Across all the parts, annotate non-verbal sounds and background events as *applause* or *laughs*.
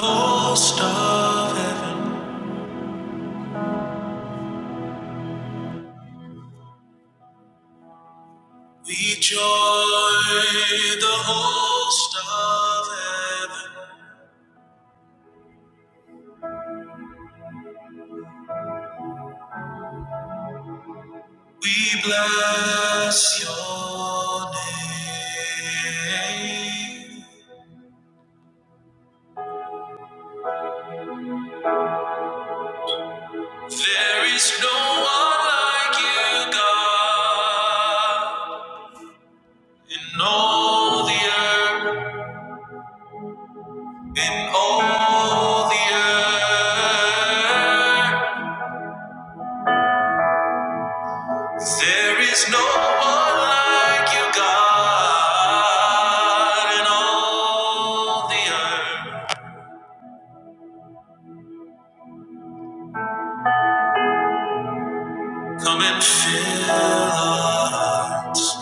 host of heaven. We join the host of heaven. We bless your name. There is no one like you, God, in all the earth, in all the earth. There is no one like you, God, in all the earth. Come and fill our hearts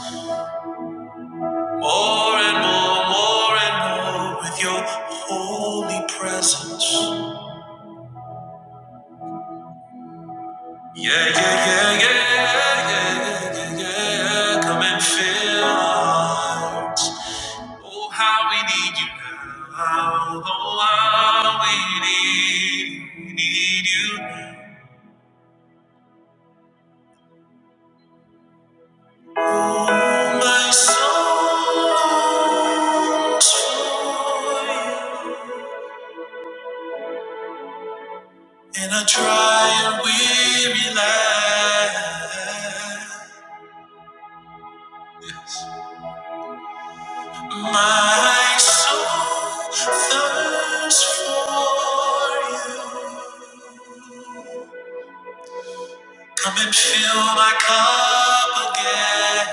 more and more, more and more with your holy presence. Yeah, yeah, yeah, yeah, yeah, yeah, yeah, yeah. Come and fill our hearts. Oh, how we need you now. Oh, how we need, need you now. Oh, my soul longs for you. And a try and weary land. Yes, My soul thirsts for you. Come and fill my cup again.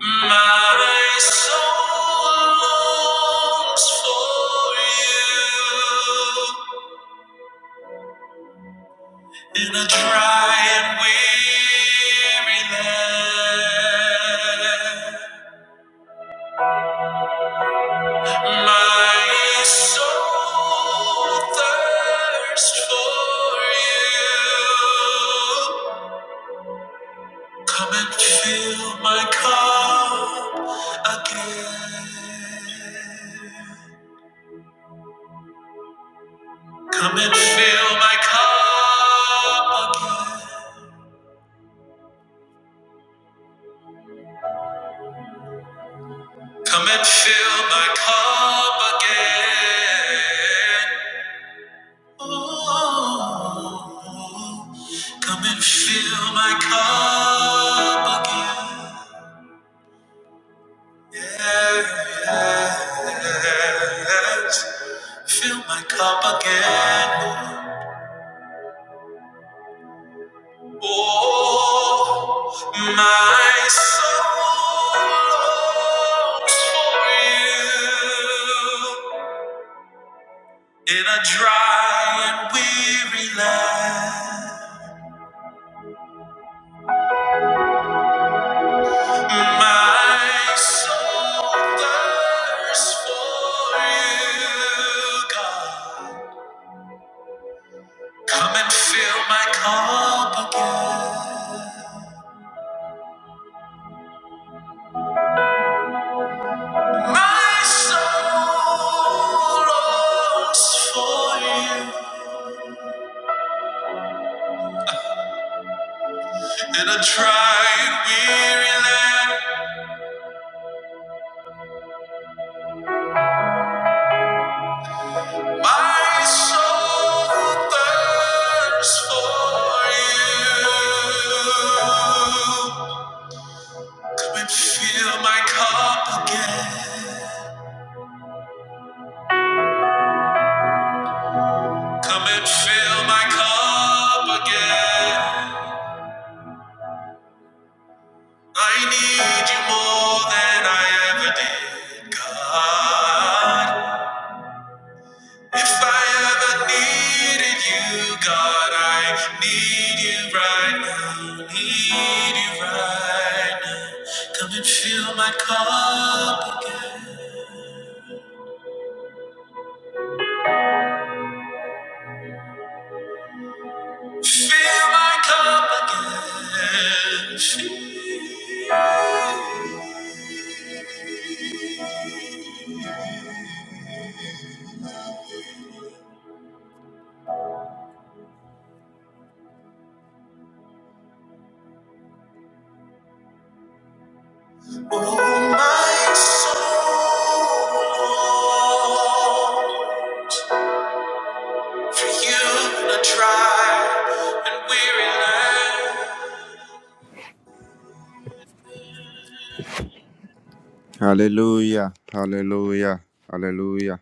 My soul longs for you in a dry and weary land. My soul thirsts for you. Come and fill my cup again. Come and fill my cup again. Come and fill my cup again. Oh, come and fill my cup again. Yes, fill my cup again. Oh, my soul longs for you in a dry and weary land. My soul thirsts for you, God. Come and fill my cup again. My soul longs for you. In a tried weary land, my soul thirsts for you. Come and fill my cup again. Come and fill my cup again. I need you more than I ever did, God. If I ever needed you, God, I need you right now. Need you right now. Come and fill my cup again. Fill my cup again. Fill, oh, my soul. For you, a dry and weary land. Hallelujah. Hallelujah. Hallelujah.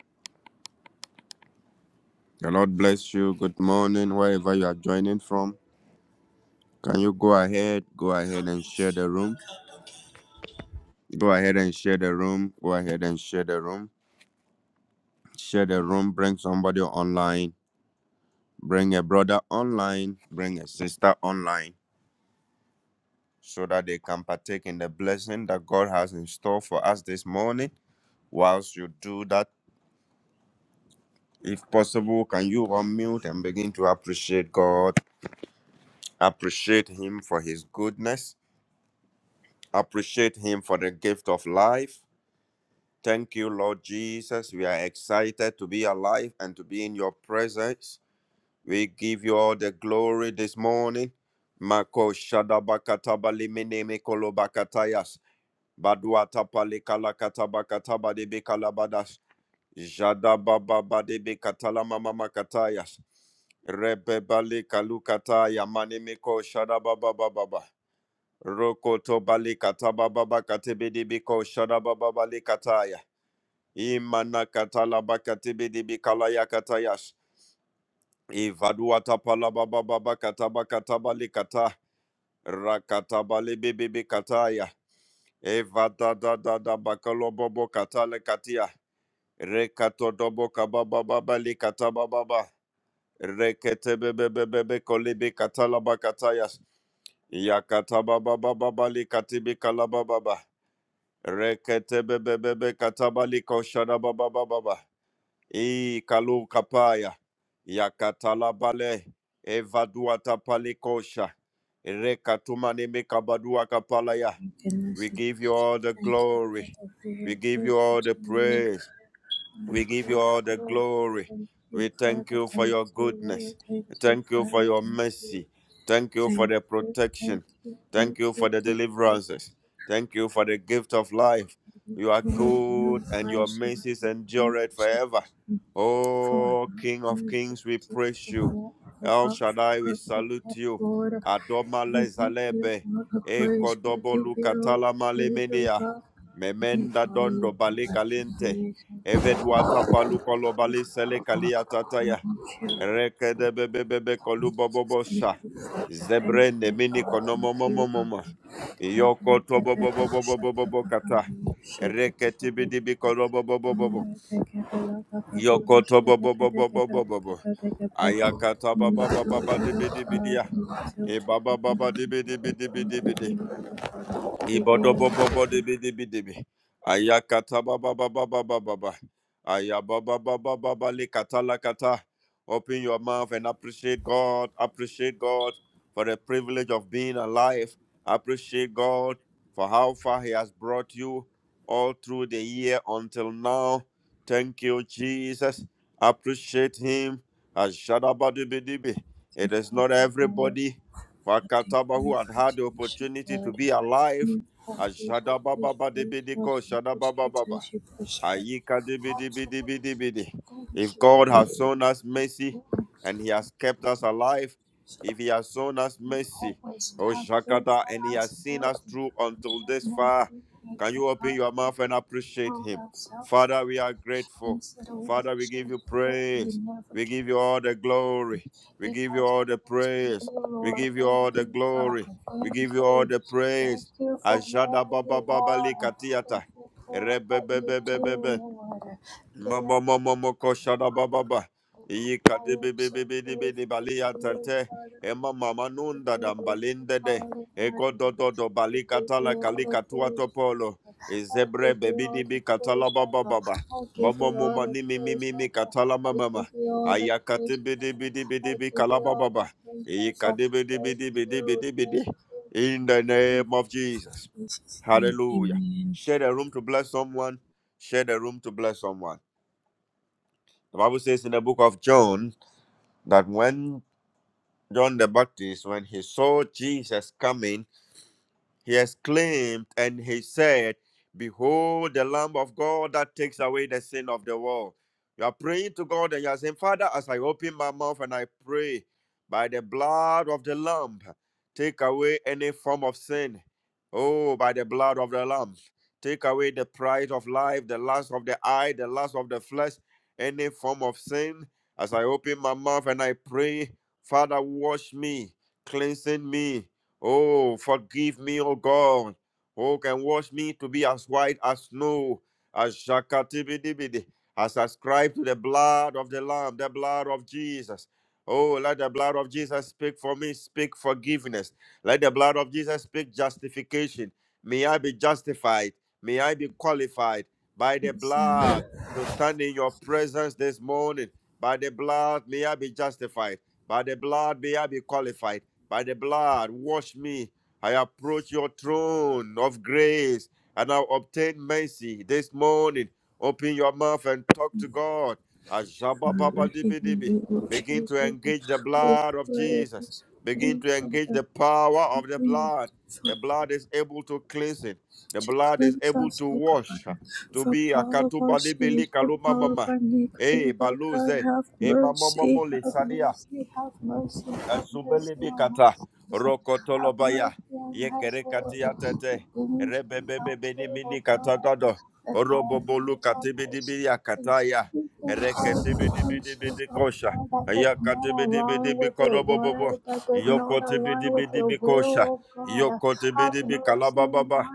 The Lord bless you. Good morning, wherever you are joining from. Can you go ahead? Go Come ahead and and share the fill my room. cup again. Go ahead and share the room. Go ahead and share the room. Share the room. Bring somebody online. Bring a brother online. Bring a sister online so that they can partake in the blessing that God has in store for us this morning. Whilst you do that, if possible, can you unmute and begin to appreciate God? Appreciate him for his goodness. Appreciate him for the gift of life. Thank you, Lord Jesus. We are excited to be alive and to be in your presence. We give you all the glory this morning. Mako shadabakataba limene mekolobakatayas. Baduatapa likalakatabakataba debekalabadash. Jadabababa debekatalamamamakatayas. Rebebali kalukataya manemeko shadababababa. Rokoto balikata bababa katibidi biko shada bababa likataya. Imana katala bakatibidi bikalaya katayash. Ivaduata pala bababa kataba kataba likata. Rakata bali bibi bikataya. Evada da da da bakalo bobo katale katia. Rekato dobo kababa baba likata bababa. Rekete bebe bebe be kolibi katala bakatayas. Yakata bababa baba likatibi kalababa. Reketebebebe katabaliko shadababababa. I kalu kapaya. Yakatalabale. Evadua tapalikosha. Rekatumane mekabadua kapalaya. We give you all the glory. We give you all the praise. We give you all the glory. We thank you for your goodness. Thank you for your mercy. Thank you for the protection. Thank you for the deliverances. Thank you for the gift of life. You are good and your mercies endureth forever. Oh, King of Kings, we praise you. El Shaddai, we salute you. Adoma lezalebe. Eko dobolu katala malemenea. Memenda dondo baligalente. Evedwata palu kolobali sele kaliatataya. Rekede bebe bebe kolu bobo sha Zebre ne mini konomo momo momo. Yoko to bobo bobo bobo bobo kata. Reketi bidi bi kolo bobo bobo bobo. Yoko to bobo bobo bobo bobo. Ayakata baba baba bidi bidi bidia. E baba baba dibi dibi dibi dibi di bidi bidi bidi bidi. Ibodobobobo debi debi debi. Ayakata baba baba baba baba. Ayababa baba baba le kata la kata. Open your mouth and appreciate God. Appreciate God for the privilege of being alive. Appreciate God for how far He has brought you all through the year until now. Thank you, Jesus. Appreciate Him. Ashadabadibidibi. It is not everybody Wakataba who had had the opportunity to be alive Ajada baba ba de bidi ko shada baba baba. Ayika de bidi bidi bidi bidi. If God has shown us mercy and He has kept us alive, if He has shown us mercy, oh Shakata, and He has seen us through until this far, can you open your mouth and appreciate Him? Father, we are grateful. Father, we give you praise. We give you all the glory. We give you all the praise. We give you all the glory. We give you all the praise. Ajada baba baba likatiata. Rebebebebebe. Mama mama moko shada baba ba. Iyi kade be be be be de be de bali atante. Emma mama nunda dam balinde de. Ego do do do bali katala kali katua topolo. Ezebre bebi di bi katala baba baba. Mama mama ni mi mi mi mi katala mama mama. Ayakate be de be de be de be kala baba ba. Iyi kade be de be de be de be de be de. In the name of Jesus. Hallelujah. Share the room to bless someone. Share the room to bless someone. The Bible says in the book of John that when John the Baptist, when he saw Jesus coming, he exclaimed and he said, Behold, the Lamb of God that takes away the sin of the world. You are praying to God and you are saying, Father, as I open my mouth and I pray, by the blood of the Lamb, take away any form of sin. Oh, by the blood of the Lamb, take away the pride of life, the lust of the eye, the lust of the flesh, any form of sin. As I open my mouth and I pray, Father, wash me, cleansing me, Oh, forgive me, O God. Oh, can wash me to be as white as snow, as shakatibidibidi, as ascribed to the blood of the Lamb, the blood of Jesus. Oh, let the blood of Jesus speak for me, speak forgiveness. Let the blood of Jesus speak justification. May I be justified. May I be qualified by the blood to stand in your presence this morning. By the blood, may I be justified. By the blood, may I be qualified by the blood, wash me. I approach your throne of grace and I obtain mercy this morning. Open your mouth and talk to God. Ashabababadibidibi. Begin to engage the blood of Jesus. Begin to engage the power of the blood. The blood is able to cleanse it. The blood is able to wash. To be a katuba kalumamama. Eh, baluze. Eh, mamamamo le Azubelebi kata rokotolobaya yekerekati atete rebebebebeni mini katadado orobobolu katibidibidi akataya reketibidibidibidi kosha ayakatibidibidibi kodobobobo yokotibidibidibi kosha yokotibidibi kalabababa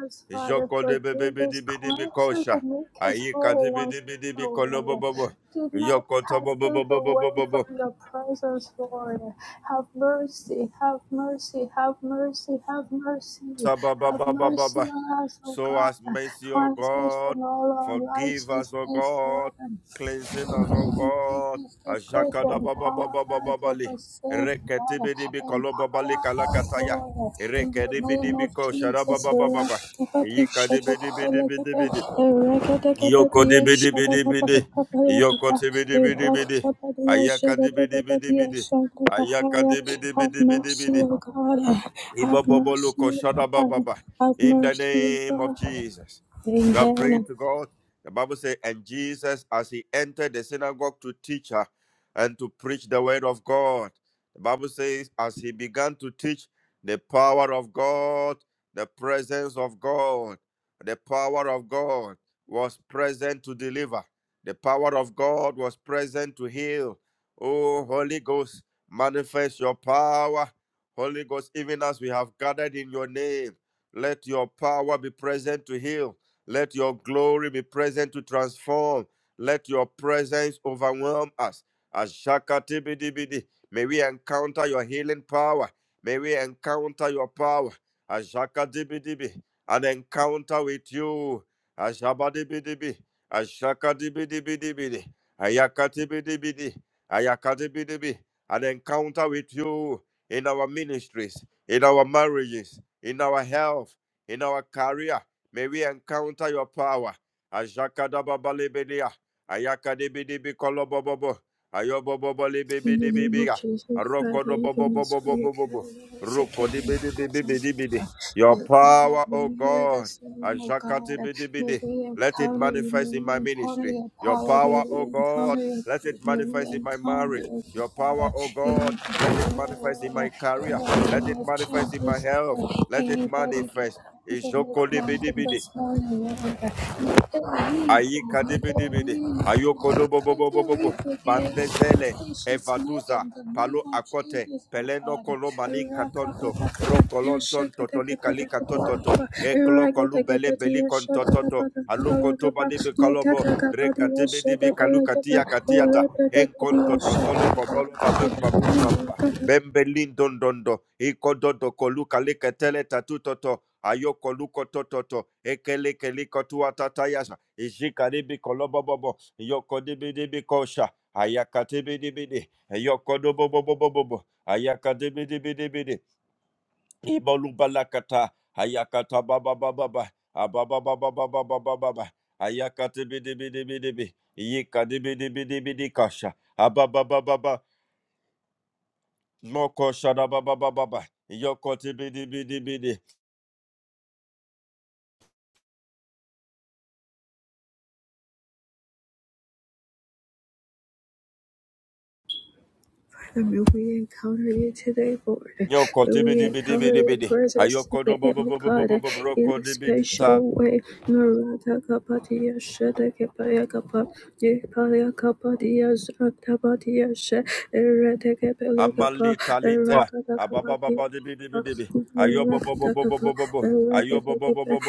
yokodebebebidibidibi kosha ayikatibidibidibi kolobobobo yokotobobobobobobobo Sabababababa. So as mercy, O God, forgive us, O God, cleansing us, O God. Ashakadabababababali. Reketibidibi kolobabali kalakataya. Rekedibidibi kosharababababa. Yikadibidibidibidibidi. Yokodibidibidibidi. Yokotibidibidibidi. Ayakadibidibidibidi. Ayakadibidibidibidi. Iboboboloko shadabababa. In the name of Jesus. You are praying to God. The Bible says, and Jesus, as he entered the synagogue to teach her and to preach the word of God, the Bible says, as he began to teach the power of God, the presence of God, the power of God was present to deliver, the power of God was present to heal. Oh, Holy Ghost, manifest your power Holy Ghost, even as we have gathered in your name, let your power be present to heal. Let your glory be present to transform. Let your presence overwhelm us. Ashakatibidibidi. May we encounter your healing power. May we encounter your power. Ashakadibidibi. An encounter with you. Ashabadibidibi. Ashakadibidibidibidi. Ayakatibidibidi. Ayakatibidibi. An encounter with you in our ministries, in our marriages, in our health, in our career. May we encounter your power. Ashakadababalebedia, ayakadebidibikolobobabo, ayobobobolebebidibibia, arokodobobobobobobobo, rokodibidibibidibidi. Your power, O God. Ashakatibidibidi. Let it manifest in my ministry. Your power, O God. Let it manifest in my marriage. Your power, oh God, let it manifest in my career. Let it manifest in my health. Let it manifest. Ijoko Ayika debedebede. Ayokodo bobo bobo bobo. Bandezele. Evaduza. Palo akote. Peleno kolo manin katonto. Rokolonton totoli kalika tototo. Eklo kolu bele beli kontototo. Aluko toba debe kolobo. Rekatebe debe kalukatia katiata. Enkonto totolo kobolo babem babum bamba. Bembelin dondondo. Ikododo kolu kalika tele tatutoto ayoko luko tototo ekelekeliko tuatatayasa ishikaribi kolobobobo yokodibidibikosha ayakatibidibidi yokodobobobobobo ayakadibidibidibidi ibolubalakata ayakata bababababa ababababababababa ayakatibidibidibidibi yikadibidibidibidikasha abababababa mokosha bababababa yokotibidibidibidi Yo, kote bidi bidi bidi bidi. Ayoko do bo bo bo bo bo bo bo bro kote bidi sa. Amalita lita. Ababa baba dibi dibi dibi. Ayo bo bo bo bo Ayo bo bo bo bo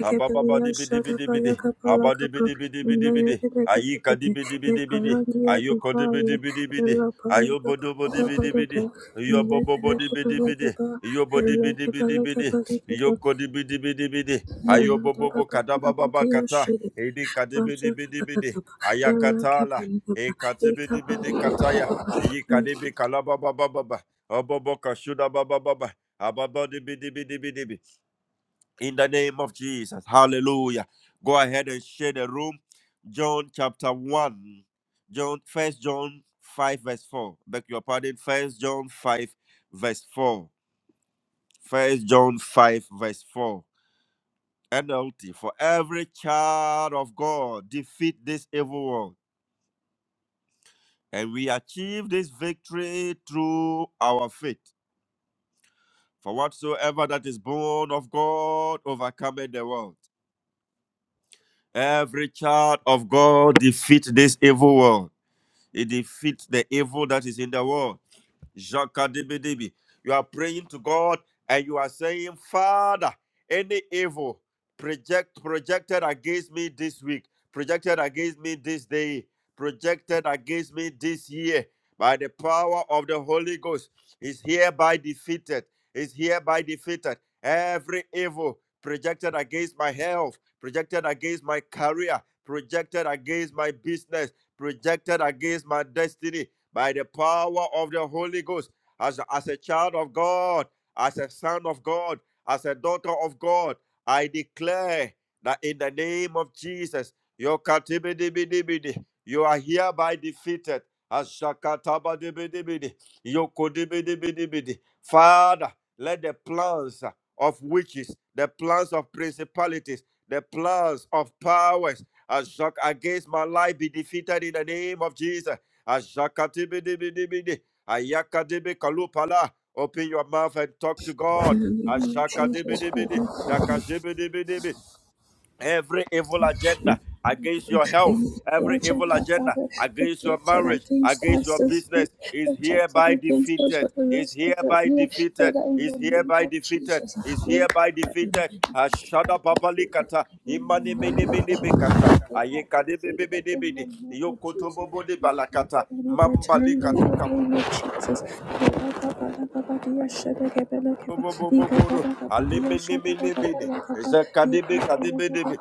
Ababa baba dibi dibi dibi di. Abadi dibi dibi dibi dibi di. Ayika dibi dibi dibi di. Ayo ko dibi dibi dibi di. Ayo bodo do bo dibi dibi di. Yo bobo bo bo dibi dibi di. Yo bo dibi dibi dibi di. Yo ko dibi dibi dibi di. Ayo bobo bo bo kada baba baba kata. Edi kadibi dibi dibi di. Ayakatala. E katibi dibi di kataya iyi kalibi kalaba baba baba obobo kashuda baba baba ababa dibi dibi dibi dibi in the name of jesus hallelujah go ahead and share the room john chapter 1 john first john 5 verse 4 beg your pardon first john 5 verse 4 first john 5 verse 4 NLT for every child of God defeat this evil world and we achieve this victory through our faith For whatsoever that is born of God overcometh the world. Every child of God defeats this evil world. It defeats the evil that is in the world. Jakadibidibi. You are praying to God and you are saying, Father, any evil project projected against me this week, projected against me this day, projected against me this year, by the power of the Holy Ghost, is hereby defeated. Is hereby defeated. Every evil projected against my health, projected against my career, projected against my business, projected against my destiny, by the power of the Holy Ghost, as, as a child of God, as a son of God, as a daughter of God, I declare that in the name of Jesus, your katibidibidibidi, you are hereby defeated. Ashakatabadibidibidi, yokodibidibidibidi. Father, let the plans of witches, the plans of principalities, the plans of powers, as against my life be defeated in the name of Jesus. Ashakadibidibidibidi. Ayakadibi kalupala. Open your mouth and talk to God. Ashakadibidibidi. Dakajibidibidi every evil agenda against your health, every evil agenda against your marriage, against your business is hereby defeated, is hereby defeated, is hereby defeated, is hereby defeated. Ashada babalikata imani mini mini mikasha ayeka bebe bebe bebe yokoto bobo de balakata mambalika tuka bobo bobo bobo alimini mini mini zeka de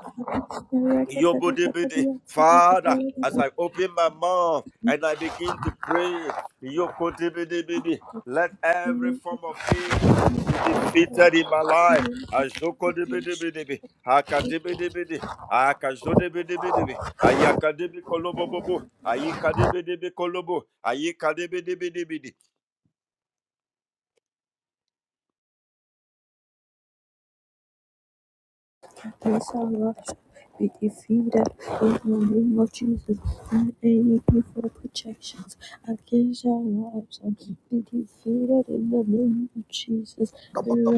Yobodebede. Father, as I open my mouth and I begin to pray, Yokodebedebede, let every form of evil be defeated in my life. Azokodebedebedebe, Akadebedebede, Akazodebedebedebe, Ayakadebe kolobobobo, Ayikadebedebe kolobo, Ayikadebedebedebede, Ivan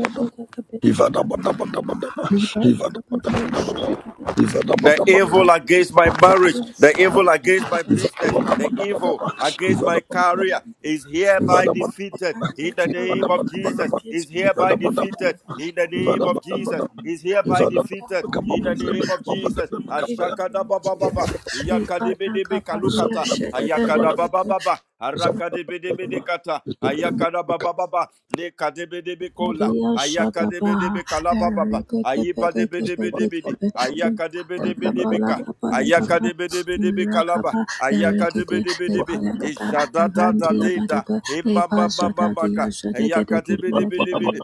The evil against my marriage, the evil against my business, the evil against my career is hereby defeated in the name of Jesus. Is hereby defeated in the name of Jesus. Is hereby defeated in the name of Jesus. Ashakada baba baba, yakadibi kalukata, ayakada baba baba, Arakadebedebedekata. Ayakadabababa. Nekadebedebikola. Ayakadebedebekalabalaba. Ayibadebedebedebede. Ayakadebedebedebeka. Ayakadebedebedebe kalaba. Ayaka de bede bede be. ijada Ayakadebedebedebe. Ijadadadadeda. Imamamamamaka. Ayakadebedebedebede.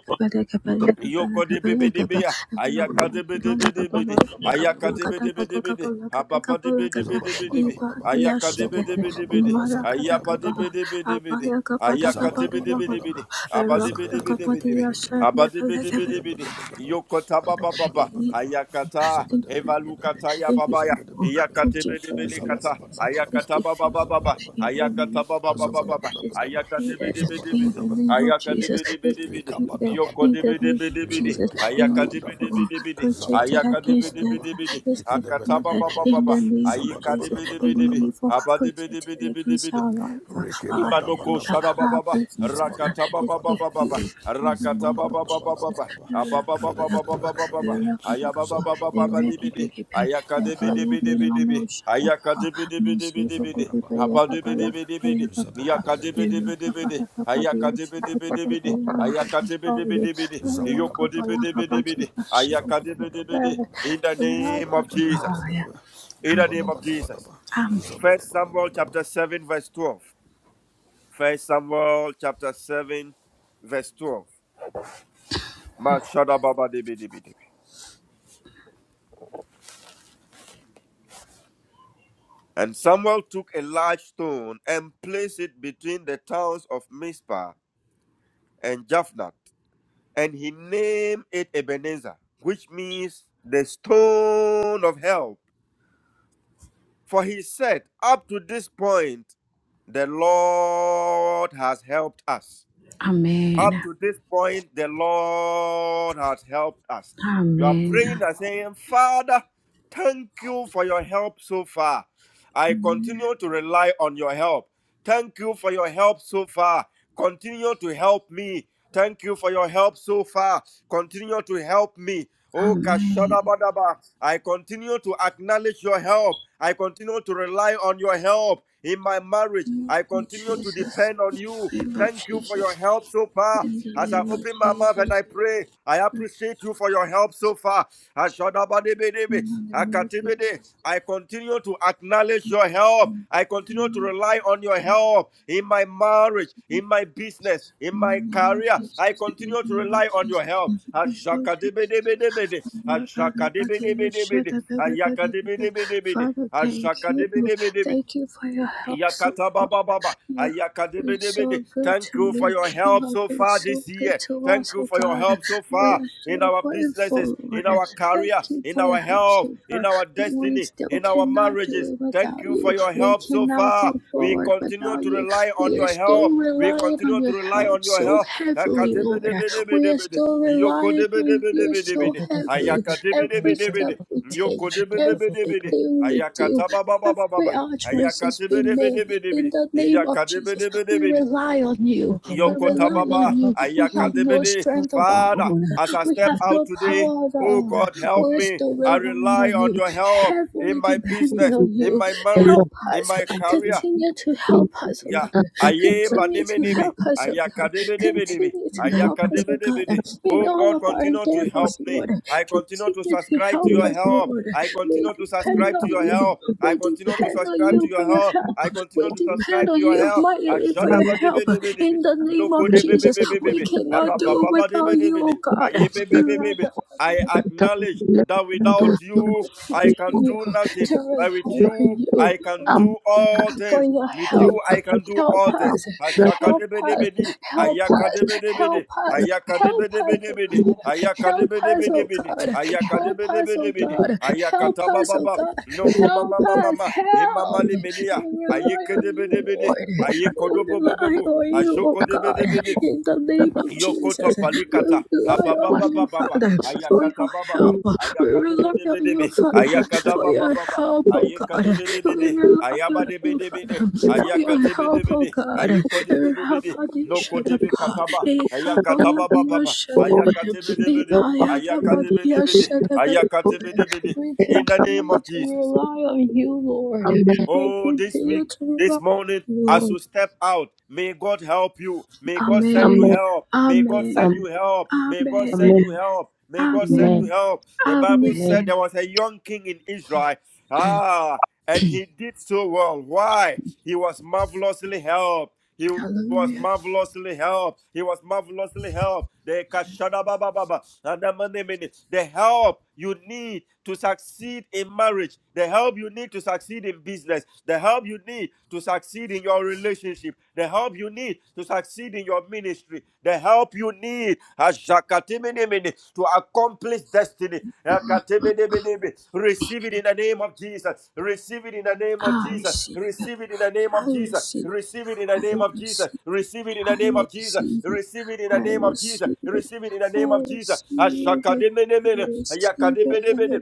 Yokodebedebea, ayakadebedebedebede, ayakadebedebedebede, ababadebedebedebedebe, Zabadabadabadaba, ayakadebedebedebede, Zabadabadabadaba, Zakabadabadaba, ayapadebedebedebede, Zabadabadabadaba, ayakatebedebedebede, Zabadabadabadabadaba, abadebedebedebedebe, abadebedebedebede, Zabadabadabadaba, Yokota baba baba Abadabadabadaba, ayakata Zabadabadabadaba, evalukata ya babaya Zabadabadabadaba, yakate bedebele kata. Zabadabadabadaba, ayakata baba baba baba ayakata baba baba baba Zabadabadabadaba, Zabadabadabadaba, ayakate bedebedebede Zabadabadaba, ayakate bedebedebede yoko Ikabadabadabada, debedebedebede ayakate Irikibadabadabaya, bedebedebede ayakate Zabadabadabadaba, bedebedebede akata baba baba Ikedebedebedebea, baba ayikade bedebedebe Zabadabadabadabadaba, abade bedebele bede Reke Imanoko Rekebadabadabadaba, sharababa rakata baba baba baba zabadabadabadabadaba, rakata baba baba baba zabadabadabadabadaba, ababa baba baba baba baba ifedebedebedebedebe, ayaba baba baba baba zabadabadabadabadaba, libidi ayaka de bidi bidi bidi bidi ayaka de bidi bidi bidi bidi hapa de bidi zabadabadabadabadaba, bidi bidi yaka de bidi zabadabadabadabadaba, bidi bidi ayaka de bidi bidi bidi ayaka de bidi bidi bidi yoko de bidi bidi zabadabadabadabadabaya, bidi ayaka de bidi bidi zabadabadabadabadaba, in the name of Jesus zabadabadabadabadaba, in the name of Jesus zabadabadabadaba, First Samuel zabadabadabadaba, chapter 7 verse 12 First Samuel chapter 7, verse 12. Mashadababadibidibidibi. And Samuel took a large stone and placed it between the towns of Mizpah and Japhnath, and he named it Ebenezer, which means the stone of help. For he said, Up to this point, the Lord has helped us. Amen. Up to this point, the Lord has helped us. You are praying and saying, Father, thank you for your help so far. I continue to rely on your help. Thank you for your help so far. Continue to help me. Thank you for your help so far. Continue to help me. Oh, Amen. Kashadabadaba. I continue to acknowledge your help. I continue to rely on your help in my marriage. I continue to depend on you. Thank you for your help so far. As I open my mouth and I pray, I appreciate you for your help so so far. Ashadabadebedebe, akatebede. I continue to acknowledge your help. I continue to rely on your help in my marriage, in my business, in my career. I continue to rely on your help. Ashakadebedebedebede, ashakadebedebedebede, ayakadebedebedebede, ashakadebedebedebe. Yakata baba Yakatabababa, ayakadebedebede. Thank you for your help so far this year. Thank you for your help so far in our businesses, in our career, in our health, in our destiny, in our marriages. Thank you for your help so far. We continue to rely on your help. We continue to rely on your help. Akadebedebedebede. Thank Yokodebedebedebede. Ayakadebedebedebede. Yokodebedebedebede. Ayakatabababababa. Ayakatebedebedebede. Yakadebedebedebede. Yokotababa. Ayakadebede. Father, as I step out today, oh God, help me. I rely on your help in my business, in my marriage, in my career. Ya, aye, maneme neme, ayakadebe debe debe, ayakadebe debe de. Oh God, continue to help me. I continue to subscribe to your help. I continue to subscribe to your help. I continue to subscribe to your help. I continue to subscribe to your help. Ajadaba debe debe debe. Loko debe debe debe debe. Arababa debe debe de. Aye debe debe debe. I acknowledge that without you, I you. can do nothing. But with you, I can Um, do all things. With you, I can do all things. Ashakadebedebedi, ayakadebedebede, ayakadebedebedebede, ayakadebedebedebede, ayakadebedebedebede, ayakatabababa, nokomamamamama, imamalimenia, ayekedebedebede, ayekodobobobobo, ajokodebedebede, Yokoto palikata. Abababa baba. baba Ayakata baba. baba Ayakade bede bede be. Ayakada baba baba. Ayekade bede bede. Ayaba de bede bede. Ayakate bede bede. Ayukode bede bede. Noko de be kataba. Ayakata katika baba baba. Lord, Ayakate we bede bede. hope that in the Ayakade name bede of bede. Jesus, we hope Ayakate that bede we bede. pray that In the the Lord name will of Jesus. be with us. Amen. Oh, this week, this morning, as you step out, may God help you. May God send you Amen. help. May God send you Amen. help. May God send you Amen. Amen. help. May God send you help. The Bible Amen. said there was a young king in Israel. Ah, and he did so well. Why? He was marvelously helped. He was marvelously helped. He was marvelously helped. The kashada baba kashadabababa, adamanimini, the money mini. The help you need to succeed in marriage, the help you need to succeed in business, the help you need to succeed in your relationship, the help you need to succeed in your ministry, the help you need to accomplish destiny. Receive it in the name of Jesus. Receive it in the name of Jesus. Receive it in the name of Jesus. Receive it in the name of Jesus. Receive it in the name of Jesus. Receive it in the name of Jesus. Receive it in the name of Jesus. Ashakadiminimini. Yakadiminimini.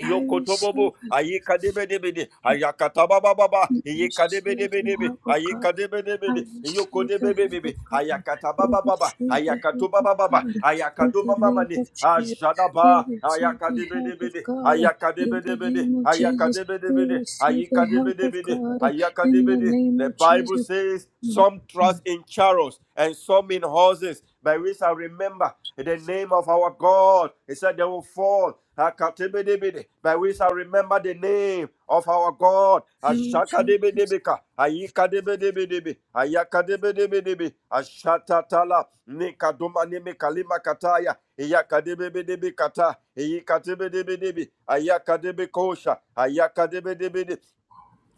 Yokotobobo, Ayekadebedebede, Ayakatabababa, Ayekadebedebedebe, Ayekadebedebede, Yokodebebebe, Ayakatabababa, Ayakatobababa, Ayakadomamamane, Ajadaba, Ayakadebedebede, Ayakadebedebede, Ayakadebedebede, Ayekadebedebede, Ayakadebede. The Bible says, Some trust in chariots and some in horses, by which I remember the name of our God. He said, They will fall Akatebedebede. By we shall remember the name of our God. Ashakadebedebeka. Ayikadebedebedebe. Ayakadebedebedebe. Ashatatala. Nikaduma nimekalima kataya. Iyakadebedebedebe Iyikadebedebedebe. Ayakadebekosha. Ayakadebedebede.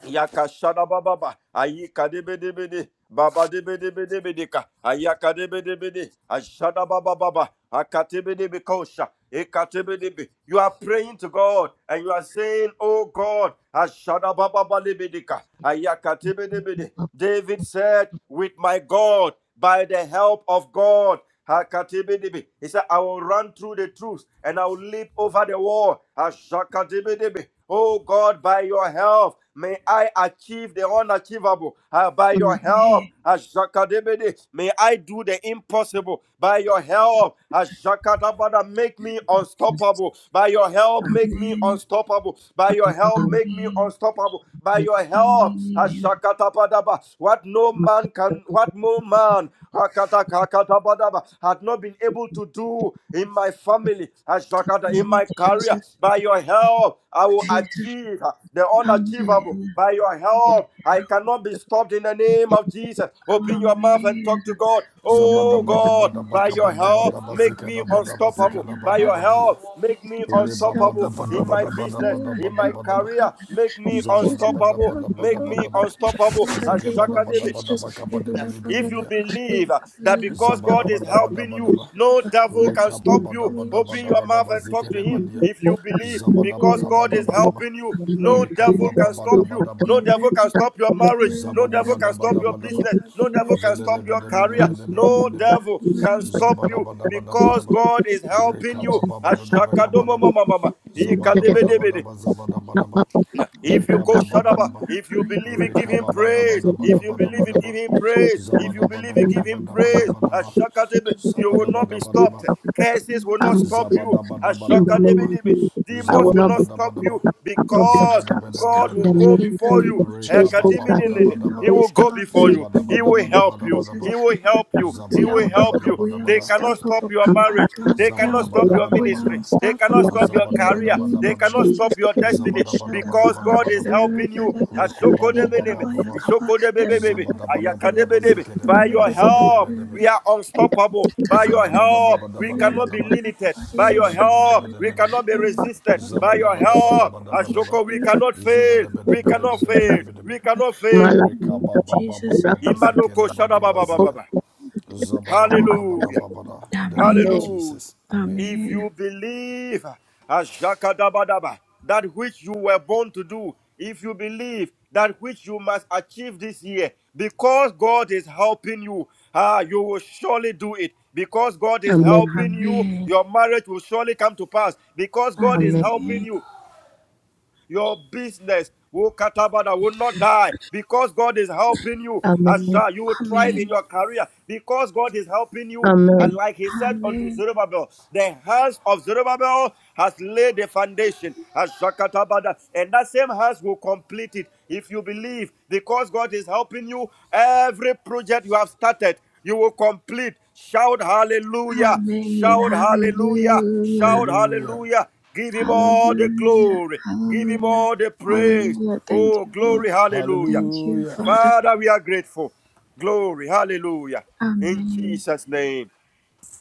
Yakashadababa, Ayikadebedebede, Babadebedebedebedeka, Ayakadebedebede, Ashadabababa, Akatebedebekosha, Ekatebedebe. You are praying to God and you are saying, Oh God, Ashadabababalebedeka, Ayakatebedebede. David said, With my God, by the help of God. Hakatibidibbi. He said, I will run through the truth and I will leap over the wall. Ashakatibidibbi. Oh God, by your help, may I achieve the unachievable. Ah, by your help, Ashakatibidi, may I do the impossible. By your help, Ashakatabada, make me unstoppable. By your help, make Amen. me unstoppable. By your help, Amen. make me unstoppable. By your help, Amen. Ashakatapadaba, what no Look at man the Lord. can, what Look no man hakata had not been able to at the do in my family, Lord. Look at the Lord. Look at the Lord. Look at the Lord. Look in at the my career. By your help, I will achieve the unachievable. By your help, I cannot be stopped in the name of Jesus. Open your mouth and talk to God. Zabada Oh Zabada God, by your help, Zabada make me unstoppable. By your help, make me unstoppable in my business, in my career. Make me Zabada bada bada unstoppable. bada Make me bada bada unstoppable. Zeke bada Ashakadebe, baka baka bada bili bili If you bia. believe uh, that because Zabada God is bada bada helping bada you, bada. no devil can Reka stop bada you, bada open bada your bada mouth and talk bazika to le Him. Zabadabadabadabakabadabadabazekadabadabazekadabadabadia. If you believe because God is Lord. Rebabadabadabadabadabadabadabadaba. Zabadabadabadabadabadaba. Reka Zabadabadabadabadaba. Rekababadabadabadabadabazekelebadia. Zabadabadabadabadaba. helping you, In the no name of devil Jesus, can we stop pray you, that the no Rekababadabadabada. Lord devil can stop your will marriage, be no Zabada devil zabada can stop with your zabada us. business, no Amen. devil can zabada stop your career, In the no devil name can stop you bada bada bada, because ba, God is helping reka you. baba bada bada Ashakadomo bada, ba, mama mama. zabada bada bada Ikadebedebede. ba zabada bada ba, If you reka call baba Shadaba, bada ba, if you believe it, give reka him baba bada, praise. If bada, bada you believe it, give bada him praise. bede If you believe bede bede bede bede bada bada bada, Rekabababadabadabadaba. bada it, zabadabadaba. give Rekabababadaba. him praise. Rekababadabadabadabadaba. As Jakadebe, bada you will not be stopped. Zabadabadabadaba. Curses will not stop you. As Jakadebe, Zabadabadabadabadaba. of Debe, Jesus, I demons will will not not be, stop obstructed. Zabadabadabadaba. you i will not be because obstructed. God In will the go Zebedebedebedebedebe. name of before you. Jesus, I will not He Rekabababadabadaba. will go be before you. He obstructed. will help you. Zabadabadabadabadabadaba. He will help you. He will help you. They Zabadabadabadabadabada. cannot stop your marriage. They cannot stop your ministry. Zabadabadabadabada. They cannot stop your career. They Zabadabadabadabadaba. cannot stop your destiny because God is Zabadabadabadabadabadaba. helping you. Rekobababababa. By your Zabadabadabadabazikidebedebe help. zibedebedebe. We are unstoppable. By your help, we cannot be Zabadabadabadabadabadaba. limited. By your help, we Zabadabadabadabadaba. cannot be resisted. By your help, Zabadabadabadabadabadaba. Ajoko, we cannot fail. We cannot fail. Zabadabadabadabadabadaba. We cannot fail. Imanoko Rekababababababazikelemadibazia. shadababababa. Hallelujah. Zabadabadabadabada. In the name of Hallelujah. Jesus. Amen. Amen. If you believe ashakadabadaba, that which you were born to do, if you believe that which you must achieve this year, because God is helping you, ah, you will surely do it. Because God Amen. is Amen. helping you, your marriage will surely come to pass. Because God is Amen. helping you, your business wo will not die because God is helping you. Amen. Asha, you will thrive in your career because God is helping you. Amen. And like he said unto Zerubbabel, the hands of Zerubbabel has laid the foundation. Asha katabada. And that same hands will complete it if you believe because God is helping you. Every project you have started, you will complete. Shout hallelujah! Shout hallelujah! Shout Hallelujah. hallelujah! Give him all the glory. Give him all the praise. Oh, glory, hallelujah. Hallelujah. Father, we are grateful. Glory, hallelujah. In Jesus' name.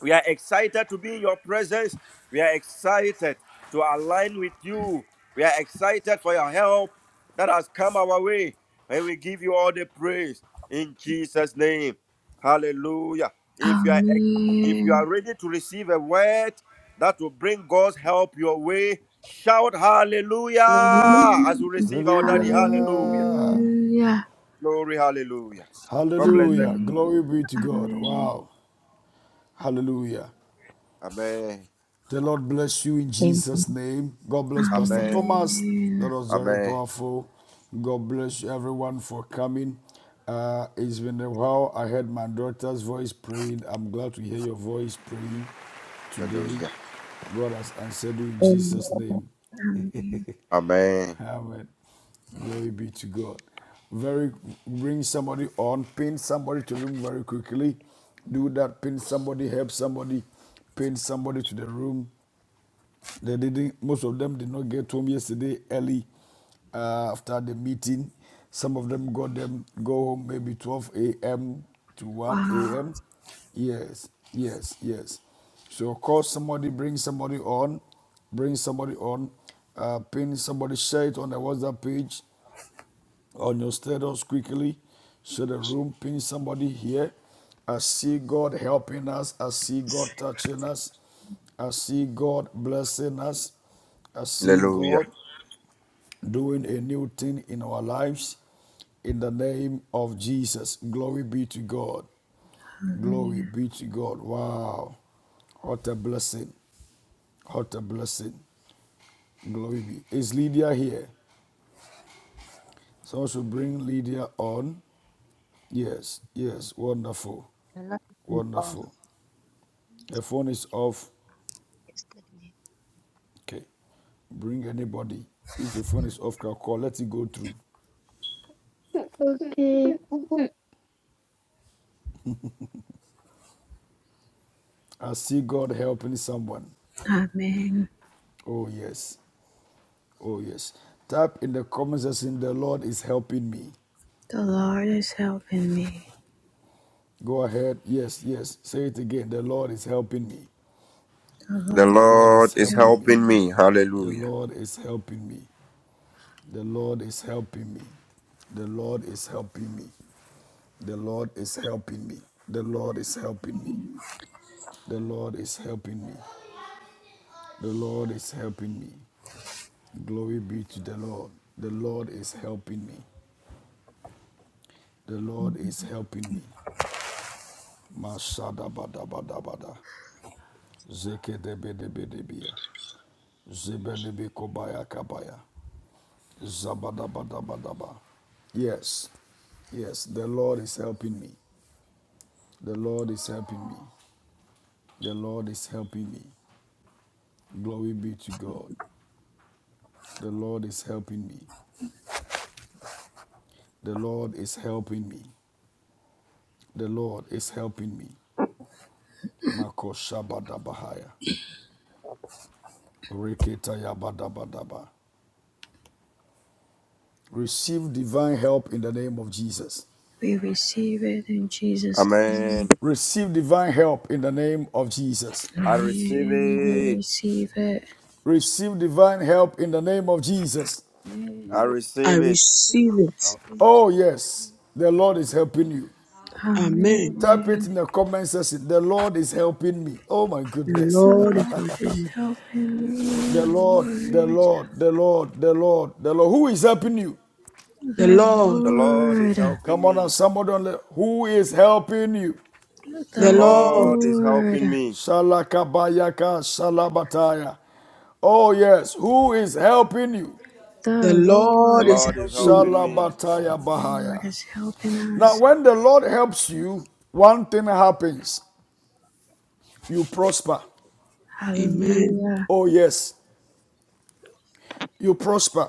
We are excited to be in your presence. We are excited to align with you. We are excited for your help that has come our way. And we give you all the praise in Jesus' name. Hallelujah. If you are ex- if you are ready to receive a word that will bring God's help your way, shout Amen. hallelujah as we receive our daddy. Hallelujah. Hallelujah. Glory, hallelujah. God bless Hallelujah. daddy. Glory be to God. Wow. Hallelujah. Amen. The Lord bless you in Amen. Jesus' name. God bless Pastor Amen. Thomas. That was very Amen. powerful. God bless everyone for coming. Uh, it's been a while. I heard my daughter's voice praying. I'm glad to hear your voice praying today. Hallelujah. God has answered you in Amen. Jesus' name. Amen. Amen. Glory be to God. Very bring somebody on, pin somebody to the room very quickly. Do that, pin somebody, help somebody, pin somebody to the room they didn't. Most of them did not get home yesterday early uh, after the meeting. Some of them got them go home maybe 12 a.m. to 1 a.m. Yes, yes, yes. So call somebody, bring somebody on, bring somebody on, uh, pin somebody, share it on the WhatsApp page on your status quickly. Share the room, pin somebody here. I see God helping us. I see God touching us. I see God blessing us. I see Hallelujah. God doing a new thing in our lives. In the name of Jesus. Glory be to God. Glory be to God. Wow. What a blessing. What a blessing. Glory be. Is Lydia here? Someone should bring Lydia on. Yes, yes, wonderful. I love you off. Wonderful. Her phone Sorry, is off. yesterday. Okay. Bring anybody. If your phone is off, crack call. Let it go through. Okay. I see God helping someone. Oh, yes. Oh, yes. Type in the comment section, the Lord is helping me. Go ahead. Yes, yes. Say it again. The Lord is helping me. The The Lord Lord is is helping me. helping me. The Hallelujah. Lord is helping me. The Lord is helping me. The Lord is helping me. The Lord is helping me. The Lord is helping me. The Lord is helping me. The Lord is helping me. Glory be to the Lord. The Lord is helping me. The Lord is helping me. Mashada bada bada bada. Zeke de bede bede bia. Zebele be kobaya kabaya. Zabada bada bada ba. Yes. Yes. The Lord is helping me. The Lord is helping me. The Lord is helping me. Glory be to God. The Lord is helping me. The Lord is helping me. The Lord is helping me. Makoshabadabahaya. Reketayabadabadaba. Receive divine help in the name of Jesus. Amen. Receive divine help in the name of Jesus. I receive it. Receive divine help in the name of Jesus. I I receive it. receive it. Oh, yes, the Lord is The helping you. Amen. Type it in the comment section. The Lord is helping me. Oh, my The goodness. *laughs* Lord is helping me. The Lord, the Lord, the Lord, the Lord, the Lord. Who is helping you? The Lord, The Lord is helping Come on now, me. somebody who is helping you? The the Lord, Lord is helping me. Shalakabayaka Shalabataya. Oh, yes, who is helping you? the The Lord is Lord is helping helping me. me. Shalabataya Bahaya. Now, when the Lord helps you, one thing happens you prosper. Amen. Oh, yes, you prosper.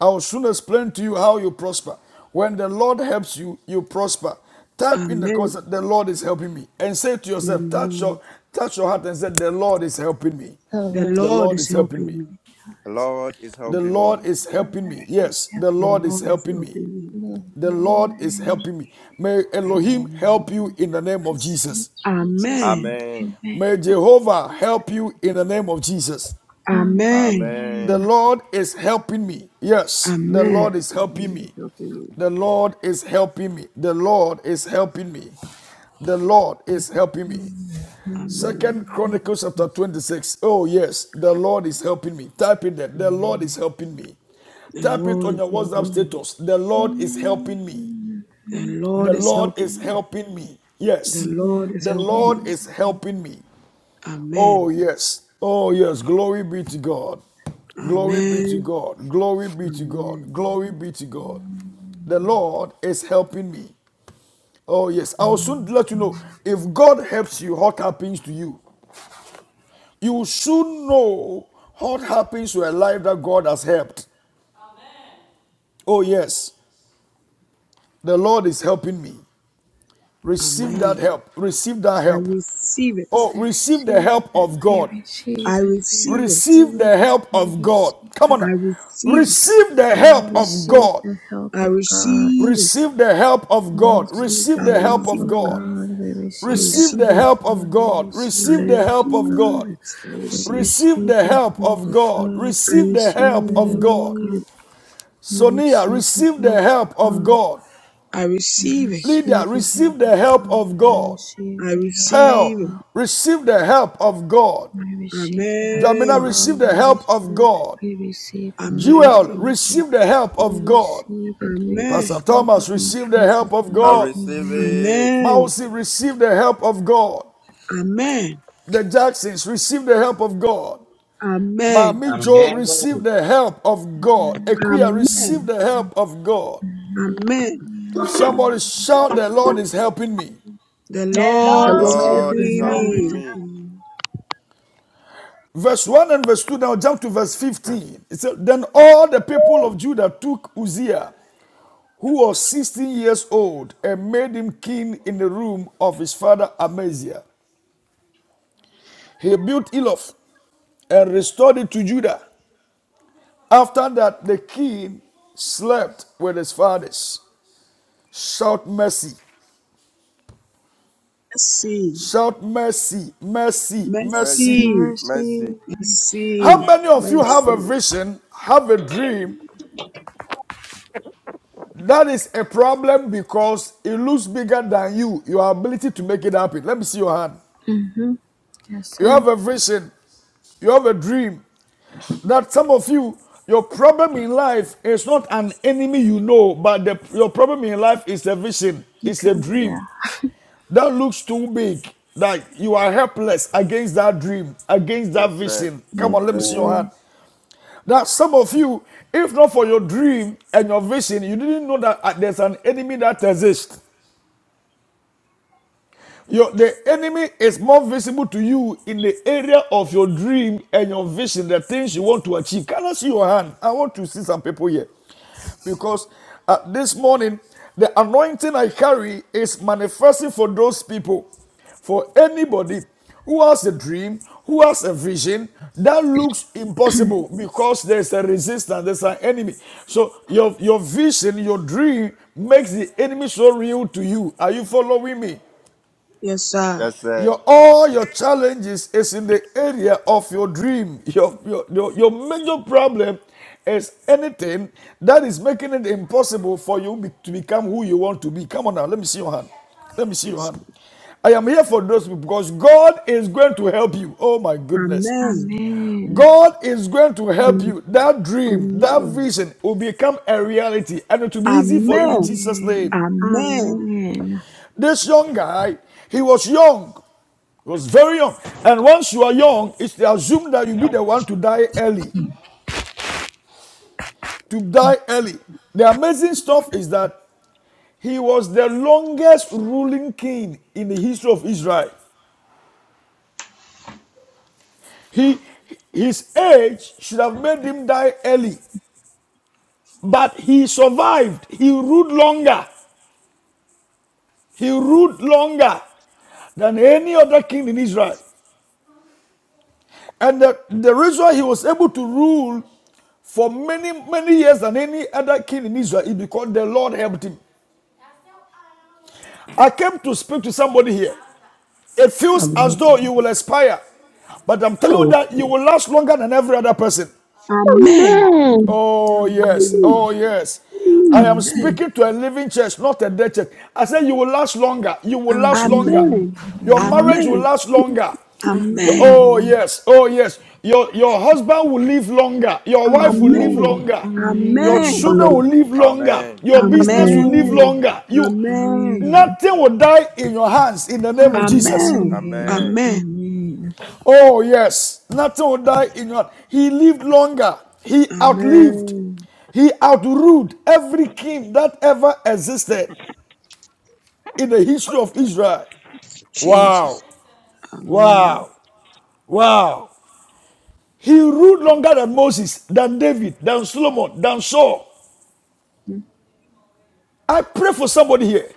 I will soon explain to you how you prosper. When the Lord helps you, you prosper. Type in the Amen. concept, the Lord is helping me. And say to yourself, touch your, Amen. touch your heart and say, the Lord is helping me. The The Lord Lord is is helping helping me. me. The Lord is The helping me. Lord is helping me. Yes, the The Lord is Lord is helping me. helping me. The Lord is helping me. May The Elohim help Lord. you in the name of Jesus. Amen. Amen. May Jehovah help you in the name of Jesus. Amen. The Amen. Lord is helping me. Yes, the Amen. Lord is The helping Lord is me. helping me. The Lord is helping me. The Lord is helping me. The Lord is helping me. Amen. Second Chronicles chapter 26. Oh, yes, the Lord is helping me. Type it there. The Lord is Amen. helping me. The Type it Lord on is your WhatsApp helping me. status. The Lord is helping me. The Lord The is Lord helping is me. helping me. The Yes. Lord is The helping Lord me. is helping me. Oh, Amen. yes. Oh, yes. Glory be to God. Glory be to Amen. God. Glory be to Amen. God. Glory be to God. The Lord is helping me. Oh, yes. I will soon let you know if God helps you, what happens to you? You should know what happens to a life that God has helped. Oh, yes, the Lord is helping me. Receive that Amen. help. Receive that I help. receive it. Oh, receive the help of God. I receive it. Receive the help of God. Come on I now. receive it. Receive the help of God. I receive it. Receive the help of God. Receive I the help of receive it. God. I Receive the receive it. help of God. I Receive the help of receive God. it. I receive it. Receive the help of God. I Receive the help of God. receive it. Sonia, receive the help of God. I receive it. Lydia, receive the help of God. I receive Pearl, it. receive the help of God. Jamina, Amen. receive the help of God. Jewel, Amen. receive the help of God. Pastor Amen. Thomas, receive the help of I God. receive it. Amen. Mausi, receive the help of God. Amen. The Jacksons, receive the help of God. Amen. Mami I'm Joe, game. receive the help of God. Equia, Amen. receive the help of God. Amen. Somebody shout, The Lord is helping me. The The The Lord is Lord Lord is Lord is God The is helping Lord help is helping me. me. helping me. Verse 1 and verse 2, now jump to verse 15. It said, Then all the people of Judah took Uzziah, who was 16 years old, and made him king in the room of his father Amaziah. He built Eloth and restored it to Judah. After that, the king slept with his fathers. Shout mercy, Mercy. shout mercy, mercy, mercy. Mercy. Mercy. Mercy. Mercy, How mercy. many of you have mercy. a vision, have a dream, That is a problem because it looks bigger than you, your ability to make it happen. Let me see your hand. You have a vision, you have a dream. That some of you, your problem in life is not an enemy you know, but the, your problem in life is a vision, it's a dream that looks too big. Like you are helpless against that dream, against that Yes, sir. vision. Come on, let me Yes, see your sir. hand. That some of you, if not for your dream and your vision, you didn't know that uh, there's an enemy that exists. Your, the enemy is more visible to you in the area of your dream and your vision, the things you want to achieve. Can I see your hand? I want to see some people here. Because uh, this morning, the anointing I carry is manifesting for those people, for anybody who has a dream, who has a vision that looks impossible because there's a resistance, there's an enemy. So your your vision, your dream makes the enemy so real to you. Are you following me? Yes, sir. Yes, sir. Your all your challenges is in the area of your dream. Your, your your your major problem is anything that is making it impossible for you be- to become who you want to be. Come on now, let me see your hand. Let me see your Yes. sir. hand. I am here for those people because God is going to help you. Oh my goodness. Amen. God is going to help king. you. That dream, that Amen. vision will become a reality and it will be easy for you in Amen. Jesus' name. Amen. This young guy, he was young he was very young. And once you are young, it's assumed that you'll be the one to die early. To die early. The amazing stuff is that he was the longest ruling king in the history of Israel. He, his age should have made him die early, but he survived. He ruled longer. He ruled longer than any other king in Israel. And the, the reason he was able to rule for many, many years than any other king in Israel is because the Lord helped him. I came to speak to somebody here. It feels Amen. as though you will expire, but I'm telling you Oh, that you will last longer than every other person. Amen. amen. Oh, yes. Oh, yes. I am Amen. speaking to a living church, not a dead church. I said, You will last longer. You will last longer. Amen. Your marriage will Amen. last longer. Your- Amen. oh, yes. Oh, yes. Your, your husband will live longer. Your wife will live Amen. longer. Your Amen. children Amen. will live longer. Amen. Your business Amen. will live Amen. longer. You, Amen. nothing will die in your hands in the name of Jesus. Amen. Amen. Amen. Oh, yes. Nothing will my die in your hand. He lived longer. He outlived. Amen. He outruled every king that ever existed in the history of Israel. Wow. Jesus. Amen. Wow. Wow. He ruled longer than Moses, than David, than Solomon, than Saul. I pray for somebody here.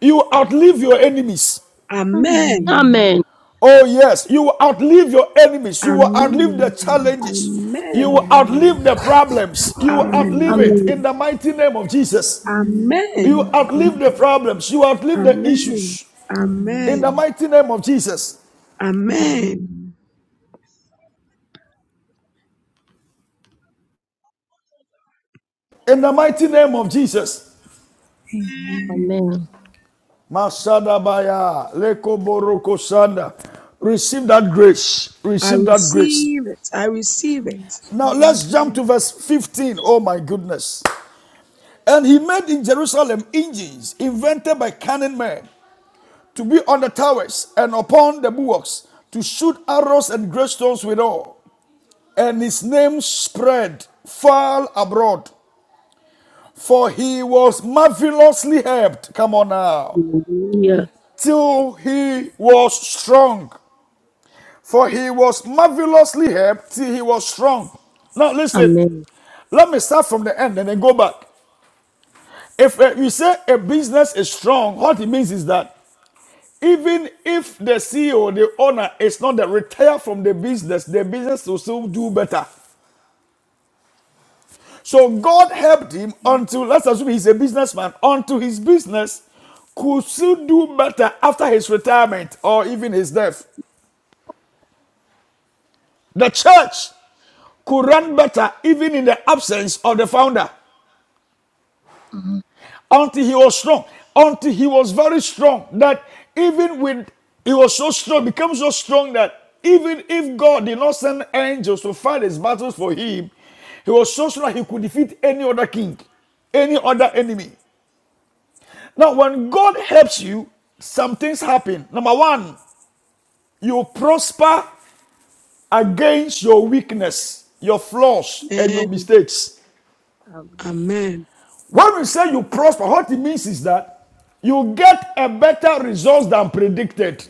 You outlive your enemies. Amen. Oh, yes, you will outlive your enemies, you will Amen. outlive the challenges, you Amen. will outlive the problems, you will outlive banner Amen. it Amen. in the mighty name of Jesus. Amen. You outlive the problems, you outlive the Amen. issues in the Amen. mighty name of Jesus. Amen. In the mighty name of Jesus. Amen. Amen. Masada baya leko boroko sanda. Receive that grace. I Receive that grace. receive it. I receive it. Now let's jump to verse 15. Oh my goodness. And he made in Jerusalem engines invented by cunning men to be on the towers and upon the bulwarks, to shoot arrows and great stones withal. And his name spread far abroad, for he was marvelously helped. Come on now. Hallelujah. Till he was strong, for he was marvelously helped till he was strong. Now listen, Amen. let me start from the end and then go back. If uh, you say a business is strong, what it means is that Even if the CEO, the owner, is not the retire from the business, the business will still do better. So God helped him until, let's assume he's a businessman, until his business could still do better after his retirement or even his death. The church could run better even in the absence of the founder. Mhm. until he was strong, until he was very strong that even with he was so strong, became so strong that even if God did not send angels to fight his battles for him, he was so strong that he could defeat any other king, any other enemy. Now, when God helps you, some things happen. Number one, you prosper against your weakness, your flaws, and your Amen. mistakes. Amen. When we say you prosper, what it means is that you get a better result than predicted.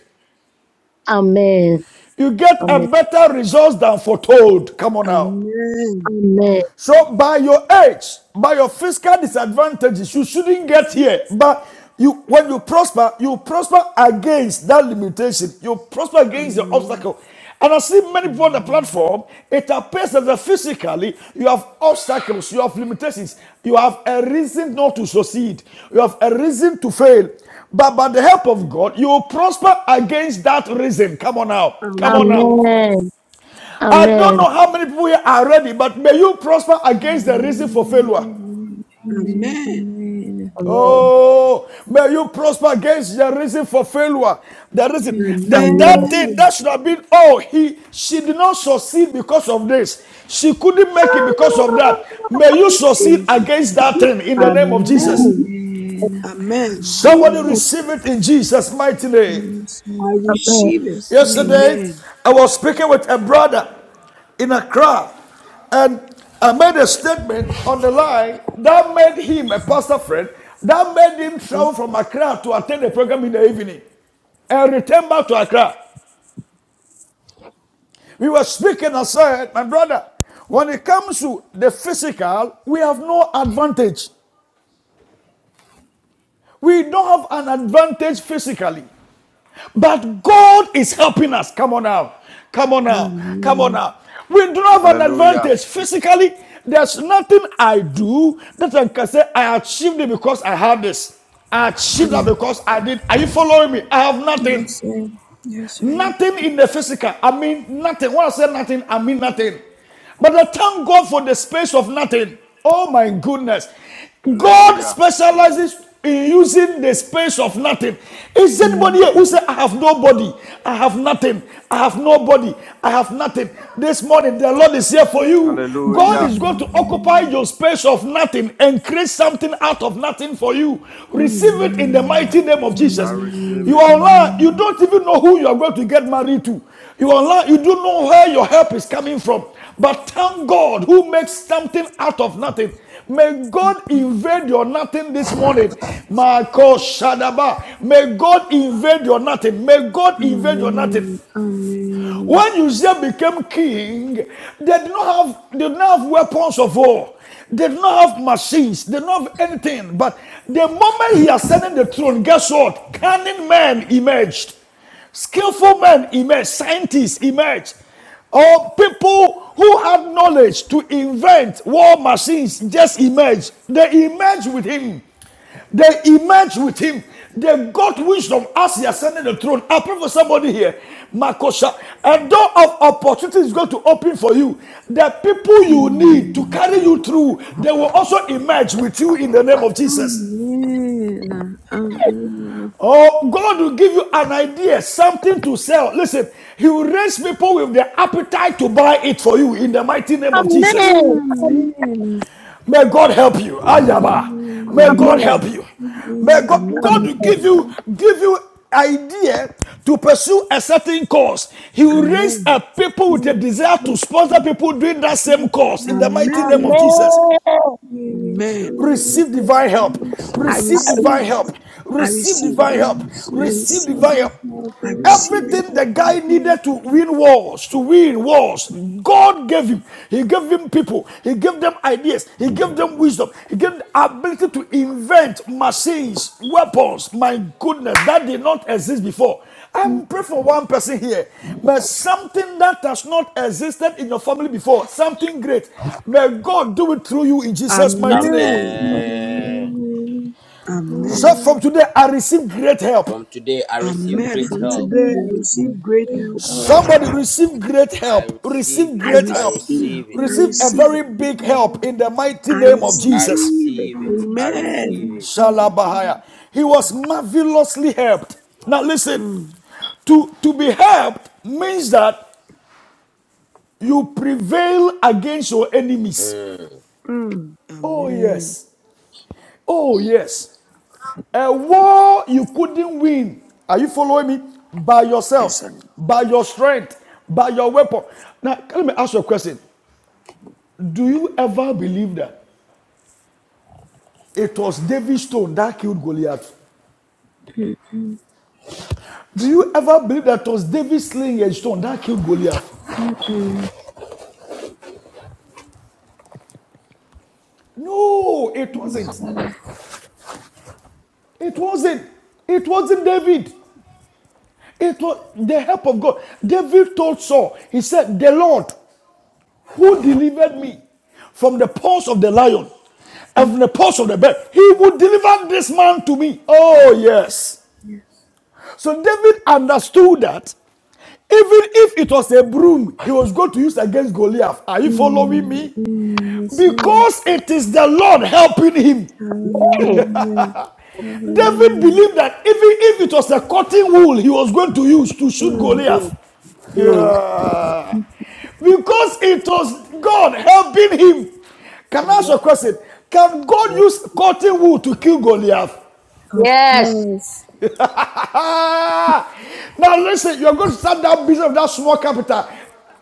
Amen. You get a Amen. better result than foretold. Come on now. Amen. Amen. So by your age, by your fiscal disadvantages, you shouldn't get Amen. here. But you, when you prosper, you prosper against that limitation. You prosper against the obstacle. And I see many people on the platform, it appears that physically you have obstacles, you have limitations, you have a reason not to succeed, you have a reason to fail. But by the help of God, you will prosper against that reason. Come on now. Amen. Come on now. Amen. Amen. I don't Amen. know how many people here are ready, but may you prosper against the reason for failure. Amen. Amen. Oh, may you prosper against the reason for failure. The reason Amen. that Amen. that thing Amen. that should have been oh he she did not succeed because of this. She couldn't make it because of Amen. that. May you succeed Jesus. against that thing in the name of Jesus. Amen. Amen. Somebody receive it in Jesus' mighty name. I receive it. Yesterday, Amen. I was speaking with a brother in Accra, and I made a statement on the line that made him a pastor friend, that made him travel from Accra to attend the program in the evening and return back to Accra. We were speaking, and said, my brother, when it comes to the physical, we have no advantage. We don't have an advantage physically. But God is helping us. Come on now. Come on now. Come on now. We do not have an Hallelujah. advantage physically. There's nothing I do that I can say I achieved it because I had this. I achieved that because I did. Are you following me? I have nothing. Nothing in the physical. I mean nothing. When I say nothing, I mean nothing. But I thank God for the space of nothing. Oh my goodness. God Hallelujah. specializes in using the space of nothing. Is anybody here who say, I have nobody? I have nothing. I have nobody. I have nothing. This morning, the Lord is here for you. God Hallelujah. is going to occupy your space of nothing and create something out of nothing for you. Receive it in the mighty name of I Jesus. receive You it. are online, you don't even know who you are going to get married to. You are online, you don't know where your help is coming from. But thank God who makes something out of nothing. May God invade your nothing this morning. Marco Shadaba. May God invade your nothing. May God invade your nothing. When Uzziah became king, they did not have they did not have weapons of war. They did not have machines. They did not have anything. But the moment he ascended the throne, guess what? Cunning men emerged. Skillful men emerged. Scientists emerged. Or people who had knowledge to invent war machines just emerged. They emerged with him. They emerged with him. They got wisdom as he ascended the throne. I pray for somebody here. Makosha, a door of opportunity is going to open for you. The people you need to carry you through, they will also emerge with you in the name of Jesus. Oh, God will give you an idea, something to sell. Listen, He will raise people with the appetite to buy it for you in the mighty name of Jesus. Amen. May God help you. Ayaba. May God Amen. help Amen. you. May God, God Amen. Amen. will give you give you idea to pursue a certain cause. He will raise Amen. up people with a desire to sponsor people doing that same cause in the mighty name of Amen. Jesus. Amen. Amen. Receive divine help. I Receive receive divine it. help. I Receive receive it. divine help. I Receive receive it. divine help. I receive it. Everything the guy needed to win wars, to win wars, God gave him. He gave him people. He gave them ideas. He gave them wisdom. He gave them the ability to invent machines, weapons. My goodness, that did not exist before. I'm praying for one person here. May something that has not existed in your family before, something great, may God do it through you in Jesus' mighty name. Amen. Amen. So Amen. from today, I receive great help. From today, I receive Amen. great From Amen. help. today, I Amen. receive great help. Amen. Somebody receive great I help. receive Receive it. I great I help. receive it. receive it. I Receive a receive it. very big help in the mighty I name of I Jesus. receive it. receive it. I Amen. Amen. receive it. Shalabahaya. He was marvelously helped. Now listen, Mm, to, to be helped means that you prevail against your enemies. Mm. mm. Oh, Amen. yes. Oh, yes. A war you couldn't win. Are you following me? By Yes, yourselves, I, by your strength, by your weapon. Now, let me ask you a question. Do you ever believe that it was David's stone that killed Goliath? Do you ever believe that it was David's sling and stone that killed Goliath? No, it wasn't. It wasn't. It wasn't David. It was the help of God. David told Saul, he said, The Lord who delivered me from the paws of the lion and from the paws of the bear. He would deliver this man to me. Oh, yes. So David understood that even if it was a broom he was going to use against Goliath, are you following me? Because it is the Lord helping him. David believed that even if it was a cotton wool he was going to use to shoot Mm, Goliath, mm, yeah, because it was God helping him. Can I ask you a question? Can God mm. use cotton wool to kill Goliath? Yes. *laughs* now listen, you're going to start that business of that small capital.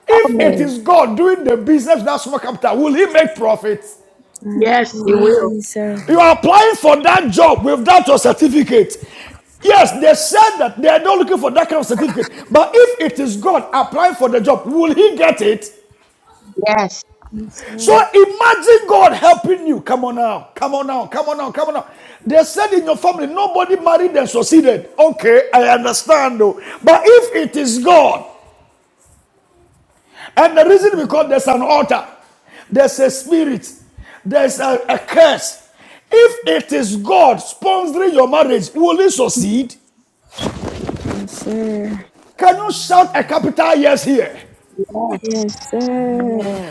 If it Amen. is God doing the business of that small capital, will he make profits? Yes, you will. You Amen. are applying for that job without your certificate. Yes, they said that they are not looking for that kind of certificate. But if it is God applying for the job, will he get it? Yes. So imagine God helping you. Come on now. Come on now. Come on now. Come on now. They said in your family, nobody married and succeeded. Okay, I understand though. But if it is God, And the reason because there's an altar, there's a spirit, there's a, a curse. If it is God sponsoring your marriage, will it succeed? Can you shout a capital yes here? Yes.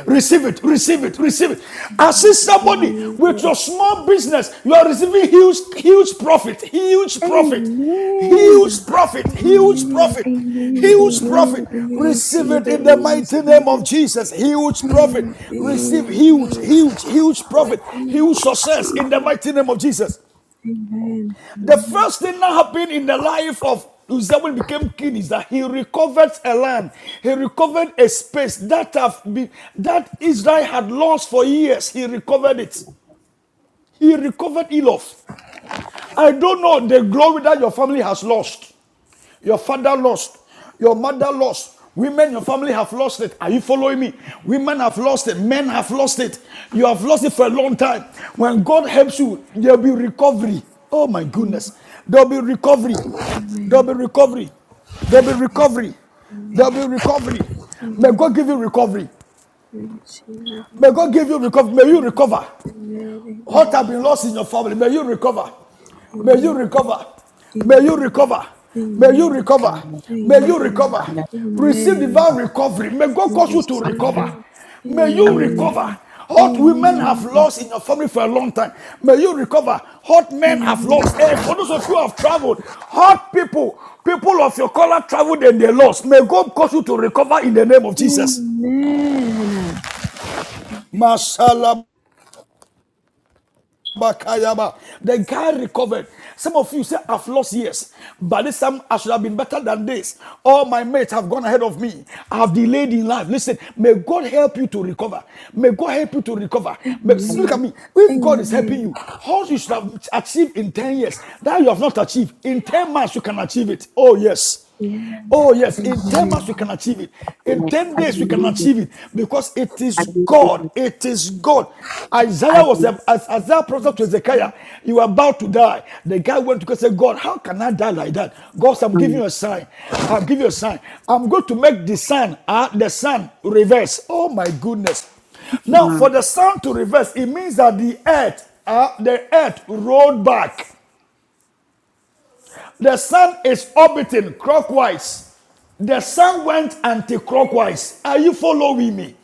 Receive it, receive it, receive it. I see somebody with your small business, you are receiving huge, huge profit, huge profit, huge profit, huge profit, huge profit. Amen. Receive it in the mighty name of Jesus. Huge profit. Receive huge, huge, huge profit, huge success in the mighty name of Jesus. The first thing that happened in the life of Uzziah when he became king is that he recovered a land. He recovered a space that have been, that Israel had lost for years. He recovered it. He recovered Elof. I don't know the glory that your family has lost. Your father lost. Your mother lost. Women, your family have lost it. Are you following me? Women have lost it. Men have lost it. You have lost it for a long time. When God helps you, there'll be recovery. Oh my goodness. There'll be recovery. There'll be recovery. There'll be recovery. There'll be recovery. May God give you recovery. May God give you recovery. May you recover. What have been lost in your family, may you recover. May you recover. May you recover. May you recover. Amen. May you recover. Amen. Receive divine Amen. recovery. May God cause you to recover. May you Amen. recover. What women Amen. have lost in your family for a long time, may you recover. What men have lost. And for those of you who have traveled, hot people, people of your color traveled and they lost. May God cause you to recover in the name of Jesus. Mashallah. The guy recovered. Some of you say, I've lost years, but this time I should have been better than this. All my mates have gone ahead of me. I have delayed in life. Listen, may God help you to recover. May God help you to recover. May- look at me. If God is helping you, all you should have achieved in 10 years that you have not achieved, in 10 months you can achieve it. Oh, yes. Oh, yes, in 10 Mm, months we can achieve it. In Amen. 10 I days we can believe it. achieve it because it I is believe God. it. It is God. I Isaiah was, believe um, it. as Isaiah prophesied to Ezekiah, you are about to die. The guy went to God and said, God, how can I die like that? God said, I'm giving Mm, you a sign. I'm giving you a sign. I'm going to make the sun, uh, the sun reverse. Oh my goodness. Now, mm. for the sun to reverse, it means that the earth, uh, the earth rolled back. The sun is orbiting clockwise. The sun went anti-clockwise. Are you following me?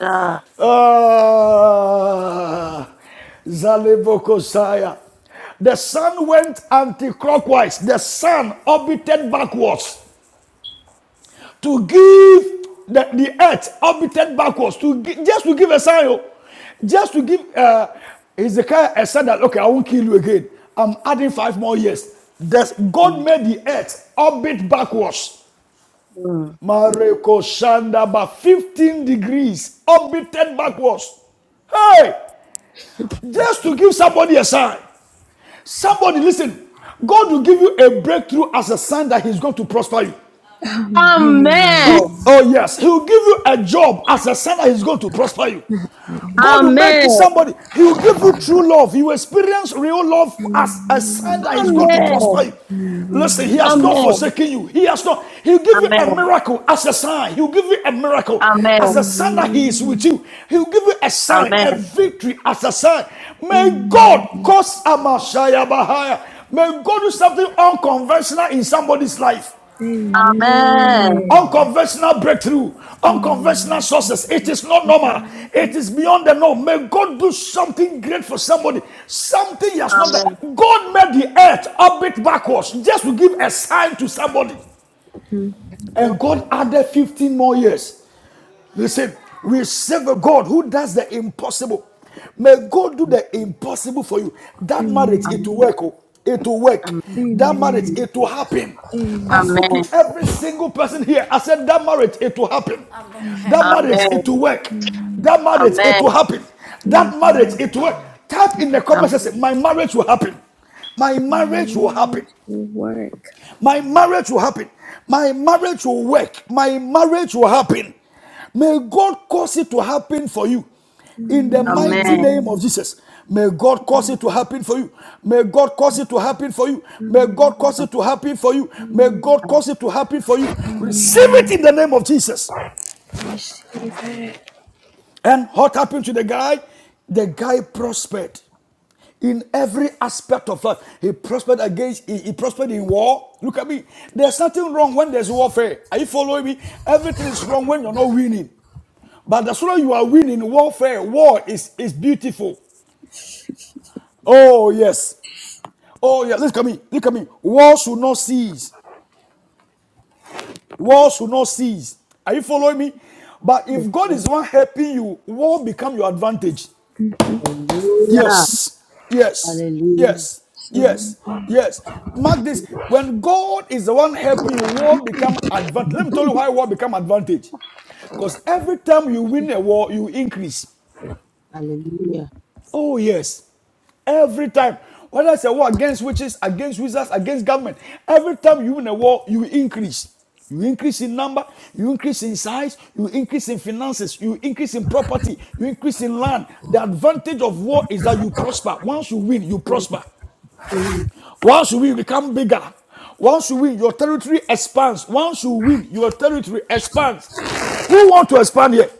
Ah. Ah, Zalebokosaya. The sun went anti-clockwise. The sun orbited backwards to give the, the earth orbited backwards to gi- just to give a sign oh. just to give uh, Hezekiah a sign that okay I won't kill you again I'm adding five more years Thus, God Mm, made the earth orbit backwards Mareko Shanda 15 degrees orbited backwards hey mm. just to give somebody a sign somebody listen God will give you a breakthrough as a sign that he's going to prosper you Amen. Who, oh yes, he will give you a job as a sign that he's going to prosper you. God will make you Amen. somebody. He will give you true love. You experience real love as a sign that he's going to Amen. prosper you. Listen, he has not Amen. forsaken you. He has not. He'll give you a miracle as a sign. He'll give you a miracle Amen. as Amen. a sign that he is with you. He'll give you a sign, a Amen. victory as a sign. May God cause Amashaya Bahaya. May God do something unconventional in somebody's life. Amen. Amen. Unconventional breakthrough, unconventional sources. It is not normal. It is beyond the norm. May God do something great for somebody. Something he has not Amen. done. God made the earth orbit backwards just to give a sign to somebody. And God added 15 more years. Listen, we serve a God who does the impossible. May God do the impossible for you. That marriage, it Amen. will work. oh. It will work. Amen. That marriage, it will happen. I speak to Amen. every single person here. I said, That marriage, it will happen. Amen. That marriage, Amen. it will work. That marriage, it will happen. That marriage, it will work. Type in the comments. comment Amen. Amen. say My marriage will happen. My marriage will happen. My marriage will happen. My marriage will work. My marriage will happen. May God cause it to happen for you. In the mighty name of Jesus. May God cause it to happen for you. May God cause it to happen for you. May God cause it to happen for you. May God Amen. cause it to happen for you. Receive Amen. it in the name of Jesus. Amen. And what happened to the guy? The guy prospered in every aspect of life. He prospered against, he, he prospered in war. Look at me. There's nothing wrong when there's warfare. Are you following me? Everything is wrong when you're not winning. But as soon as you are winning warfare, war is, is beautiful. Oh, yes. Oh, yes. Look at me. Look at me. War should not cease. War should not cease. Are you following me? But if God is the one helping you, war become your advantage. Hallelujah. Yes, yes, Hallelujah. yes, yes, yes. Mark this. When God is the one helping you, war become advantage. Let me tell you why war become advantage. Because every time you win a war, you increase. Hallelujah. Oh, yes. Every time. Whether it's a war against witches, against wizards, against government, every time you win a war, you increase. You increase in number, you increase in size, you increase in finances, you increase in property, you increase in land. The advantage of war is that you prosper. Once you win, you prosper. Mm. Once you win, you become bigger. Once you win, your territory expands. Once you win, your territory expands. Who want to expand here?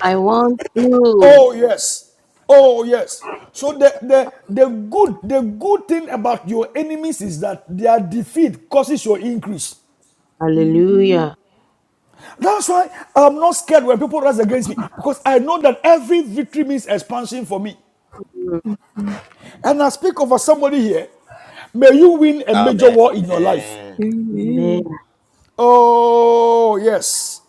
I want to. Oh yes. Oh yes. So the, the the good the good thing about your enemies is that their defeat causes your increase. Hallelujah. That's why I'm not scared when people rise against me because I know that every victory means expansion for me. Mm. And I speak over somebody here. May you win a major Amen. war in your life. Amen. Amen. Oh, yes.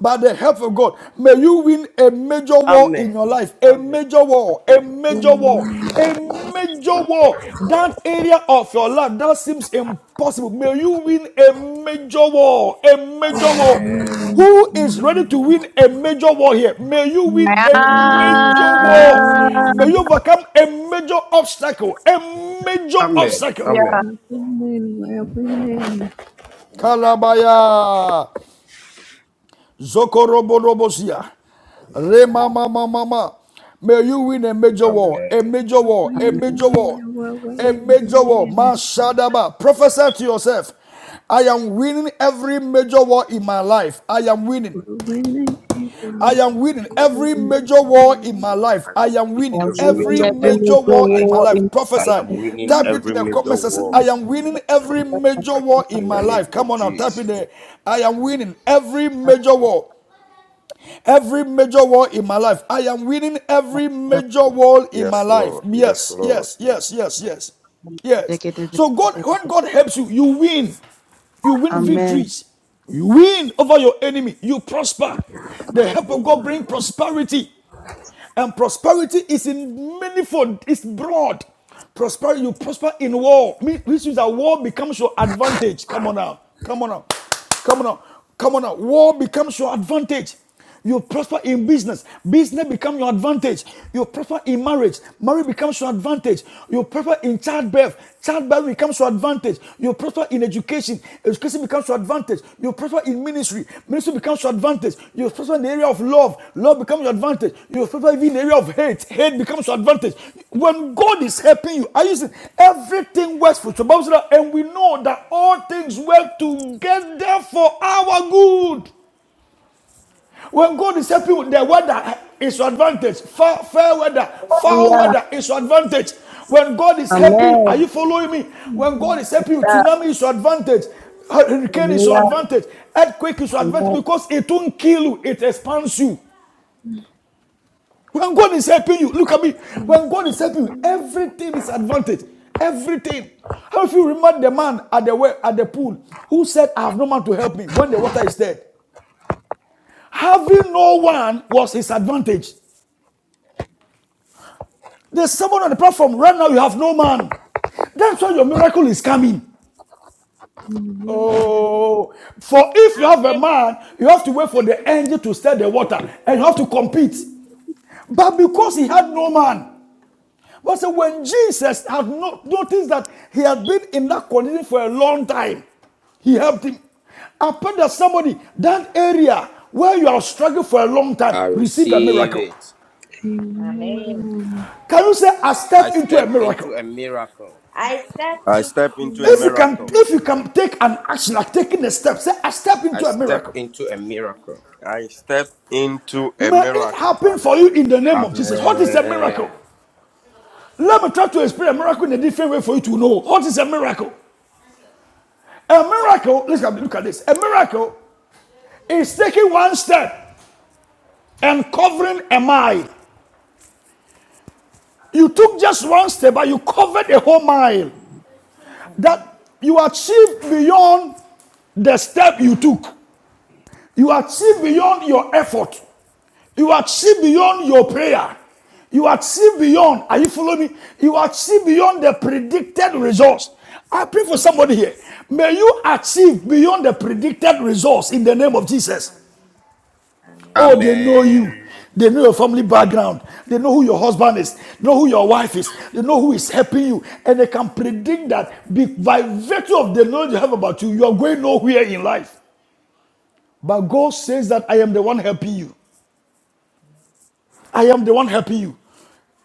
By the help of God, may you win a major war in Amen. your life. A Amen. major war, a major war, a major war. That area of your life that seems impossible. May you win a major war, a major war. Who is ready to win a major war here? May you win a major war. May you overcome a major obstacle, a major Amen. obstacle. Amen. Kalabaya. Zokoroborobosia. Rema mama mama. May you win a major war, a Amen. major war, a Hallelujah. major war, a major war. Mashadaba. Prophesy to yourself. I am winning every major war in my life. I am winning. I am winning every major war in my I life. I am am winning winning every every major war in major my war life. in my vimejongwa life. I Prophesy. am winning Type it in every the major comment section. war I am winning every major war in in my the name life. Come of on now, type it Jesus. there. I am winning every major war every major war in my life. I am winning every major war in my Yes, life. Lord. Yes, Yes, Lord. yes, yes, yes, yes, yes. So God, when God helps you, you win. You win Amen. victories. You win over your enemy. You prosper. The help of God bring prosperity. And prosperity is in manifold, it's broad. Prosperity, you prosper in war, which means that war becomes your advantage. Come on now, come on now, come on now, come on now. War becomes your advantage. You prosper in business. Business becomes your advantage. You prosper in marriage. Marriage becomes your advantage. You prosper in childbirth. childbirth childbearing becomes your advantage. You prosper in education. Education becomes your advantage. You prosper in ministry. Ministry becomes your advantage. You prosper in the area of love. Love becomes your advantage. You prosper even in the area of hate. Hate becomes your advantage. When God is helping you, I use it. Everything works for you. So and we know that all things work together for our good. When God is helping you, the weather is your advantage. Fair, fair weather, foul Hallelujah. weather is your advantage. When God is helping you, are Amen. you following me? When God is helping you, Yeah. tsunami is your advantage. Hurricane is your Hallelujah. advantage. Earthquake is your advantage Amen. because it won't kill you, it expands you. When God is helping you, look at me. When God is helping you, everything is advantage. Everything. How if you remember the man at the well, at the pool who said, I have no man to help me when the water is dead? Having no one was his advantage. There's someone on the platform right now, you have no man. That's why your miracle is coming. Oh, for if you have a Amen. man, you have to wait for the angel to stir the water and you have to compete. But because he had no man, but so when Jesus had not noticed that he had been in that condition for a long time, he helped him. I pray that somebody, that area where you are struggling for a long time, I receive a receive miracle. it. Amen. Can you say, Amen. I I step into a step into miracle? a miracle. I step I in. step into a If you can, miracle. if you can take an action like taking a step, say, I step I into a step miracle. into a miracle. I step into a May it miracle. happen for you Hallelujah. in the name of Jesus. What is a miracle? Amen. Let me try to explain a miracle in a different way for you to know. What is a miracle? A miracle, look at, look at this. A miracle is taking one step and covering a mile. You Amen. took just one step, but you covered a whole mile. Amen. That you achieved beyond the step you took. You achieve beyond your effort. You achieve beyond your prayer. You achieve beyond. Are you following me? You achieve beyond the predicted results. I pray for somebody here. May you achieve beyond the predicted results in the name of Jesus. Amen. Amen. Oh, they know you. Amen. They know your family background. They know who your husband is. They know who your wife is. They know who is helping you. And they can predict that be- by virtue of the knowledge you have about you, you are going nowhere in life. But God says that I am the one helping you. I am the one helping you.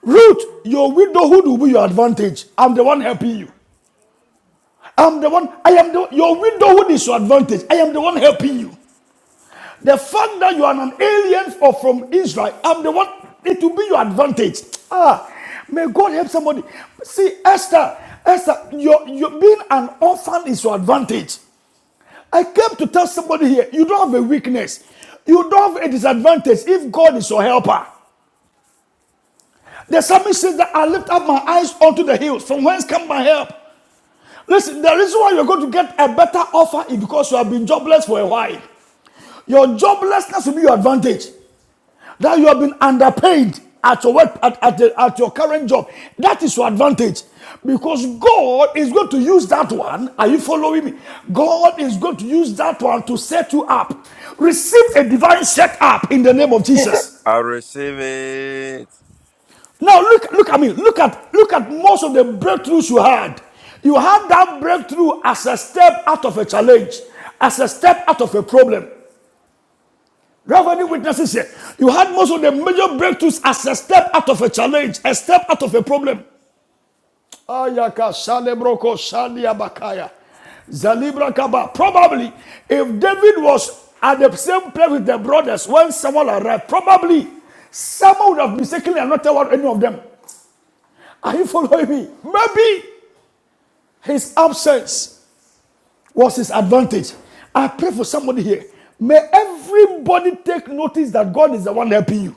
Ruth, your widowhood will be your advantage. I'm the one helping you. I'm the one, I am the your widowhood is your advantage. I am the one helping you. The Amen. fact that you are an alien or from Israel, I'm the one, it will be your advantage. Ah, may God help somebody. See, Esther, Esther, your, your being an orphan is your advantage. I came to tell somebody here, you don't have a weakness. You don't have a disadvantage if God is your helper. The psalmist says that I lift up my eyes unto the hills. From whence come my help? Listen, the reason why you're going to get a better offer is because you have been jobless for a while. Your joblessness will be your advantage. That you have been underpaid at your work, at, at, the- at your current job. That is your advantage. Because God is going to use that one. Are you following me? God is going to use that one to set you up. Receive a divine set up in the name of Jesus. I receive it. Now look, look at me. Look at look at most of the breakthroughs you had. You had that breakthrough as a step out of a challenge, as a step out of a problem. Do you have any witnesses here? You had most of the major breakthroughs as a step out of a challenge, a step out of a problem. Ayaka Salebroko Saliabakaya. Zalibra Kaba. Probably if David was at the same place with the brothers when Samuel arrived, probably Samuel would have mistakenly anointed one any of them. Are you following me? Maybe his absence was his advantage. I pray for somebody here. May everybody take notice that God is the one helping you.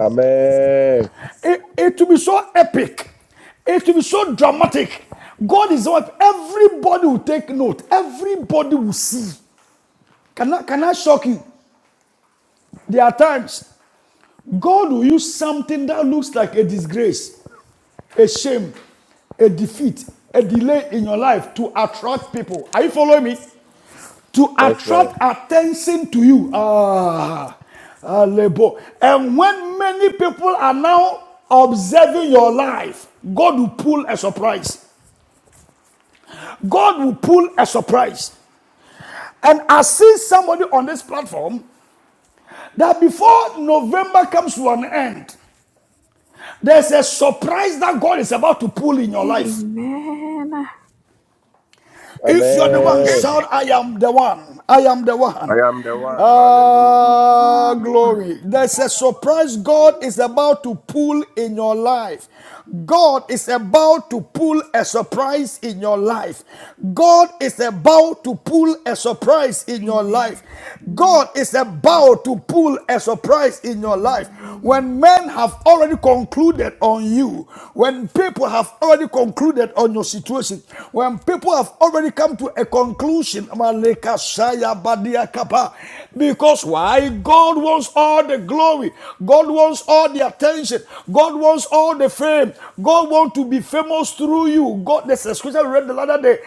Amen. It, it will be so epic. It will be so dramatic. God is the one. Everybody will take note. Everybody will see. Can I, can I shock you? There are times God will use something that looks like a disgrace, a shame, a defeat, a delay in your life to attract people. Are you following me? to Yes, sir. attract attention to you. Ah, ah, labor. And when many people are now observing your life, God will pull a surprise. God will pull a surprise. And I see somebody on this platform that before November comes to an end, there's a surprise that God is about to pull in your life. If you are the Amen. one, shout, I am the one. I am the I one. am the one. Hallelujah. Ah, glory. There's a surprise God Amen. is about to pull in your life. God is about to pull a surprise in your life. God is about to pull a surprise in your life. God is about to pull a surprise in your life. When men have already concluded on you, when people have already concluded on your situation, when people have already come to a conclusion, Maleka Shaya Badia Kappa. because why? God wants all the glory, God wants all the attention, God wants all the fame, God wants to be famous through you. God, the scripture we read the other day,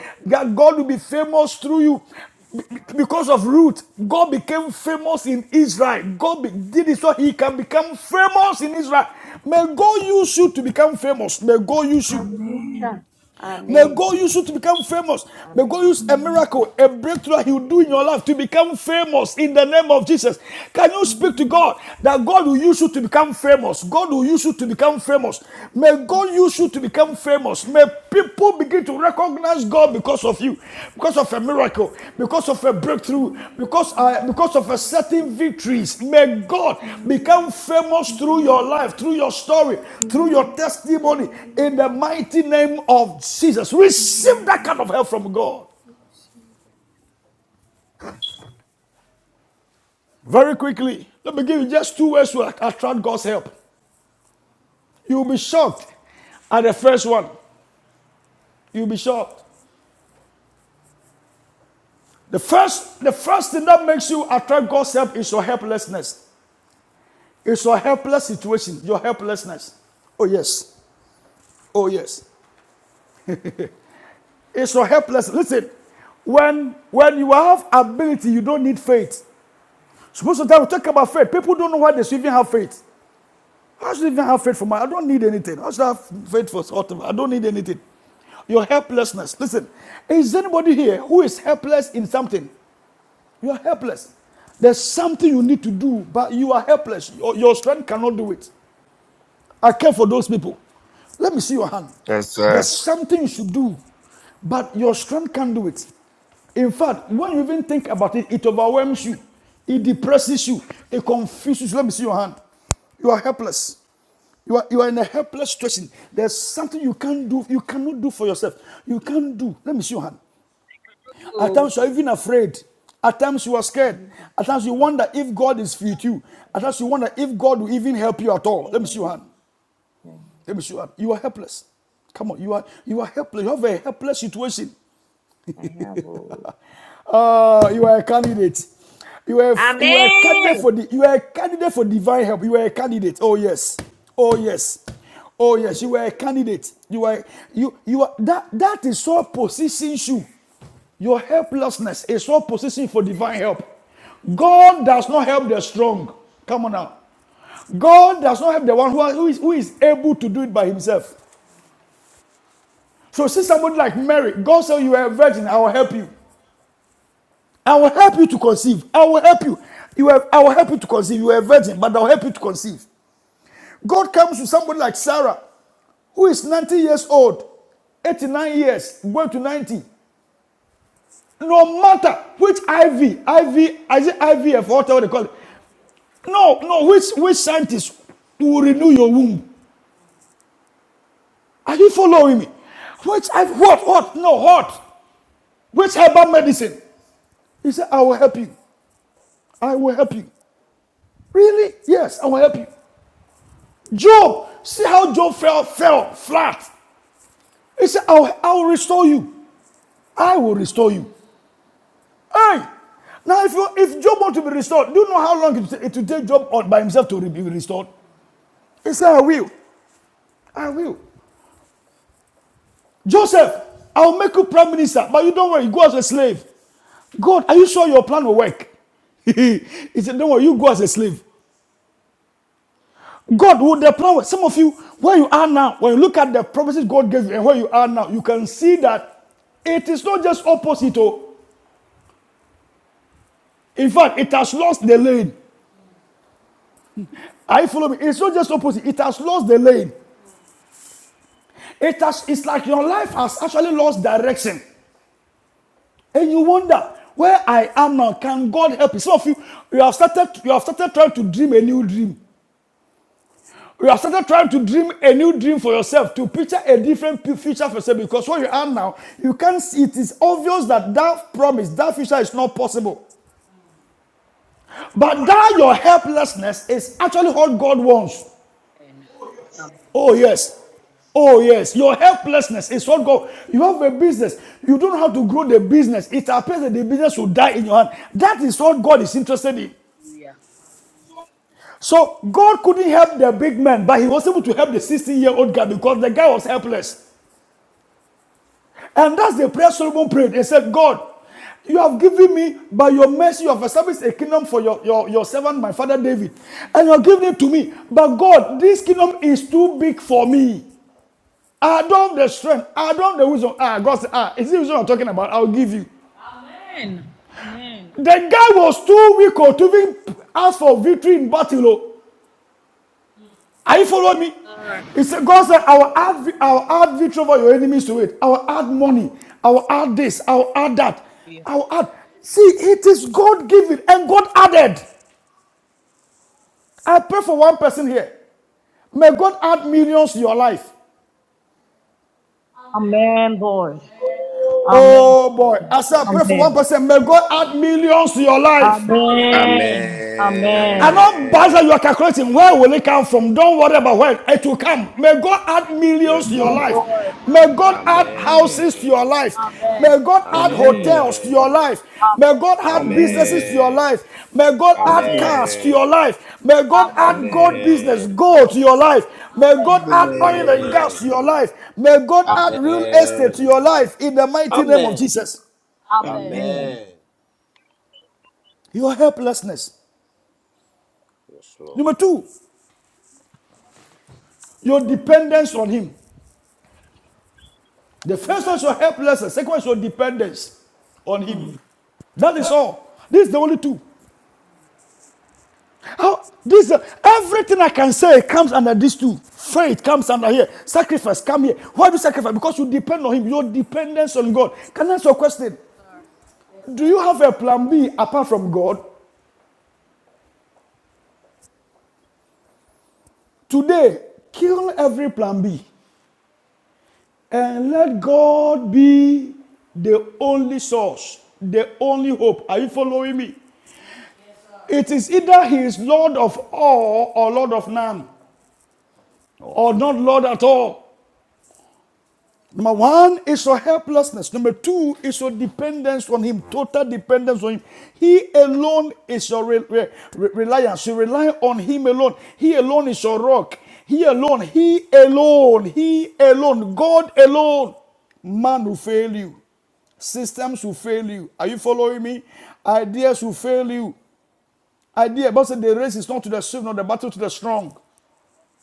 God will be famous through you because of Ruth, God became famous in Israel. God be- did it so he can become famous in Israel. May God use you to become famous. May God use you. Hallelujah. May Amen. God use you to Amen. become famous. May God Amen. use a miracle, a breakthrough Amen. He will do in Amen. your life to become famous in the name of Jesus. Can you speak to God that God will use you to become famous? God will use you to become famous. May God use you to become famous. May people begin to recognize God because of you, because of a miracle, because of a breakthrough, because uh, because of a certain victories. May God become famous through your life, through your story, through your testimony. In the mighty name of Jesus, receive that kind of help from God very quickly. Let me give you just two ways to attract God's help. You'll be shocked at the first one. You'll be shocked. The first, the first thing that makes you attract God's help is your helplessness. It's your helpless situation, your helplessness. Oh yes. Oh yes. It's your helpless. Listen, when when you have ability, you don't need faith. Supposed to we talk about faith. People don't know why they should even have faith. How should I even have faith for my? I don't need anything. How should I have faith for whatever? I don't need anything. Your helplessness. Listen, is anybody here who is helpless in something? You're helpless. There's something you need to do, but you are helpless. Your, your strength cannot do it. I care for those people. Let me see your hand. Yes, There's sir. something you should do, but your strength can't do it. In fact, when you even think about it, it overwhelms you, it depresses you, it confuses you. Let me see your hand. You are helpless. You are, you are in a helpless situation. There's something you can't do, you cannot do for yourself. You can't do. Let me see your hand. At To times you are even afraid. At times you are the scared. community At for times you myself. wonder if God is with you. At times you wonder I if God will even help you at all. Let me see your hand. have. That means you up. you are helpless. Come on, you are you are helpless. You have a helpless situation. I have. Uh, you are a candidate. You are you are a candidate Amén. for the you are a candidate for divine help. You are a candidate. Oh yes. Oh yes. Oh yes. You are a candidate. You are you you are that that is what positions you. Your helplessness is what positions for divine help. God does not help the strong. Come on now. God does not help the one who, is, who is able to do it by himself. So see somebody like Mary, God said you are a virgin, I will help you. I will help you to conceive. I will help you. You have, I will help you to conceive. You are a virgin, but I will help you to conceive. God comes to somebody like Sarah, who is 90 years old, 89 years, going to 90. No matter which IV, IV, is it IVF, whatever they call it. No, no, which which scientist will renew your womb? Are you following me? Which I what what no what? Which herbal medicine? He said, I will help you. I will help you. Really? Yes, I will help you. Job, see how Job fell, fell flat. He said, I'll, I'll restore you. I will restore you. Hey! Now, if you if Job want to be restored, do you know how long it, will take Job on- by himself to be restored? He said, I will. I will. Joseph, I'll make you prime minister, but you don't worry, you go as a slave. God, are you sure your plan will work? *laughs* he said, Don't worry, you go as a slave. God with the power. Some of you, where you are now, when you look at the promises God gave you and where you are now, you can see that it is not just opposite. Oh. In fact, it has lost the lane. Are you following me? It's not just opposite, it has lost the lane. It has it's like your life has actually lost direction. And you wonder where I am now. Can God help you? Some of you, you have started you have started trying to dream a new dream. You are started trying to dream a new dream for yourself, to picture a different future for yourself, because where you are now, you can't see it is obvious that that promise, that future is not possible. But that your helplessness is actually what God wants. Amen. Oh, yes. Oh, yes. Your helplessness is what God. You have a business. You don't have to grow the business. It appears that the business will die in your hand. That is what God is interested in. Hallelujah. So God couldn't help the big man, but he was able to help the 16 year old guy because the guy was helpless. And that's the prayer Solomon prayed. He said, God, you have given me by your mercy of established a kingdom for your, your, your servant, my father David. And you're giving it to me. But God, this kingdom is too big for me. I don't have the strength. I don't have the wisdom. Ah, God said, ah, is this the wisdom I'm talking about? I'll give you. Amen. Amen. The guy was too weak oh, to even ask for victory in battle. oh. Are you following me? Lord. He God said, I will add, I will add victory over your enemies to it. I will add money. I will add this. I will add that. I will add. See, it is God given and God added. I pray for one person here. May God add millions to your life. Oh boy. I said, I pray for one person. May God add millions to your life. Amen. And Amen. not buzz that Amen. you are calculating. Where will it come from? Don't worry about where it will come. May God add millions to Yes, your Lord. life. Lord. May God add Amen. houses to your Amen. life. Amen. May God add Amen. hotels to your Amen. life. May Amen. God add businesses to Amen. your Amen. life. May God Amen. Amen. add Amen. cars to Amen. your life. May God add gold Amen. business, Amen. gold to your life. May God add oil Amen. and gas Amen. to your life. May God add Amen. Amen. real estate to Amen. your life in the mighty name of Amen. Jesus. Amen. Amen. Amen. Your helplessness. Yes, Lord. Number two, your dependence on Him. The first one should helpless, the second one should dependence on him. That is all. This is the only two. How this uh, everything I can say comes under these two. Faith comes under here. Sacrifice come here. Why do you sacrifice? Because you depend on him. Your dependence on God. Can I ask your question? Do you have a plan B apart from God? Today, kill every plan B and let God be the only source, the only hope. Are you following me? It is either he is Lord of all or Lord of none, or not Lord at all. Number one is your helplessness. Number two is your dependence on him, total dependence on him. He alone is your re- re- reliance. You rely on him alone. He alone is your rock. He alone, he alone, he alone, God alone. Man will fail you. Systems will fail you. Are you following me? Ideas will fail you. idea. But said the race is not to the swift, nor the battle to the strong.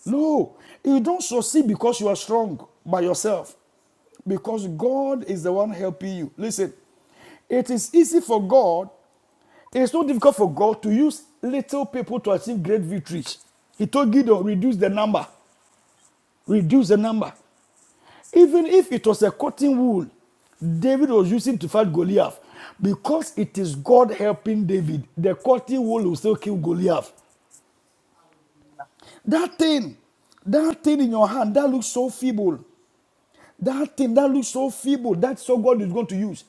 No, you don't succeed because you are strong by yourself, because God is the one helping you. Listen, it is easy for God. It's not difficult for God to use little people to achieve great victories. He told Gideon, reduce the number, reduce the number. Even if it was a cotton wool, David was using to fight Goliath. Because it is God helping David, the cotton wool will still kill Goliath. That thing, that thing in your hand, that looks so feeble. That thing that looks so feeble, that's what God is going to use.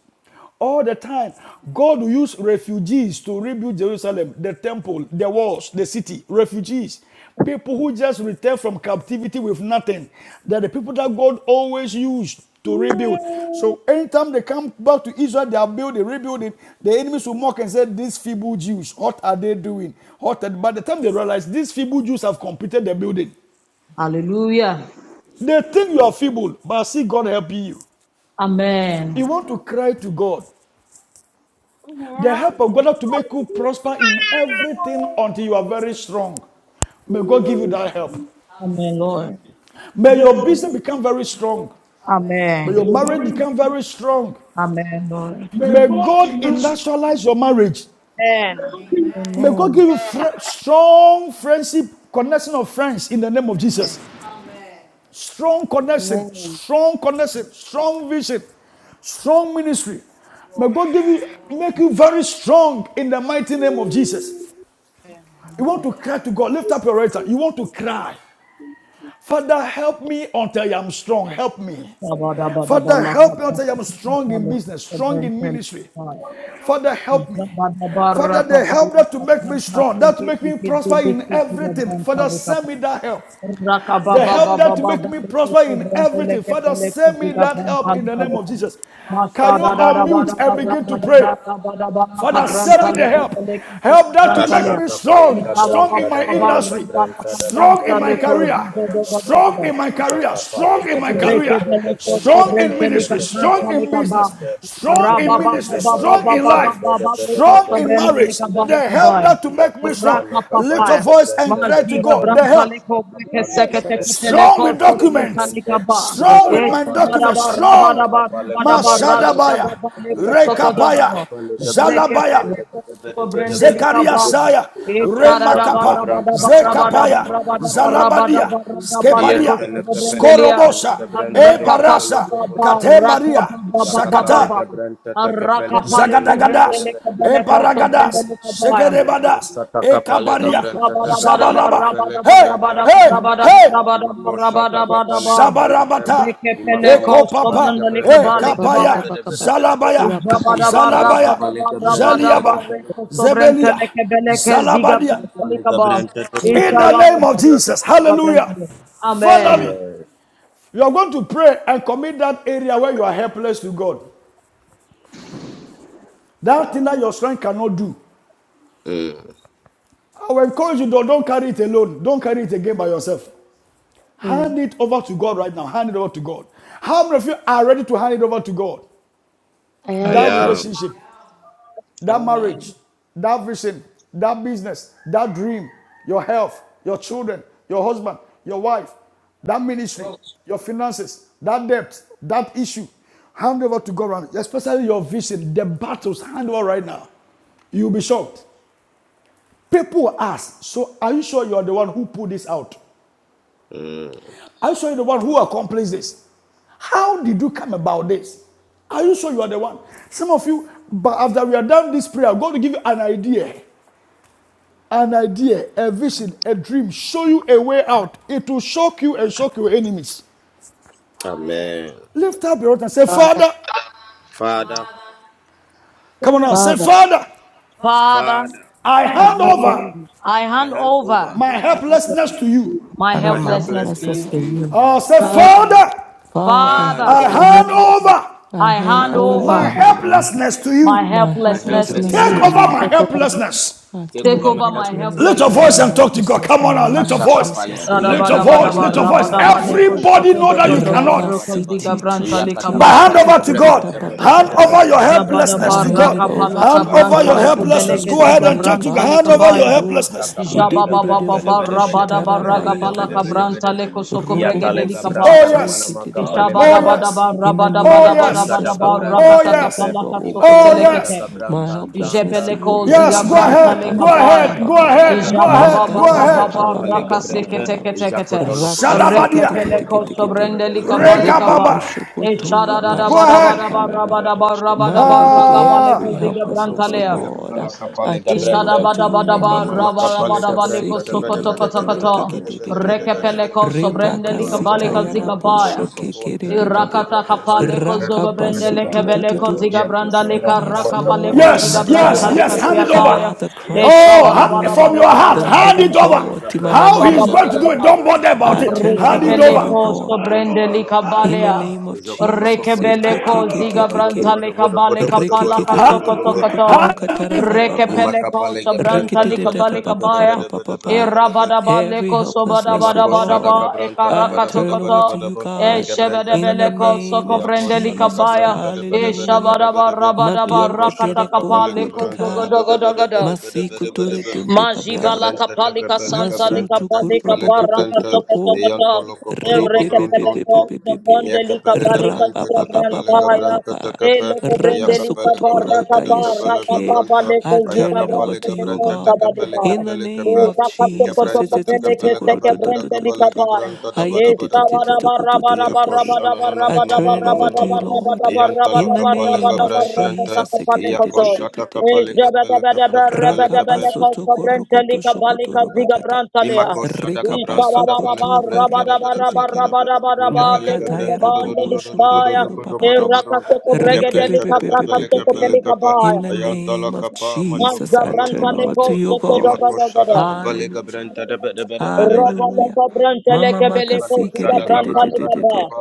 All the time, God will use refugees to rebuild Jerusalem, the temple, the walls, the city, refugees. People who just returned from captivity with nothing. They're the people that God always used to rebuild. So anytime they come back to Israel, they are building, rebuilding. The enemies will mock and say, These feeble Jews, what are they doing? What are-" By the time they realize these feeble Jews have completed the building, Hallelujah. they think you are feeble, but see God helping you. Amen. You want to cry to God. The help of God to make you prosper in everything until you are very strong. May God give you Amen, that help. Lord. May your business become very strong. Amen. May your marriage become very strong. Amen, Lord. May God industrialize your marriage. Amen. May God give you fr- strong friendship, connection of friends in the name of Jesus. Strong connection, Amen. strong connection, strong vision, strong ministry. May God give you, make you very strong in the mighty name of Jesus. Amen. You want to cry to God. Lift up your right hand. You want to cry. Father, help me until I am strong. Help me. Thank Father, help Amen. me until I am strong in business, strong in ministry. Father, help me. Father, the help that to make me strong, that to make me prosper in everything. Father, send me that help. The help that make me prosper in everything. Father, send me that help in the name of Jesus. Can you unmute and begin to pray? Father, send me the help. Help that to make me Kashaka pale strong, strong kabranta in da my pale industry, kabranta da strong in kapale my career, kabranta da kapa. strong you. in my career, strong in Rabba Jacapaliga my Brenta, career, Amen. Tecapeliga strong in Brenta, ministry, strong in Tecapeliga business, Brenta, strong in ministry, strong Jacatacapaliga in life, Brenta, the Bede strong Bede in Bede marriage. Bede Bede The help that to make me strong. Yakosana Little Capaliga voice and Brenta, cry to God. Tecape, The help Jacapaliga Yes. Brenta, strong with Tecapeliga documents, Brenta, strong with my Jacapaliga documents, Brenta, strong. Tacapalica Paya Mashadabaya, Capa, Yakosata Rekabaya, Capaliga Brenta, Zalabaya, Rekepele the kosto Bede Bede Bede brandele Bede Bede Bede kabale Zekariasaya, Jacosata Remakapa, Brenta, Mana Mana Mana Zekapaya, Mana Mana Mana Zalabadia, Mana. Skebaria, Iantele capele capele Skorobosa, gebranto do copolo Ebarasa, copolo Kate copo. Maria, Isacatale Sakata, gebranta te capele gebranta de bede Zagadagadas, bede bede bede bede bede. Ebaragadas, Iaco Segerebadas, sata capale Ekabaria, gebranta te capele Zabalaba. capele Hey, gebranta. hey, Mm, hey! Imaco sata capale gebranta. Sabarabata, Imamama capale Ekopapa, gebranta de bede bede Ekapaya, kabaya. bede bede bede bede. Zalabaya, Amen. Iantala Zalabaya, capale gebranta te Zaliaba, capele gebranta. Zebelia, Iaco sata Zalabadia. capale gebranta te In capele the name of gebranta. Jesus, hallelujah. Finally, Amen. you are going to pray and commit that area where you are helpless to God. That thing that your strength cannot do. Mm, I will encourage you, don't, don't carry it alone. Don't carry it again by yourself. Hand it over to God right now. Hand it over to God. How many of you are ready to hand it over to God? I I am That am. so relationship. that Ah, marriage, that vision, that business, that dream, your health, your children, your husband, your wife, that ministry, your finances, that debt, that issue. Hand over to God, around, especially your vision, the battles, hand over right now. You'll be shocked. People ask, So, are you sure you are the one who put this out? Mm. Are you sure you're the one who accomplished this? How did you come about this? Are you sure you are the one? Some of you, but after we are done this prayer, I'm going to give you an idea. an idea, a vision, a dream, show you a way out. It will shock you and shock your enemies. Amen. Lift up your right hand and say, Father, Father, Father, come on now, say, Father, Father, Father, Father, I I hand handle over you. I I hand hand over over my I have what helplessness you to you. do. my Father, my my um, helplessness to helplessness helplessness to to you. you. you. Oh, say, Father, Father, Father, Father, Father, I I Father, hand handle the over I I I I hand hand hand I have my over over over hand this body. in over helplessness to my you. my my my helplessness to helplessness this helplessness to Take to helplessness over to you. you. you. my you. Take over helplessness. I Take turn Take it over my over over time. my to you. I Lift Take take your helplessness. over over helplessness. my voice my and talk to helplessness. God. helplessness Come in on the now, name lift your of voice. Ashakapale Jesus. Body Shada Lift kabranta your bada da adults, bada voice, the lift kapale your bara ground voice. and bada bara level kabranta Ekekerebotokopo, da adults, bada Everybody bada shatter Shadabadabadaba, know bada that the dogo you bada dogo bada cannot. bada broko, bada. ziga, big branta, body, lika, Yakata the But ba. hand people, kapale over to shatter kabranta God. da bada Hand bada rabasititushitiatitekoretapapapapa. over bada your bada Rabadabadoski, bada helplessness I Jabadaba, to bada hand God. it bada. Badididididapa. over to rakapalaka, Hand Yantala you, over branta, your kapale God leko, Father, in kapa. in the helplessness. beleke, Go Jesus' ahead name ziga, of and name, talk to branta, God. God. Jesus, Hand lika, I over your baya. hand Tepato, over, I helplessness. Masaka hand pale over, I edebedede branta de hand Jababababa, bede over bede bede rabadaba, bede my bede bede ragabalaka, bede vodushitarabayekete. helplessness bede branta, to bede. bada you in soko, the name bada of Iatalega lika, baya. Oh, branta Jesus. na mana yes. maka Body palega Oh, Robobo-sitete-kete-tete-tete. pa. adults, yes. Ishabadabadaba, the In the ground name Oh, of Iko level yes. adults, shada Jesus, the rabadabadabadabadaba, Lord, I gabranta Oh, rakataka, turn yes. tekepe. over, palaka, O soko, Imako Oh, God, shada body, yes. telekete. the my adults, gabranta the helplessness antanta. to you, O Jebeleko God. Iyake zia Yes, go I Nema pelega branta pa pa ahead. leka Go hand pa over brento pa pa baya. shada ahead. pa Go pa. my balega ahead. Go Ijaba branta. ba ahead. ba Go Ima ba ba Makatara ahead. mama ba pa pa pa kapalega raka pa pa seke pa branta. pa. Ijako toloko branta Reke Shadabadia. toloko peleko toloko. Rakaseketeketeketekete. sobrende lika Iyake ba Reka ba. Rokoto Baba. E pelega. shokoto ya da pa da Go ya ba Iyako da pa ba pa da ahead. pa ba ya ra ba pa. da ba ra ba da ba ra Maridididi, ga Ah. Every ziga branta helplessness, O lea. God, I Yantala helplessness I kapale to turn it God Ishada over gabrante. to bada in you in the bada the Ishadabadabadaba, name Imama name of of Jesus. makapale rabadabadaba, Jesus. leko gabrante. Debe debe Nema debe debe debe sokotokotokoto, debe Kalavadoski debe debe Peveve, debe. rekepeleko sobrende be Rebaka Iyakoto my logo sita help, likabaleka bronto man logo yarabu polo zigabaya. sheke kopo. Kalavadoski kererebe. Yantala Irakata kapale Brantalevedoshakov, kapaleko gabrante. Debe E zogobrende Rakabasu debe tu debe. tu tu lekebeleko tu. Parevedoski zigabranda Iyakoto Veve, leka Yes, logo rakabaleko kapale Lord, Mantalivedoski Yes, gabrante. zigabranta yes, Debe Tamata, yes. debe lika Hand debe it debe. Thou over. Brantalevedoshakov, siataya. art the Christ, Oh, Iyakapale ha- kapa. Ishabadabadaba, hallelujah, from your heart, the hand Iyakata living it over. kapale God. Tima gabrante. How mama mama Debe he's mama debe going to do debe it, rabadabadaba, don't debe. bother about I it. turn it Yantala Hand over it to over. kapa you, Rekebeleko God, mazokoto sobrende kopo logo in bronto. the likabalea. name of Zokoto Jesus. kopo logo Eke Rekebeleko ke ke bronto. ke Bodo ke bodo zigabranta ke. bodo bodo bodo likabale bodo Reke kapala ke bodo ke bodo ke bodo bodo. kasokotokoto. kukurukuturukatara Rekebeleko Imakapale gebranta sobranta da bada likabale bada bada bada kabaya. bada E bada Rikididididababababababa. bada bada. Every rabadabaleko helplessness, oh Imakosha da sobadabadabadaba God, e kabranta da I bada bada turn over karakatokoto. bada to bada you, E bada. God, Gebranta da in the kapa. shebedebeleko name of sokobrende Iakosha da Jesus. likabaya. kabranta da bada E bada Hallelujah. bada shabadaba bada bada. rabadaba Matu Iakosha da katerek kapale rakatakapaleko gebranta da Matukatedekbonkutika. bada bada zogodogodogodo. bada bada bada bada bada. Masikuturitindipaka. Gebranta da kapale gebranta da kapale gebranta. Masutukurubopopopopo. Iantolo kopolo gebrontonto. Ripipipipipipipipi. Yakapelega branto da capelega branto da Rapapapapapapapa. cape, Yakapelega branto da capelega Rakasukutukurukutayashiki. branto, I turn it over to Ayakapalega you, O branto da God. capelica In the pelicape, name of Jesus. Gabranta da capelega banda da capelega Ititititikurututututututu. branto da bada bada bada. Aikititititikutututututu. Yakosha no no no I no no turn no it no no over to no you, no. Lord. Yantala In the capelega name of brantante, Jesus. Yakosha da Ikitititititititi. capelica pelica Pelica Rakapasotokurukutushukuturubakata. Imakosha da Gabranta da Balega Brenta de Bede Bede Rikapasokotokorikitiki. Bede Gabelega Brento Makatayara do do do boko do do do do shoko do koro do do papa. do do do do Reke pe Gabrenta pe de pe pe. pe pe Capelica pe. Pelicapa In the Ayantala name of Capa Majoca Jesus, I Peloca turn over to Bronto your God. Imakosha da Capelega Hallelujah. Brenta de Bede Bede Bede Hallelujah. Mama Imanu makasike de sada de de gabran de de sada de de. kapa.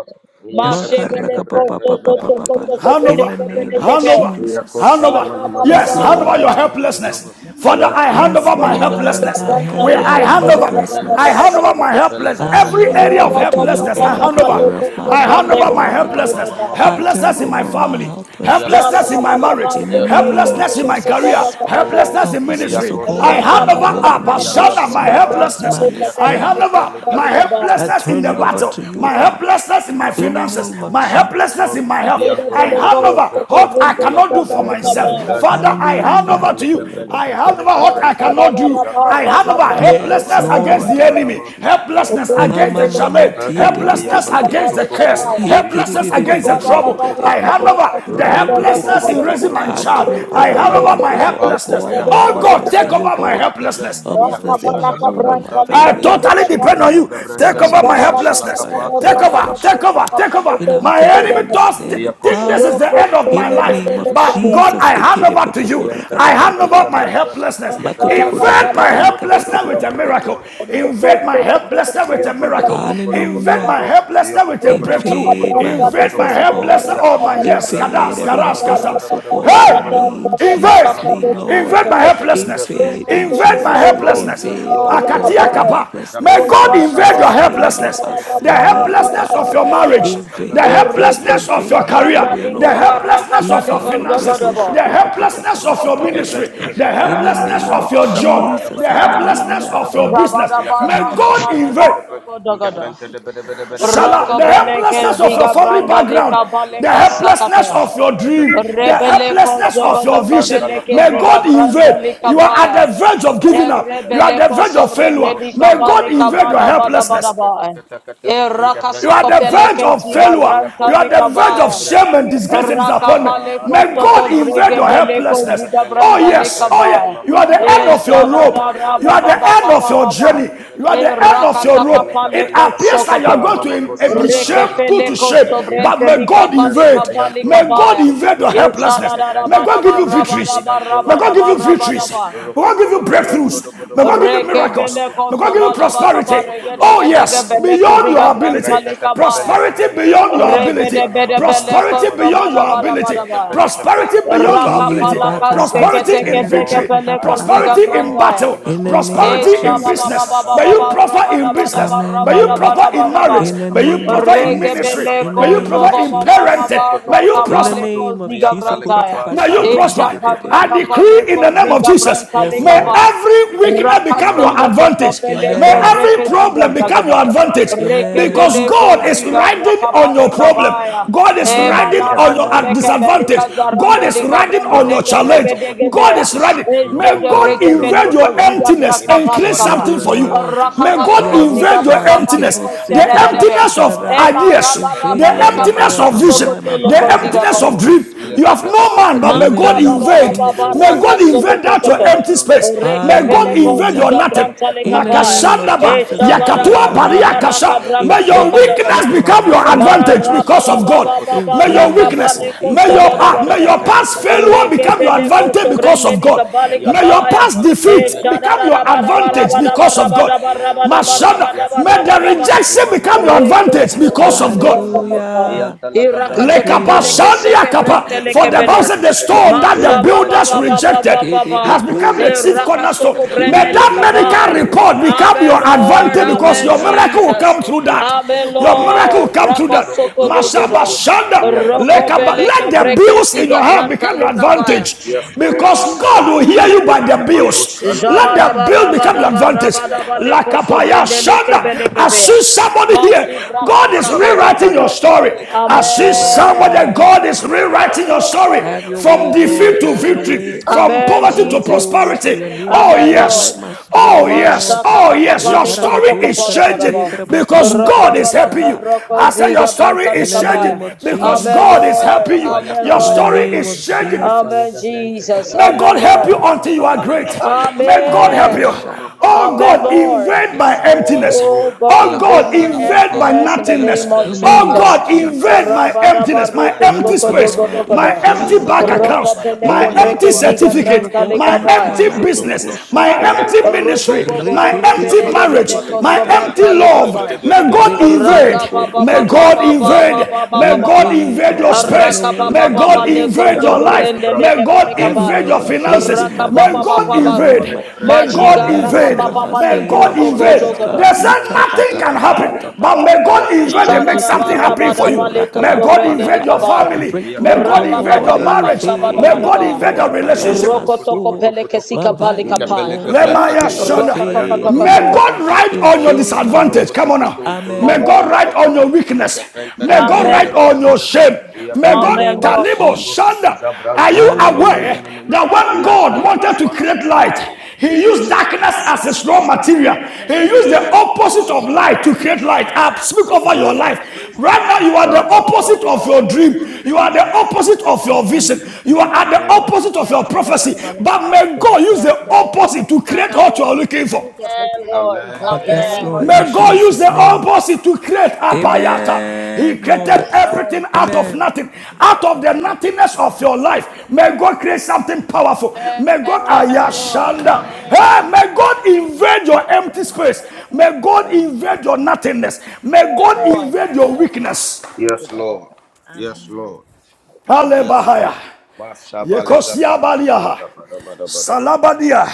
Iya This is Mashe kapele Makaraka gabran beleko, papa sada papa so bede so papa so bede so papa. bede so so bede Hand In bede over. the beleke bede bede name of beleke Hand be. over. Iya Hand Jesus. koshana over. mana Marra ba mana ba Yes, Yes, mana hand mana over ba. your Lord. mana mana mana helplessness. Father, Ayan I tala hand Yes, over my kapale Rabba gabran Lord. helplessness. I sada. hand Where Iya over I my hand kapale over, gabran sada. I hand helplessness. over my Kapele helplessness. I kapele Every hand it kape. area of over to Iya you helplessness, I hand koshada every over. area kapale of my I gabran life, hand oh sada. over my Ima God. helplessness. mama mama I mama turn Helplessness mama in my over mama my mama. family Yes helplessness in my Lord. helplessness marriage, in the Yes name of helplessness in Lord. my career, Yes, Jesus. no. helplessness in Helplessness, ministry. oh Iko I God, in hand my over shanamamam. will, in my Abashana, emotions, in my Iyakalika my pa. thoughts, in my helplessness. I hand Iyakatka understanding, God. over pelika my pa. I helplessness Iko in turn the it over battle, to shanabala ka you, oh my God, brancha. helplessness in my Mama in the mama finances, name of mama my mama Jesus. mama. helplessness in my health. Iyanto I loko hand loko over loko. what I cannot do for Iyakapela ka in the myself. name brancha. of Father, I hand Jesus, hand Hallelujah. over man, Iyakapela to the ka you. leather I pelika that hand goes, over pelika what the I brancha. leather cannot do. Iza I that goes, kapala the hand ka over leather that brancha. Yes, Bada bada helplessness of against bada bada the Lord. bada enemy, bada. those helplessness Iyakalika against the Mama, pelika challenge, mama, pa. tia, de, de, de, helplessness de, de. against the curse, Iyakutukutukuko. Here, shed ki de, helplessness de, of de, Thank de, the against the de, beginning de, trouble. of de, de. I the Iyakutukutukutukutukutuko. hand those over shed the Bronto loko helplessness in loko raising of my the I bronto. child. all leather turn I that I over, goes, I hand have. Imama over Ian hand Televata my Vados, the over, Vados, makapa oh helplessness. God, aya Ian my Oh Televata kapale God, helplessness to take Vados, kapale you, over my God. kapale in kapale the helplessness. name iya of Helplessness in my koshada Jesus, I home, have. in my kabranta I family, in iya my totally ntala children, depend in on kapale my you. husband, Take in kabranta our over my This iya ntala relationships, helplessness. God, in our kapa Take aya over, communication, take kapale over, kapa take over. in our My kabranta getting enemy kapale thoughts iya understanding. think this koshada is Father, the end kapale of in my the kabranta de life. de name de of de de But de God, de Jesus, I de de hand de over to you. I hand iya Capella over my Ekerebokokorakatakateka, Gabranta, helplessness. Gabelega Invade Branto, my Bodo Bodo Bodo helplessness Bodo with a Bodo Bodo Bodo makotokorakatapayekatakorokotoko. miracle. Bodo Bodo Invade Bodo my Bodo Bodo helplessness with a Yokoto miracle. Loco Poloco Invade hallelujah. my Bronto, helplessness with Yokoto a Koto breakthrough. Koto Invade Koto my Koto Invade Koto my helplessness, O Koto, God. helplessness. Oh my Yakapale you. yes. Gabranta, Invade Kadas, Bada every Bada karas, Bada Bada kata. Bada helplessness, Zabada O Bada God, Bada in Hey! Bada Bada me, in Ayanta Invade. La Jesus' name, Gabranta, the Lord. Invade my Capella helplessness. Gabranta, Invade in Invade my Jesus' Yes, name. Lord. helplessness. Yes, Invade, O Lord. God, Yes, Makatia Lord. every kapa. Zako May helplessness God in invade Shatakapa, your Jesus' name, in helplessness. Ayakapa Lega us, The in Branta, me, O helplessness God. of your Utapele marriage. Capele The Invade, Capele Cape, invade, helplessness of invade. your Yankala Have your career. Capele way, The Lord. Cabranto do Cupo, helplessness of your Rocoto finances. Coto Coto The Coto Coto helplessness Coto, of your Ikarukutushukurukatapatapatapata. ministry. Gabrante The Capele In the helplessness Gabranta, name of of your job. Zapanda da Jesus, The Bada Bada Bada Bada helplessness hallelujah. Bada of Bada your Bada, business. Ayakata May Mhm. baraka Capale God Capele invade. paleko Cape, soko dogodo. Gabrante de Bede Bede Bede Bede Bede Shala, Roko the Bede, beleke helplessness of your Ayantala ziga family Capa, branda background, lika Ayantala the baleka Capa, helplessness sakata. of your Yakata, dream, the Yakosha Rebeleko helplessness Capa, of your zogodogo vision. Ayantala beleke May Capa, ziga God branda invade. Ayantala lika You are Capa, at baya. the verge Ayanta of giving up. You are at the Rebeleko Debrente, verge of failure. sobrende lika May Yakoshana, no, no, God no, baleka no, invade your no, bada bada bada helplessness. baya. Yakatakatakatakatak, Eraka You Gabrenta, are soko the verge peleke of Takaprelikape, ziga failure. branda You are Yakoshada lika the verge Balega of baya. shame Brenta, and disgrace and disappointment. Rakapale Zakapa, May God kosoko invade brege your Yakapa, beleko helplessness. Oh, Yakapelega zigabranda yes. Brenta, Oh, yes. lekabaya. You are Imama the end E of Kapalega your jada Brenta, rope. the da Bede ra You ba Bede are ba the Bede ba end ba of Bede ba Bede your ba Bede ba. Bede journey. Bede You Bede are E Bede the Bede end of your Ian rakataka rope. pale It appears Telekapelikape, that you are kosokoto. going to Imama eh, be Koshana, no, no, Reke shame, no, no, no. no, put to peleko no. shame. But sobrente may God Iantolakape, likabali invade. kabali May God kabaya. invade Iantolokotokotoko, your E helplessness. shada da da May ba da God give ba you Intebrantakape, ra ba da victories. ba ra May ba God da give ba you ra Iantolokotokotoko, ba da victories. ba. May God give you Rokopologo Bronto, breakthroughs. May God give you Reke bele miracles. Bodobodobodobodobodobo, May koso God give you bada bada ba prosperity. rege Oh, dege dege yes, bele Rokotokotokotokotokotokotokotoko, beyond kuziga your branta ability. lika Intebrantakape, baya. Prosperity Legabranta, beyond your Rebe de ability. Iacosana, bede Mana, Mana, bele Mana, Prosperity Mana, koso beyond bada your bada ability. bada Iantolakape, baya. Prosperity Lekape, I beyond your Raka receive it, ability. Lord. palaka I seke Prosperity receive it, teke in teke Lord. victory. pele I Ikeyerebakabasitayarababababababa. receive koziga it, Prosperity in branta Lord. ya. battle. In Imako the name of Prosperity Shadaba, Esha in ba ba ba business. ba ba May ba Jesus. you ba Ayakata, ra prosper ba in da ba da business. ba Ayakata, ra Amen, May ba you da ba Lord. da prosper ba in Ayakapa, da ba. marriage. In the May Ayakapa you name of prosper Lekapa, in ministry. Jesus. Regebele Ayakapa In the May you Lekapa name kozo prosper of in baba Lekapa, baba Jesus. parenting. Izakoto bara May you Koto In Koto the kabale prosper. Koto, name of koziga Jesus. Ayakta brantaya. Lekapa, May you Kurakapashe, Ibenda Eja prosper. kabra Lekapa, I kidididididididi. kapale Ayanta decree in the name Lekapa, of koziga Jesus. Yes, branta Yes, leka May Lord. Lord. baya. every weakness become Rakaso your Imamama koto kapa advantage. kopele May ayatolo Amen. kebre koto every koto keziga problem koto become bragaba. your gabran advantage. tata tele Amen. Rekebele Because tepe God is koziga ayatapa le riding gabran on brakapale your tana mana problem. mana kabaya. mana God mana is mana E Amen. riding on gabran balarando your gabran leke to do do belika disadvantage. do do do do zarando God do is do lika do riding do brande on ro your leke koto challenge. koto koto bregedege God koto bea. is koto riding. E ro May jege kopo le God brege gabran to invade do beleko your kopo ziga emptiness braka and imakapa create Have balika le your ba. something way, gabran for tata you. Lord. Raka May izakapa God baleko ziga invade your Yarabosha, braka emptiness. ayatapa baleko ikiribose, The shedere kiriboshi, bea. emptiness ayatapa of E tarara. ideas, karabada Yakapa, the Invade baleka me, O emptiness braka God, of my vision, Yantolokoto, soko mind, my the tuloko body, my ziga ba. emptiness soul, of Yokopolokopo, my dream. You spirit. have no man, but Yakatakatakata, may In the God name of invade. Azakotoloko Mashababa May Bronto, Raka God Jesus. invade that your Sokotokoto. Zokopoloko empty Bronto, space. Oreke May God Tokopoloko, Peleko invade Hallelujah. your Ziga Mama nothing. Branta leka In the Makapalega ba. name Branta, the of Makashandaba, Bede E Jesus, Bede Bede invade Bede yakatua Shabadaba my Bede Bede baria Raba home, Bede Bede Laka kasha. Bede Braka May your invade Branta, my Sokodogada. weakness children, Mama my become your husband, Makapo, my advantage marriage, oh because of God. Rokotoko Toko God. Toko Marababa May Toko your Invade Raka us, weakness, Toko, God. Baleko may your, Yantala ah, may Sobodabadaba. your Kapalega past Branta, failure Oreke become your Zatala Peleko Ikatarakatakarakotokorakatakatakata. advantage Katala because Sobrende of Kapa, God. Likabalika May your Ayantala Baya. past Kapaleka E defeat Pelekapa. become your Shadadaba Yes, Raba advantage Raba Daba Lord. because of Raba God. Yes, Daba Raba Daba Lord. Raba Mashada, Yes, Daba may Raba the Lord. Daba. rejection Ima become mama your mama mama Reko advantage mama because mama of Sokotiga God. mama Braka mama. Baya. Iyan Hallelujah. talaga I is branta da Irakatoko agree, kapal peleke Lord. da Lekabasandia seke branta da kapa. bede For bede brenteleke the bede Bible belia. bede said the bede bede. stone that the Iya Masha baba kadala builders ka baba baba baba. do rejected kuto kuto has kuto kuto become the kuto Kidibiko, chief kuto. cornerstone. Iya Irakasoko branta da May that kapal brendelika da baya. medical da kidibidikoko. bede report bede bede become bede Amen, your bede. Lord. advantage Iya because kuto Amen, your lo Hallelujah. kuto miracle lo will Jesus. come through that. Izo Amen, Your kuto lo miracle will Lord. come do through kuto that. lo Rakasoko do kuto. dogoda. Masabashanda Iya kapal Roko da Let beleke da the bede breke bede bills in bede ziga your bede hand bede become bede your bede brantalika bede. baya. advantage. Yes, Because Lord. God will hear you by the Ima bills. kushana Let mana the mana bill become your mana. I advantage. Jabarabarabarabarabarabaleko Lakapaya Shanda. I sobrendelekebekebeya. see somebody here. Masi God is rewriting your brakasakadagada. story. I Thank you, see Amen, Lord. somebody. Lord. Amen. God is rewriting your story Have your way, from Lord. defeat to Have your victory, way. receive, from Amen, For poverty your to Lord, Jesus. glory, for prosperity. your name's Oh, sake, Amen, Lord. rewrite yes. my story, Oh, yes. Lord. Oh, yes. Eh, Your Mashakatakapaleko story is changing sokobarabaraba. because God is helping Rokobalaka you. I say your brokoziga story In is the changing brantalikabaya. name of because Amen, Mashoko God is Jesus. pale Lord. helping you. kapa ya Amen, Your In kapa the ya story Lord. name kapa of is ya changing kapa le Amen, Jesus. gabrante te Jesus. May kape God Amen, help ya you Lord. kala until you are kapa le great. kapa le May God gabranto help Amen. you. mama Harabosha. mama mama Oh Amen, mama God, mama Lord. invade my yes emptiness. lord Oh God, Oh ayako invade God, my sada invade my kapa emptiness in the ya nothingness. name kape of le In the Oh kapa name Jesus. of God, ya kata invade kata my Jesus. kapa le emptiness, my Rabadabareko gabrante te Oh empty kape space, God, ya in my sokodogodogodo. kapa empty faith, le oh bank gabrante God, da accounts, bala my Rokopeleke kapa ya every empty breke kapa emptiness ziga in aya me, certificate, oh branta kata God, kata my kata lekabaya. empty kata kata business, kata italaboko my shoko. gabrante empty te kape Robo ministry, le bobo kape bo my ya empty kata rebedege marriage, kapa le beleko my gabrante da empty sobranta bada Rikitikitikitikitikiti. bada love. bada lekabaya. bada May bada God invade bada Raga bada invade. baba May bada baba God baba Rikitikokurukutututututu. invade. baba baba May In God baba. faith, invade your Lord, have your space. Araka way, baba May have your baba God way, leko invade have your your zogo way. life. brende May leke God Have your belekabaya. invade way your in faith, finances. in Raka my May baba baba ministry, God in my baba. invade. home, May in my God Majiga raka marriage, in invade. baba my baba husband, May in leko our God Imamama sogo invade. children's kosana na They God. dogodo. na na said na na Ita nothing pata can pata iyantala happen, pata but kapa pata. may God ayakata invade and kapa make Sarara something iyakata happen barabada for you. kata paleko May God iyakapale sobrendeli invade Makutukutukukurakapapapapa. your kebrenta kabaya. family. Break May God iyakapale protocol, invade Lord, your kebrenta and marriage. mama May mama invade, God mama oh invade your mama God, my life, relationship. my soul, Shararabarabadabalekosobrendelikabaya. my Yokotokotokotokotokoto, body, oh Nkepele God, my kebrente spirit. tekepe, toko Ayanto Invade toko me, May lokopo, Lord. toko. God write on your Yokopo, Invade my disadvantage. home. Come on now. Rokotokoto, May Amen. Amen. Rokopo God write lokopo, on your weakness. Nkebrente May debe God debe Amen. write Amen. debe on debe your debe, shame. May In Yatoto the God Amen, name lokopo of Lord. Talibo lokopo, Jesus. shanda. Are Exabranto Right? you no mono mono aware Hallelujah. mono mono, that when Yanta God wanted to kapa, create Goodness of light, God. And He I used don't darkness? darkness know as what its raw goodness of God. material. Well, He I don't used know the what Mm, God. opposite May mm, of that we are not light to come create to light. God for I that of speak God. over your mm. I life. will use the Right now, name you are the and Shaba the ba God opposite and ba the of your Lord. ba I ba will dream. ba. tell you You are the that God opposite of has your been vision. in the You are at company the of God. Mm. opposite of Yes, your Lord, let it prophecy. go, Lord, Lord. But Lord. may God use yes, the Lord. opposite to create Father, what you are Lord, looking for. you get Amen, open Lord. to God Lord, in the Yes, Amen. name Lord, of in May God Jesus. use Jesus' the Amen. name. opposite to create apayata. He Amen, created Lord. Amen, Lord. everything out of Amen. nothing, out of the about nothingness of your life. May God create something powerful. Amen, May God the head of Amen. Lord. ayashanda. Amen, Hey, may Jesus. Amen. God invade your empty Amen. space. May God my- Amen. invade your nothingness. May Amen, God Amen. Lord. invade your weakness. this is Yes, about Lord. Yes, Amen. Lord. the chin. Yes, Lord. Hallelujah. Mashabalega Yekosia Balia, brandadabadabadabadaba. Salabadia.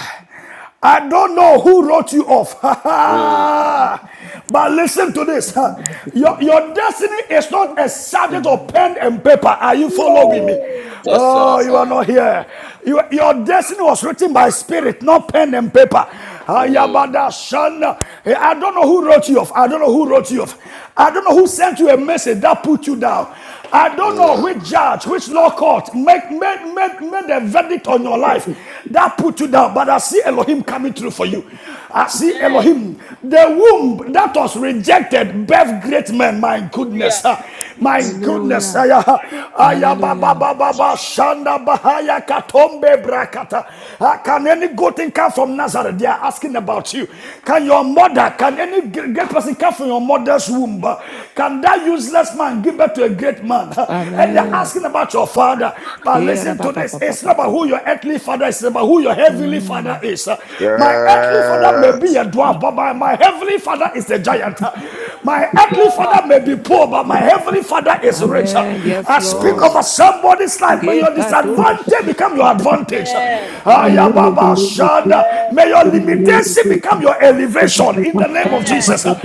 I don't know who wrote you off. Mm, *laughs* but listen to this. *laughs* Your, your destiny is not a subject of Amen. pen and paper. Are you following mm. me? Yes, sir. Oh, Yes, you are sir. not here. You- your destiny was written by spirit, not pen and paper. Mm, Ayabada Shan. Eh, I don't know who wrote you off. I don't know who wrote you off. I don't know who sent you a message that put you down. I don't know mm, which judge, which law court made, made, made, made a verdict on your life that put you down. But I see Elohim coming through for you. I see Elohim. Amen. The womb that was rejected birthed great men. My Hallelujah. goodness. ah, My goodness. Hallelujah. ah, yeah, ah, ah, yeah, Hallelujah. shanda, ba, ha, brakata. Ah, Can any good thing come from Nazareth? They are asking about you. Can your mother, can any great person come from your mother's womb? Ah, Can that useless man give birth to a great man? Ah, And they're mm. Amen. asking about your father. But listen to this. It's not about Kera who your earthly father is, it's about who your heavenly heavenly Mm. father is. uh, My earthly father may be Yes. a dwarf, but my, my heavenly father is a giant. Uh, My We earthly are. father may be poor, but my heavenly father is rich. Uh, Amen. Yes, I speak Lord. over Mm. somebody's life. May your disadvantage Kekatos. become your advantage. Amen. my I'm Amen. living the Ayababa name of Jesus. Shanda. Amen, May your Lord. In the name of limitation Jesus, become your in the elevation name in of the name Jesus, of Amen. Jesus. Uh, Amen.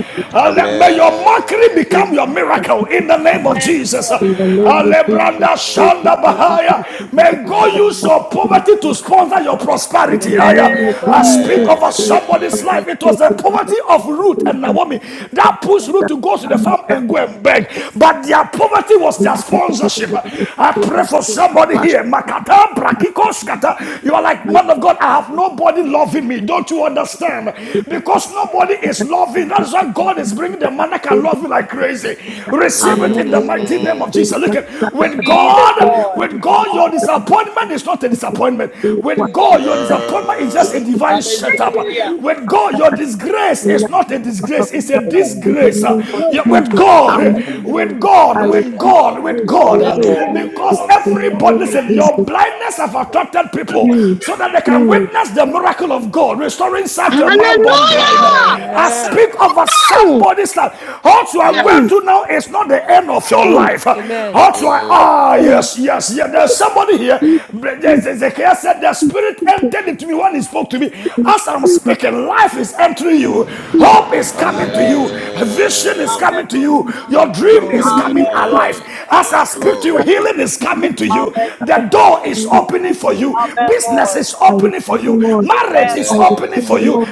May your mockery Amen. in become your miracle in the name of Amen, Jesus. Uh, Lord. the name of Jesus, in the name of Jesus, in the name Shanda of Amen. Bahaya. Jesus, in May God use your Hallelujah. your poverty to sponsor your In the the prosperity. I, name name of of Amen, uh, I Lord. speak Jesus, over Jesus. in somebody's Amen. life. It the name was the of poverty Jesus, of Ruth and Naomi that pushed Ruth to go to the farm and Hallelujah! go and beg. But their poverty was their sponsorship. I pray for somebody here. Makata, brakikos, kata. You are like, man of God, I have nobody loving me. Don't you understand? Because nobody is loving. That's why God is bringing the man that can love you like crazy. Receive it Mm, in the mighty name of mm. Jesus. Look at with Jesus, God, Lord. with God, your disappointment is not a disappointment. With Hallelujah. God, your disappointment is just a Yes. divine setup. Hallelujah. With God, your disgrace is not a disgrace, it's a Amen. disgrace. Uh, yeah, With God, Amen. with God, Amen. with God, with Kashokotokopolo God. Amen, uh, Lord. kobronto Because tokopolo kopolo everybody, kopo. listen, your blindness have attracted people so that they can witness the miracle of God, restoring sight to a man born blind. I Amen. speak over somebody's life. What you are going through Yes. now is not the end of your life life. Amen. Also, I, Mm. ah, yes, yes, yes. There's somebody here. Ezekiel said the spirit entered into me when he spoke to me. As I'm speaking, life is entering you. Hope is coming to Amen. you. Vision is Amen. Yes. coming to you. Your Thank you, dream is Lord. coming alive. Amen. As I Yes, speak to you, Lord. healing is coming to you. The door is opening for you. Amen, Business Lord. is I opening for you. was Marriage is I opening receive the for you. Amen. Lord.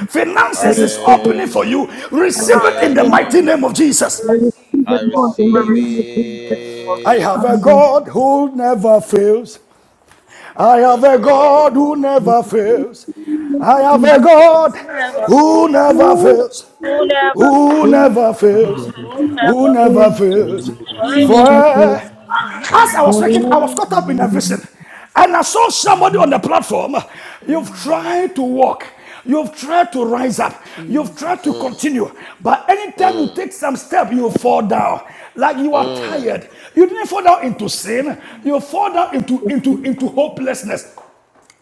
I is receive the opening Amen. Lord. for you. I receive Receive it Amen, in the the Lord. Lord. mighty Amen. name of Jesus. I receive the I Lord in the receive name of Jesus. I have a it. Amen. God who never fails. I have Yes, a Lord. God who Amen. never fails. I have a God who never fails. Who never There fails. Who never is fails. no reason For eh, as for I it. was Amen. speaking, I was caught up in a vision. And I saw somebody on the platform. You've Mm. tried to walk. You've tried to rise up. You've tried to Mm, Jesus. continue. But anytime you mm, take some step, you fall down. Like you are mm, tired. You didn't fall down into sin. You fall down into, into, into hopelessness.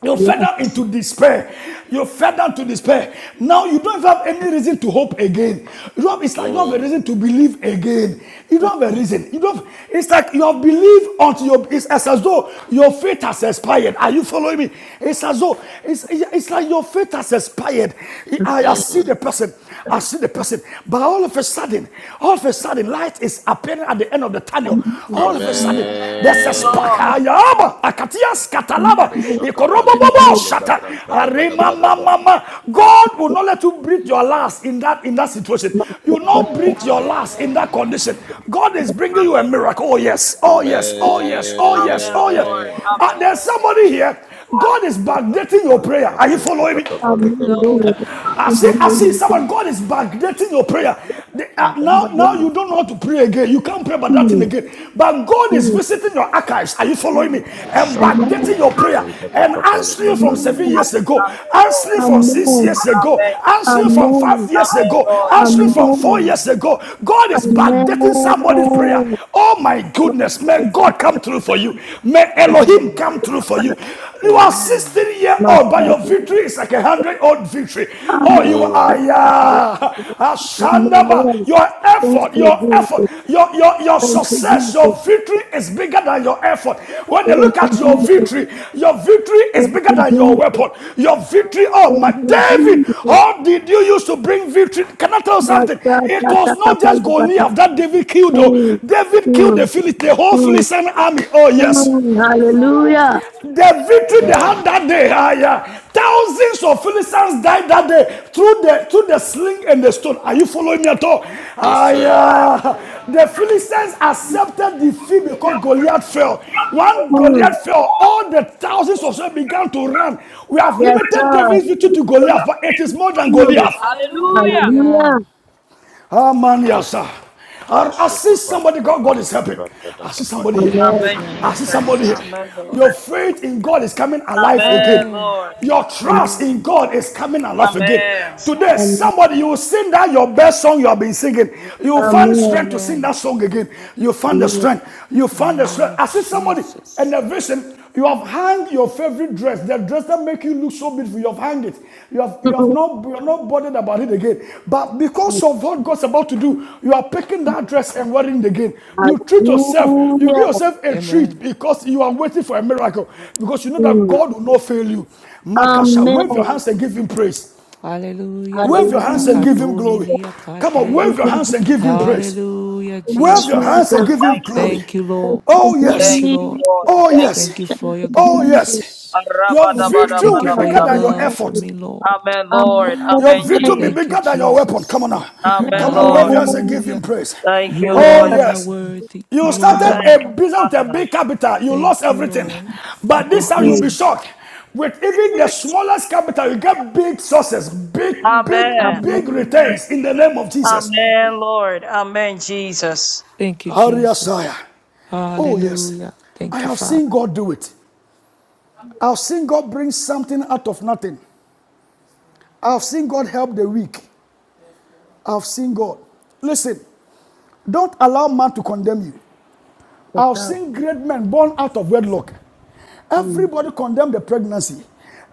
You fell down into despair. You fell down to despair. Now you don't have any reason to hope again. You don't have, it's like you don't mm, have a reason to believe again. You don't have a reason. You don't. have- it's like you have believed until your. It's as, as though your faith has expired. Are you following me? It's as though it's, it's like your faith has has expired. I, I see mm. the person. I see the person. But all of a sudden, all of a sudden, light is appearing at the end of the tunnel. All of a sudden, there's a Amen, Amen. spark. Lord. Ayaba, akatias, katalaba, Koshaka paleka ikorobobobo, paleka shata, branta da ba da arima, ba da ma, ba. ma, ma. God will not let you breathe your last in that in that situation. You will not breathe your last in that condition. God is bringing you a Amen, miracle. Jesus. Oh yes, oh yes, oh yes, oh yes, Amen, oh yes. Lord. Amen. Uh, Amen, there's Lord. somebody here. God is Shaka backdating your prayer. paleka Are you branta following da me? ka paleka ba. Sir. I see, I see, someone, God is backdating your prayer. The- uh, now, now Amen. you don't know how to pray again. You can't pray about that thing again. But God is visiting your archives. Are you following me? And Shaka backdating paleka your prayer branta da and ka paleka answering from branta. seven years ago, Amen, Lord. answering from six Amen. years ago, Amen. answering from Amen. five years Amen, ago, Lord. answering Amen. from four Amen. years ago. God is backdating somebody's prayer. Mungu Oh my goodness, may God come through for you. May Elohim Amen. come through for anapokwenda you. You are Amen. 16 15 year kwa old, but your watu, victory is like a 100 old victory. Oh, kama you are, katika yeah. Yesu. Ashandaba. Amen. Your Thank effort, you, your effort, Jesus. your, your, your Thank you, success, Jesus. your victory is bigger than your effort. When they Thank look at you, your Jesus. victory, your victory is Thank bigger you, than your Jesus. weapon. Your victory, oh my Thank you, David, Jesus. how did you use to bring victory? Can I tell you something? It Masata was not just takapalipata. Goliath that David killed, though. Mm, David killed mm, the Philistine, the whole mm, Philistine army. Oh, yes. Amen, mm. Hallelujah. The victory they Lord. had that day, ah, yeah. thousands of Philistines died that day through the through the sling and the stone. Are you following me at all? Yes, Ah, sir. yeah. The Philistines accepted defeat because Goliath fell. When Mm. Goliath fell, all the thousands of them began to run. We have Yes, limited sir. David's victory to Goliath, but it is more than Mm. Goliath. Hallelujah. Hallelujah. Hallelujah. Ah, man, yes, sir. I, I Kashoko see somebody, Paleka God, God is Paleka helping. Brakata I see somebody Kapaya. here. Amen. Yes, Amen, I Lord. see Jesus. somebody here. Amen, Lord. Your faith in God is coming alive Amen, again. Amen. Lord. Your trust Amen. in God is coming alive again. Amen. Today, Amen. somebody, you will sing that your best song you have been singing. You will find Amen. strength to sing Amen. that song again. You find the Amen. strength. You In the find the name strength. of I see somebody in Jesus. a vision. You have hung your favorite dress, the dress that make you look so beautiful. You have hung it. You have you have *laughs* not you are not bothered about it again. But because of what God's about to do, you are picking that dress and wearing it again. You treat yourself. You Hallelujah. give yourself a treat Amen. because you are waiting for a miracle. Because you know that Mm. God will not fail you. Makasha, wave your Amen. hands and give Him praise. Hallelujah. Wave your hands and give Hallelujah. him Bakatoni glory. ni Come on, akate. Thank wave your you, hands and give him Jesus. praise. Hallelujah, Thank you, Wave Bless your your name, O Jesus. hands Jesus. and God. give him Thank you, glory. Thank you, Jesus. Thank Lord. you, Oh, Thank Thank you, yes. you, Lord. Jesus. Lord. Oh, Thank you, Thank you yes. Thank you, for your Jesus. Oh, yes. Jesus. goodness. Your Thank you, victory Thank will God, you be for bigger for your your than Arabadabadabadabadaba. your love for effort. mercy. me, Lord. Amen, Lord. Amen. Your Amen, victory be Amen. Jesus. Thank you, bigger than your weapon. Come Jesus. on now. Amen, Come on now. Wave Lord. your hands and give him Hallelujah. praise. Thank you, You Oh, Lord alone are Jesus. yes. worthy. You You started Thank alone, a God. you, business with a Father. big capital. You lost Thank you, everything. Lord. Thank But this you, time you'll Jesus. Mm. be shocked. With even the smallest capital, you get big sources, big, big, Amen. big Amen. returns in the name of Jesus. Amen, Lord. Amen, Jesus. Thank you, Hallelujah. Jesus. Oh, yes. Hallelujah. I Thank you, have seen Father. God do it. I've seen God bring something out of nothing. I've seen God help the weak. I've seen God. Listen, Don't allow man to condemn you. Yes, I've God. seen great men born out of wedlock. Mm, Everybody condemned the pregnancy.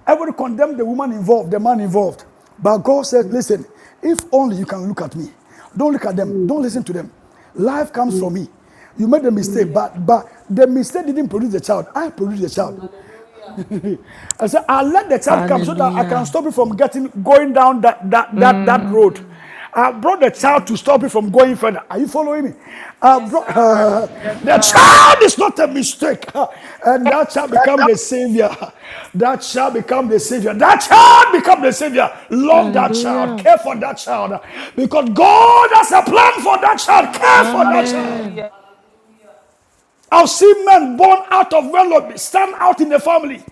Everybody condemned the woman involved, the man involved. But God said, mm, listen, if only you can look at me. Don't look at them. mm, Don't listen to them. Life comes mm, from me. You made a mm, mistake, but but the mistake didn't produce the child. I produced the child. mm. *laughs* I said, I let the child come so that I can Hallelujah. stop it from getting going down that that that, that road. Mm. I brought the child to stop Mm. it from going further. Are you following me? I brought, Sir. uh, Yes, *laughs* the sir. child is not a mistake. *laughs* And that shall become the savior. *laughs* That shall become the savior. That child become the savior. Love that child. Hallelujah. Care for that child. Because God has a plan for that child. Hallelujah. Care for that child. Amen. Hallelujah. I've seen men born out of wedlock stand out in the family.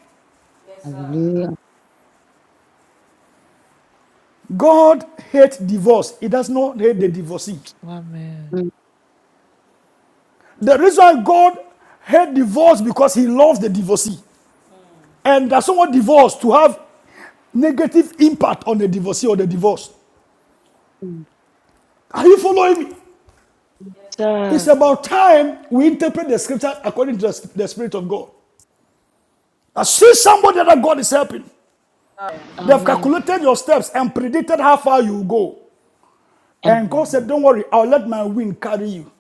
Hallelujah. God hates divorce. He does not hate the Mm, divorcee. Amen. The reason God hates divorce because he loves the divorcee. And does not want divorce to have negative impact on the divorcee or the divorce. mm, Are you following me? mm. It's about time we interpret the scriptures according to the, the Spirit of God. I see somebody that God is helping. They've Amen. calculated your steps and predicted how far you will go. And God Amen. said, Don't worry, I'll let my wind carry you.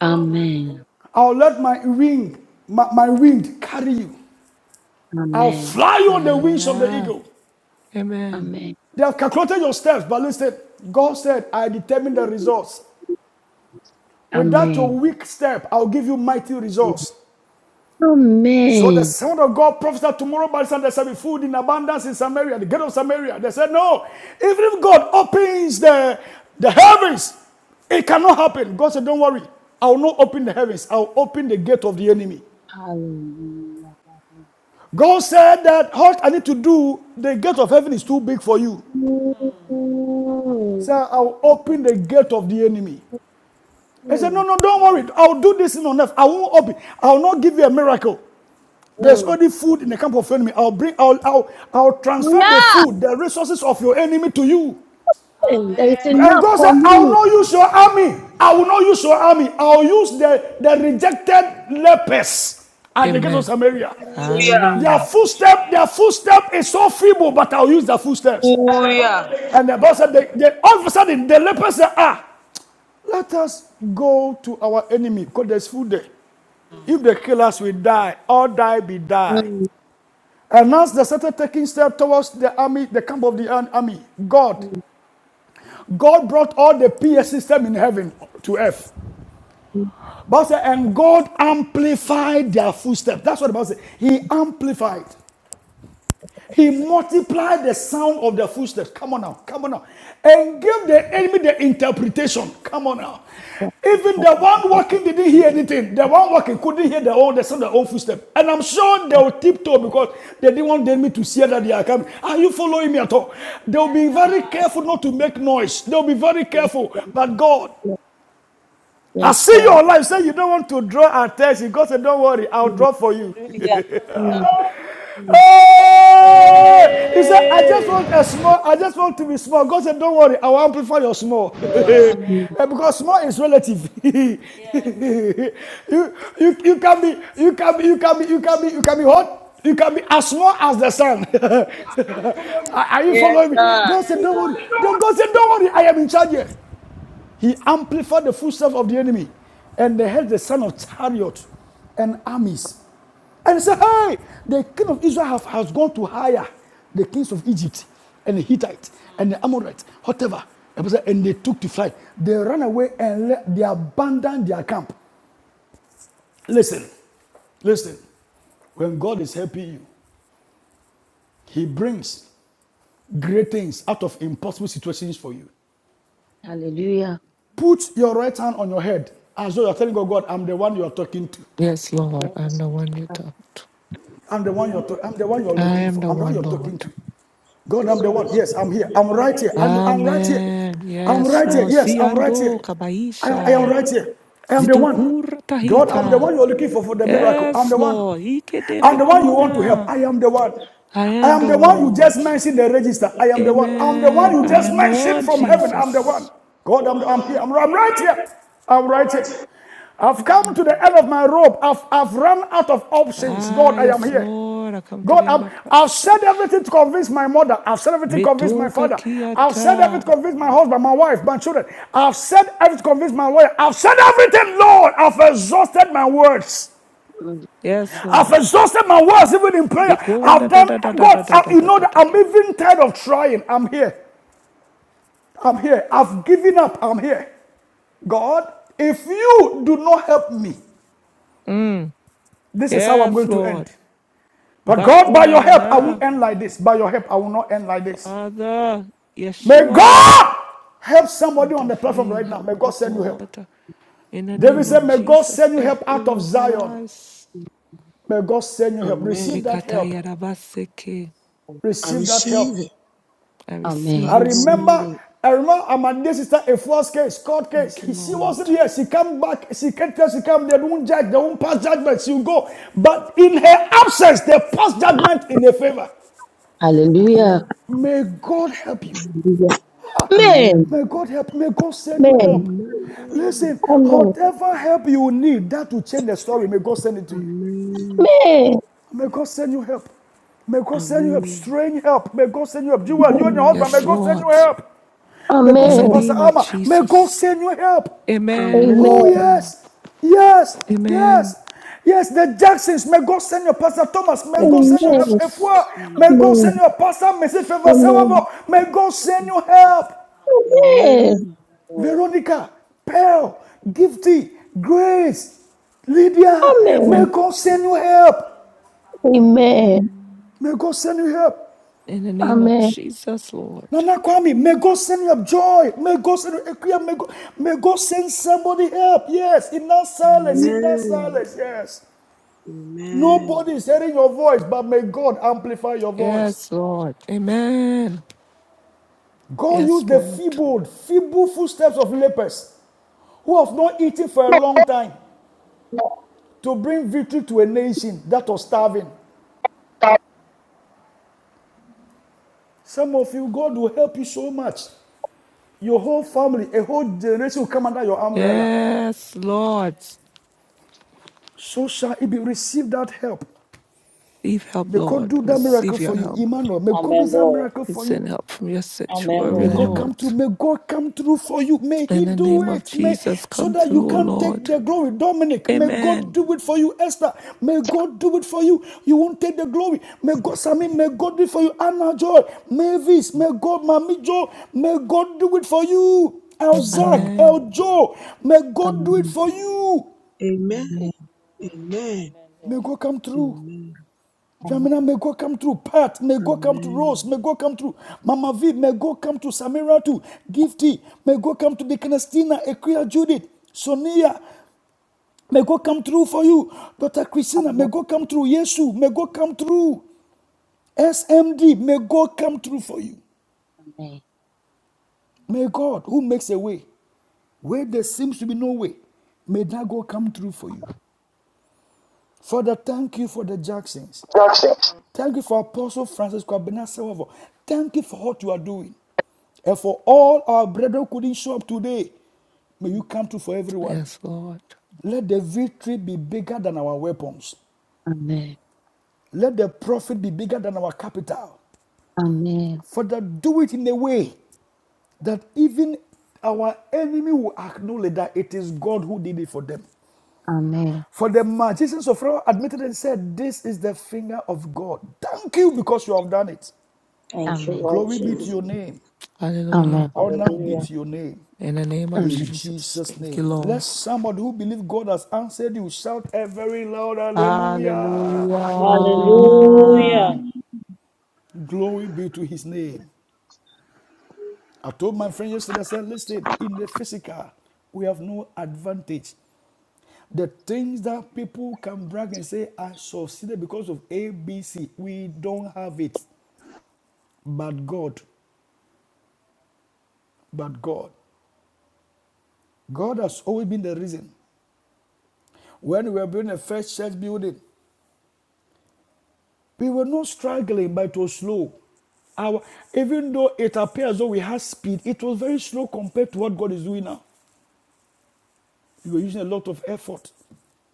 Amen. I'll let my wing, my, my wind carry you. I'll Amen. fly you on the wings of the Hallelujah. eagle. Amen. Amen. They have calculated your steps, but listen, God said, I determine the results. Without your Amen. weak step, I'll give you mighty results. So the Amen. son of God prophesied tomorrow by the sun there shall be food in abundance in Samaria, the gate of Samaria. They said, No, even if God opens the, the heavens, it cannot happen. God said, Don't worry. I will not open the heavens. I will open the gate of the enemy. Hallelujah. God said that what I need to do, the gate of heaven is too big for you. Mm, Sir, I'll open the gate of the enemy. I said, No, mm, no, don't worry. I'll do this in on earth. I won't open. I'll not give you a miracle. There's mm. already food in the camp of enemy. I'll bring, I'll, I'll, I'll transfer the Yeah. food, the resources of your enemy to you. And It's And enough God for said, I'll me. not use your army. I will not use your army. I'll use the, the rejected lepers at the gates of Amen. Samaria. Their Hallelujah. footstep, their footstep is so feeble, but I'll use their footsteps. Hallelujah. And the Bible said, they, they, all of a sudden, the lepers said, ah, Let us go to our enemy because there's food there. If they kill us, we die. All die be die. Mm, And as they started taking steps towards the army, the camp of the army, God, mm, God brought all the PS system in heaven to earth. mm. Bible and God amplified their footsteps. That's what the Bible says. He amplified. He multiplied the sound of their footsteps. Come on now, come on now. And gave the enemy the interpretation. Come on now. What is Even the happening to one that? walking didn't hear anything. The one walking couldn't hear their own, the sound of their own footsteps. And I'm sure they'll tiptoe because they didn't want the enemy to see that they are coming. Are you following me at all? They'll be very careful not to make noise. They'll be very Yes, careful. But God, yes, I yes, see sir. your life. Say you don't want to draw attention. God said, Don't worry, I'll Mm, draw for you. Hallelujah. mm, mm, mm, Hey! He said, I just Hey. want a small, I just want to be small. God said, Don't worry, I will amplify your small. mm. *laughs* because small is relative. *laughs* you, you, you can be, you can be, you can be, you can be, you can be hot. You can be as small as the sun. *laughs* are, are you Yes, following me? sir. God said, Don't worry. Then God said, Don't worry, I am in charge here. He amplified the footsteps of the enemy, and they heard the sound of chariot and armies. And he said, Hey, the king of Israel have- has gone to hire the kings of Egypt and the Hittites and the Amorites, whatever. And they took to flight. They ran away and le- they abandoned their camp. Listen, listen. When God is helping you, He brings great things out of impossible situations for you. Hallelujah. Put your right hand on your head as though you're telling God, God, I'm the one you're talking to. Yes, Lord. Yes, I'm the one you sir. talk. I'm the one you're, to- I'm the one you're I looking am for. the I'm the one one, you're Lord. talking to. God, I'm the one. Yes, I'm here. I'm right here. I'm, I'm right here. Amen. I'm Yes, right here. Lord. Yes, I'm right here. Ziando I am, I am kabaisha. right here. I am the one. Zidukur God, I'm the tahita. one you're looking for for the miracle. I'm Yes, the one. Lord. I'm the one you want to help. Ikedebekuna. I am the one. I I am am the the one one, you Lord. just mentioned the register. I am the one. I'm the one Amen. you I just am the mentioned one, from heaven. I'm the one. Jesus. God, I'm, I'm here. I'm, I'm right here. I'm right here. I've come Mm. to the end of my rope. I've, I've run out of options. Ah, God, I am yes, here. Lord. I come to God, the end I'm, of I've said myself. everything to convince my mother. I've said everything to convince my Metunka father. I've said kiata. everything to convince my husband, my wife, my children. I've said everything to convince my lawyer. I've said everything, Lord. I've exhausted my words. Mm, Yes, I've Lord. exhausted my words even in prayer. Bekunda I've da done, da da da God, da da I- da da you know da that da. I'm da. even tired of trying. I'm here. I'm here. I've given up. I'm here. God, if you do not help me, Mm. this is how I'm Yes, going to end. Lord. But God, by Bakuna your na help, I na. won't end like this. By your help, I will not end like this. Father, May Yeshua, God help somebody on the platform intervene, right now. May help, God O send you help. God, in the David name of said, mm, May God Jesus, send you help every out area of of our Zion. lives. mm, May God send you help. Receive amen. that Mikata help. yarabaseke. mm. I Receive that receive help. it. I I Amen. receive I it, Lord. receive remember, it. I remember my dear sister a false case, court case. Thank you, He- she wasn't Lord. here. She came back. She can't tell. She came They won't judge. They won't pass judgment. She'll go. But in her absence, they pass judgment in her favor. Hallelujah. Amen. May God help you. Hallelujah. Amen. May God help. May God send you Amen. help. Amen. Listen, Amen. whatever help you need, that will change the story. May God send it to you. Amen. Amen. May God send you help. May God send you help. Amen. Strange help. May God send you help. Jewel, you and your husband, may Yes, God send Lord. you Amen. help. May God In the send Amen. Amen. Pastor name of Alma. May God Jesus. send you help. Amen. Oh, Amen. Amen. yes. Yes. Amen. Yes. Yes, the Jacksons, may God send you, Pastor Thomas, may Thank God you, send you help. Efua, Jesus. may God send Amen. you, Pastor Mrs. Favor Amen. Amen. May God send Amen. you help. Amen. Lord. Veronica, Pearl, Gifty, Grace, Lydia, may Amen. God send you help. Amen. May God send you help. In the name of Amen. Amen. Jesus, Lord. Nana Kwame, may God send you help. Joy, may God send you Ekuya, may God, may God send somebody help. Yes, in that silence, in that Amen. silence, yes. Amen. Nobody is hearing your voice, but may God amplify your voice. Yes, Lord. Amen. God Yes, used the Lord. feeble, feeble footsteps of lepers who have not eaten for a long time to bring victory to a nation that was starving. Some of you, God will help you so much. Your whole family, a whole generation will come under your umbrella. Yes, Lord. So shall it be. Receive that help. Receive help, May God Lord. do that miracle Receive your for you. help. Emmanuel, may God do Amen, that Lord. miracle We for you. send help from your Amen, sanctuary, May Lord. God Amen. Lord. come through. May God come through for you. May In He the do name of it. May Jesus, so come that you through, O can take Lord. the glory. Dominic, may God Amen. do it for you. Esther, may God do it for you. You won't take the glory. May God, Sammy, may God do it for you. Anna Joy, Mavis, may God, Mami Joy, may God do it for you. El Zach, Amen. El Joe, may God do it Amen. Amen. for you. Amen. Amen. Amen, May Lord. God come through. Amen. Amen. Amen. Jamina, may God come through. Pat, may God come through. Rose, Amen. may God come through. Mama V, may God come to Samira too. Gifty, may God come to Deaconess Tina, Equia Judith, Sonia. May God come through for you. Dr. Christina, may God come through. Yesu, may God come through. SMD, may God come through for you. May God, who makes a way where there seems to be no way, may that God come through for you. Father, thank you for the Jacksons. Thank you for Apostle Francis Kwabena Sewavo. Thank you for what you are doing. And for all our brethren who couldn't show up today, may you come through for everyone. Yes, Lord. Let the victory be bigger than our weapons. Let the profit be bigger than our capital. Amen. Amen. Amen. Amen. Father, do it in a way that even our enemy will acknowledge that it is God who did it for them. Amen. For the magicians of Pharaoh admitted and said, This is the finger of God. Thank you because you have done it. Thank you, Amen. Lord Glory be to Jesus. your name. Amen. Hallelujah. Honor be Hallelujah. to your name In the name of Amen. in Jesus. Jesus' Thank you, name. Lord. Let somebody who believes God has answered you shout a very loud hallelujah. Hallelujah. Hallelujah. Glory be to his name. I told my friend yesterday, I said, listen, in the physical, we have no advantage. The things that people can brag and say, I succeeded because of A, B, C, we don't have it. But God, but God. God has always been the reason. When we were building the first church building, We were not struggling, but it was slow. Our, even though it appears though we had speed, it was very slow compared to what God is doing now. We were using a lot of effort.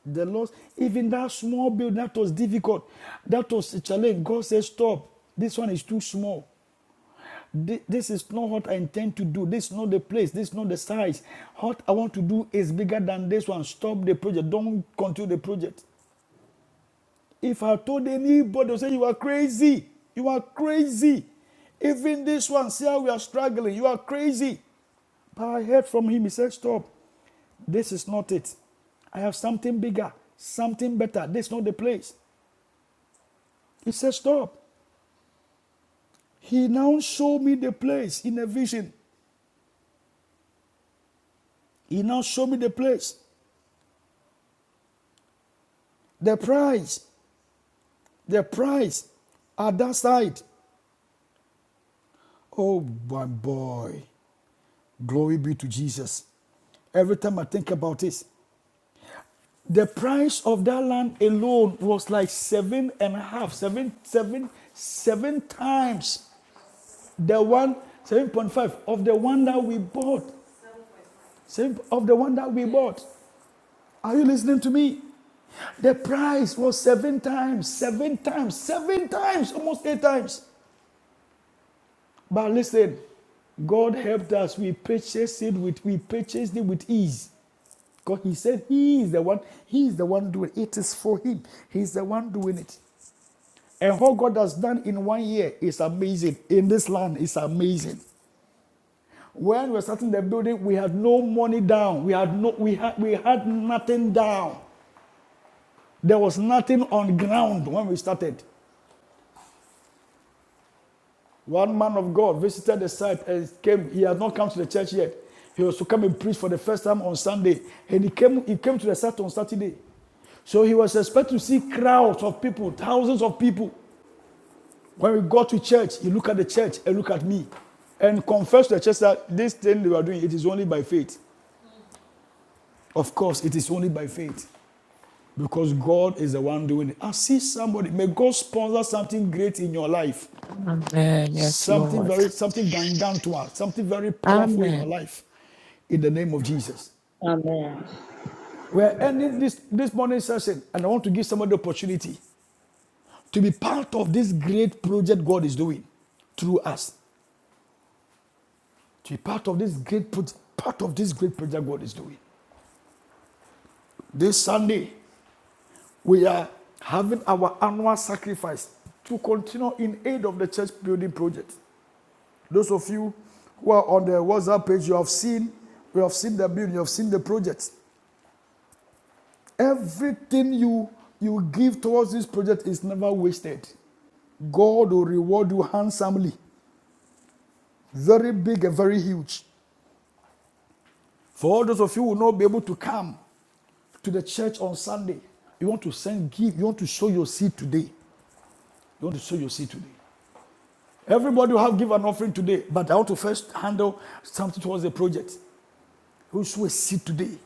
The Lord, even that small build that was difficult, that was a challenge. God said, Stop. This one is too small. This is not what I intend to do. This is not the place. This is not the size. What I want to do is bigger than this one. Stop the project. Don't continue the project. If I told anybody, they say you are crazy. You are crazy. Even this one, see how we are struggling. You are crazy. But I heard from him. He said, Stop. This is not it. I have something bigger, something better. This is not the place. He said, Stop. He now showed me the place in a vision. He now showed me the place. The price. The price at that side. Oh my boy. Glory be to Jesus. Every time I think about this, The price of that land alone was like seven and a half, seven, seven, seven times the one, 7.5 of the one that we bought. Seven of the one that we bought. Are you listening to me? The price was seven times, seven times, seven times, almost eight times. But listen, God helped us. We purchased it with we purchased it with ease. Because he said he is the one, he is the one doing it. It is for him. He is the one doing it. And what God has done in one year is amazing. In this land, it's amazing. When we were starting the building, we had no money down. We had no, we had, we had nothing down. There was nothing on ground when we started. One man of God visited the site and came. He had not come to the church yet. He was to come and preach for the first time on Sunday, and he came. He came to the site on Saturday. So he was expected to see crowds of people, thousands of people. When we go to church, you look at the church and look at me and confess to the church that this thing they are doing, it is only by faith. Of course, it is only by faith because God is the one doing it. I see somebody, may God sponsor something great in your life, Amen. Yes, something Lord. very, something gangantuar, something very powerful in your Amen. life in the name of Jesus. Amen. We are ending this, this morning session, and I want to give somebody the opportunity to be part of this great project God is doing through us. to be part of this great part of this great project God is doing. This Sunday, we are having our annual sacrifice to continue in aid of the church building project. Those of you who are on the WhatsApp page, you have seen, you have seen the building, you have seen the project. Everything you you give towards this project is never wasted. God will reward you handsomely, very big and very huge. For all those of you who will not be able to come, to the church on Sunday. You want to send give. You want to sow your seed today. You want to sow your seed today. Everybody will have give an offering today, but I want to first handle something towards the project. You will sow a seed today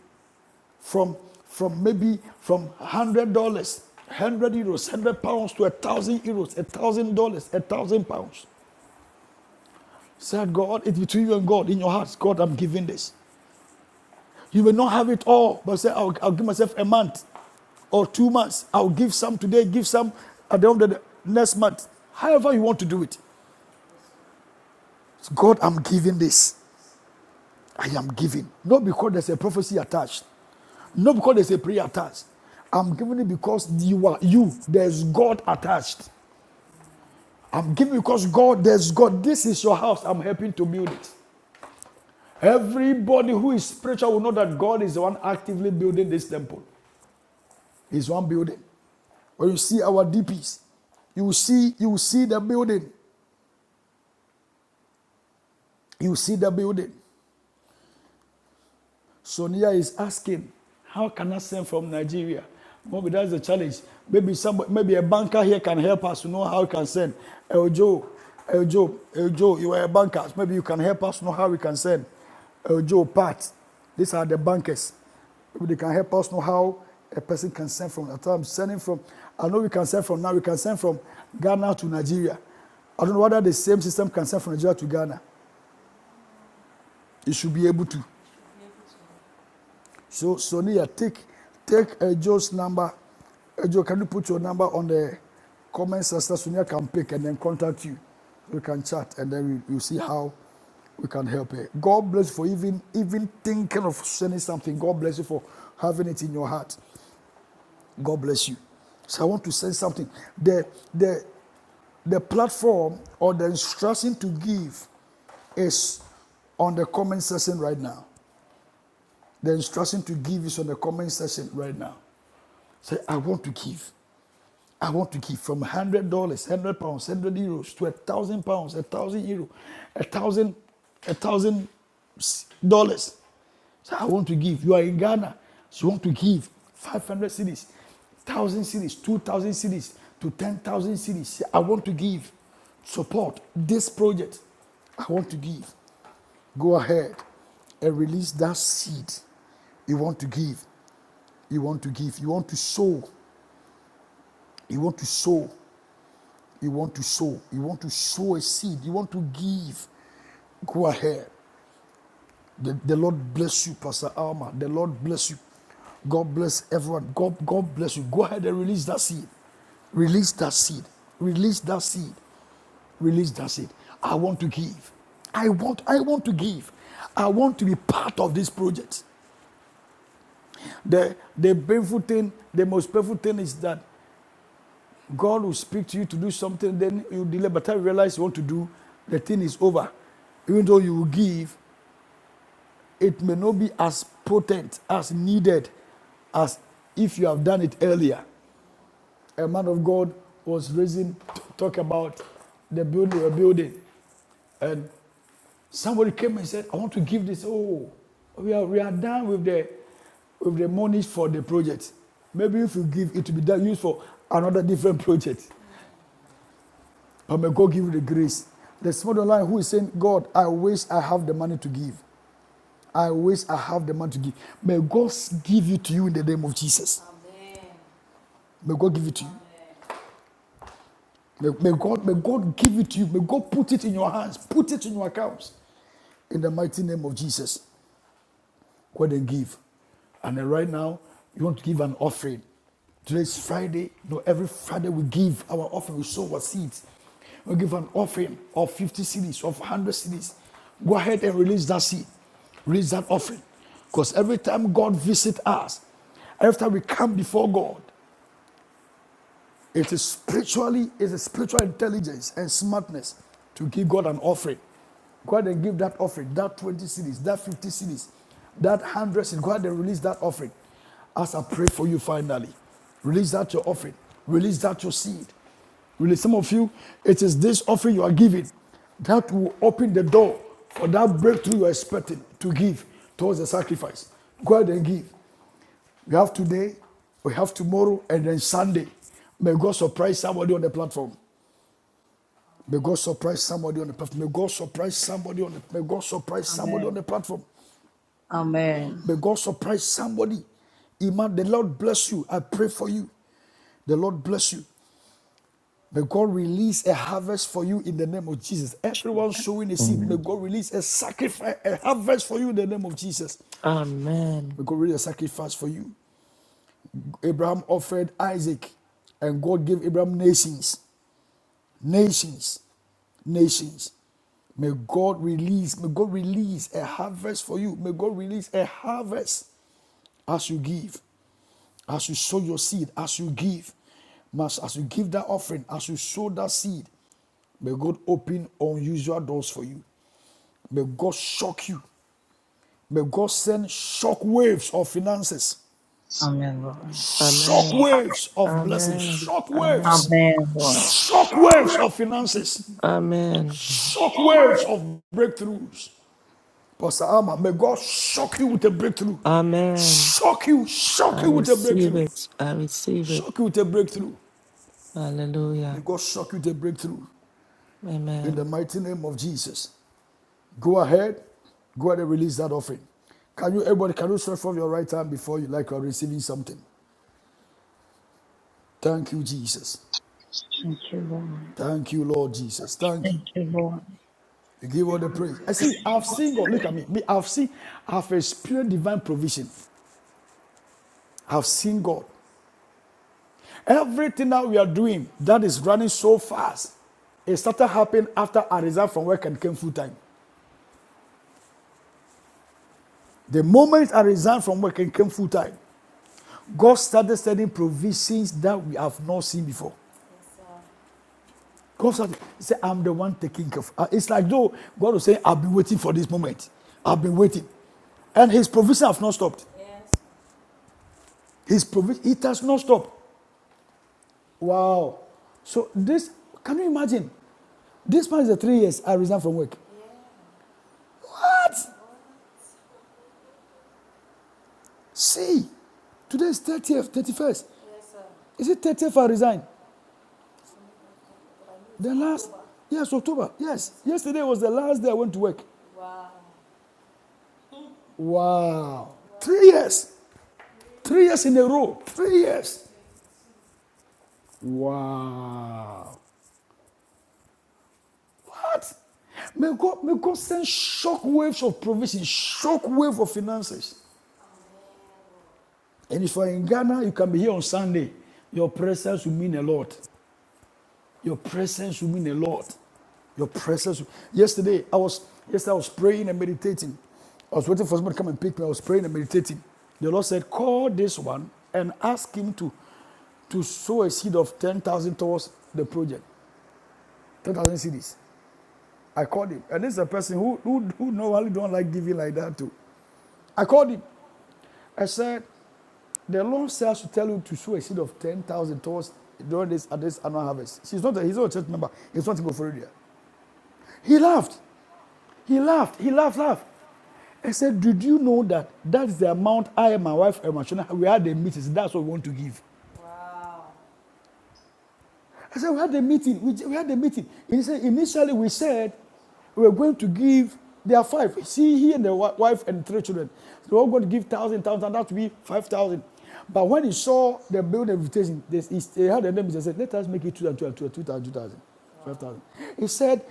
from from maybe from one hundred dollars, one hundred euros, one hundred pounds to a thousand euros, a thousand dollars, a thousand pounds. Say, God, it's between you and God in your hearts. God, I'm giving this. You will not have it all, but say, I'll, I'll give myself a month or two months. I'll give some today, give some at the end of the next month. However, you want to do it. So God, I'm giving this. I am giving. Not because there's a prophecy attached, not because there's a prayer attached. I'm giving it because you are you. There's God attached. I'm giving because God, there's God. This is your house. I'm helping to build it. Everybody who is spiritual will know that God is the one actively building this temple. He's one building. When you see our DPs, you will see you will see the building. You see the building. Sonia is asking, how can I send from Nigeria? Maybe that's the challenge. Maybe somebody, maybe a banker here can help us to know how we can send. El Joe, El Joe, El Joe, you are a banker. Maybe you can help us know how we can send. El Joe, Pat, these are the bankers. Maybe they can help us know how a person can send from. I I'm sending from, I know we can send from now, we can send from Ghana to Nigeria. I don't know whether the same system can send from Nigeria to Ghana. It should be able to. So Sonia, take take uh, Joe's number. Uh, Joe, can you put your number on the comment sister Sonia can pick and then contact you. We can chat and then we, we'll see how we can help her. God bless you for even even thinking of sending something. God bless you for having it in your heart. God bless you. So I want to send something. The the the platform or the instruction to give is on the comment section right now. The instruction to give is on the comment section right now. Say, I want to give. I want to give from one hundred dollars, one hundred pounds, one hundred euros to a thousand pounds, a thousand euro, a thousand, a thousand dollars. Say, I want to give. You are in Ghana, so you want to give five hundred cedis, one thousand cedis, two thousand cedis to ten thousand cedis. Say, I want to give support this project. I want to give. Go ahead and release that seed you want to give. You want to give. You want to sow. You want to sow. You want to sow. You want to sow a seed. You want to give. Go ahead. The, the Lord bless you, Pastor Alma. The Lord bless you. God bless everyone. God, God bless you. Go ahead and release that seed. Release that seed. Release that seed. Release that seed. I want to give. I want, I want to give. I want to be part of this project. The, the painful thing, the most painful thing is that God will speak to you to do something, then you delay. But I realize you want to do, the thing is over. Even though you will give, it may not be as potent, as needed, as if you have done it earlier. A man of God was raising to talk about the building, a building, and somebody came and said, "I want to give this." Oh, we are we are done with the with the money for the project. Maybe if you give, it will be done used for another different project. But may God give you the grace. There's somebody online who is saying, God, I wish I have the money to give. I wish I have the money to give. May God give it to you in the name of Jesus. May God give it to you. May, may God, may God give it to you. May God put it in your hands. Put it in your accounts. In the mighty name of Jesus. go ahead and give. And then right now, you want to give an offering. Today's Friday. No, every Friday we give our offering. We sow our seeds. We give an offering of 50 cities, of 100 cities. Go ahead and release that seed. Release that offering. Because every time God visits us, every time we come before God, it is spiritually, it is spiritual intelligence and smartness to give God an offering. Go ahead and give that offering, that 20 cities, that 50 cities, that 100 cities. Go ahead and release that offering. As I pray for you finally, release that your offering, release that your seed. Release some of you, it is this offering you are giving that will open the door for that breakthrough you are expecting to give towards the sacrifice. Go ahead and give. We have today, we have tomorrow, and then Sunday. May God surprise somebody on the platform. May God surprise somebody on the platform. May God surprise somebody on the may God surprise somebody on Amen. the platform. Amen. May God surprise somebody. Iman, the Lord bless you. I pray for you. The Lord bless you. May God release a harvest for you in the name of Jesus. Everyone sowing a seed, Amen. may God release a sacrifice, a harvest for you in the name of Jesus. Amen. May God release a sacrifice for you. Abraham offered Isaac, and God gave Abraham nations. Nations, nations. May God release, may God release a harvest for you. May God release a harvest as you give, as you sow your seed, as you give, as you give that offering, as you sow that seed. May God open unusual doors for you. May God shock you. May God send shock waves of finances, Amen, Lord. shock Amen. waves of blessings, Amen. shock waves Amen. Amen, Lord. shock waves of finances, Amen. shock waves of breakthroughs, Pastor Alma, may God shock you with a breakthrough. Amen. Shock you, I shock you with a receive breakthrough. it. I receive it. Shock you with a breakthrough. May Hallelujah. God shock you with a breakthrough. In the Amen. mighty name of Jesus. Go ahead. Go ahead and release that offering. Can you, everybody, can you stretch from your right hand before you like you are receiving something? Thank you, Jesus. Thank you, Lord. Thank you, Lord Jesus. Thank you. Thank you, Lord. You give all the praise. I see, I've seen God. Look at me. Me, I've seen, I've experienced divine provision. I've seen God. Everything that we are doing that is running so fast, it started happening after I resigned from work and came full time. The moment I resigned from work and came full time, God started sending provisions that we have not seen before. God started, he said, I'm the one taking care of. uh, It's like though God was saying, I've been waiting for this moment. I've been waiting. And his provision has not stopped. His provision, it has not stopped. Wow. So this, can you imagine? This man is the three years I resigned from work. What? See, today is 30th, 31st. Is it 30th I resign? The last, yes, October. Yes, yesterday was the last day I went to work. Wow. Three years. Three years in a row. Three years. Wow. What? May God, may God send shock waves of provision, shock wave of finances. And if you're in Ghana, you can be here on Sunday. Your presence will mean a lot. Your presence will mean a lot. Your presence. Yesterday, I was yesterday I was praying and meditating. I was waiting for somebody to come and pick me. I was praying and meditating. The Lord said, "Call this one and ask him to to sow a seed of ten thousand towards the project, ten thousand CDs." I called him, and this is a person who who who normally don't like giving like that too. I called him. I said, "The Lord says to tell you to sow a seed of ten thousand towards during this at this annual harvest." She's not a, he's not a church member. He's not a Gofordia. He laughed. He laughed, he laughed, laughed. I said, Did you know that that's the amount I and my wife, Emma Shona, we had a meeting. So That's what we want to give. I said, We had a meeting. We, we had a meeting. he said, Initially, we said we were going to give, there are five. See, he and the wife and three children. They were all going to give one thousand, one thousand, that would be five thousand. But when he saw the building invitation, they, they had a name. He said, Let us make it two and two and two and two thousand, two thousand, five thousand. He said,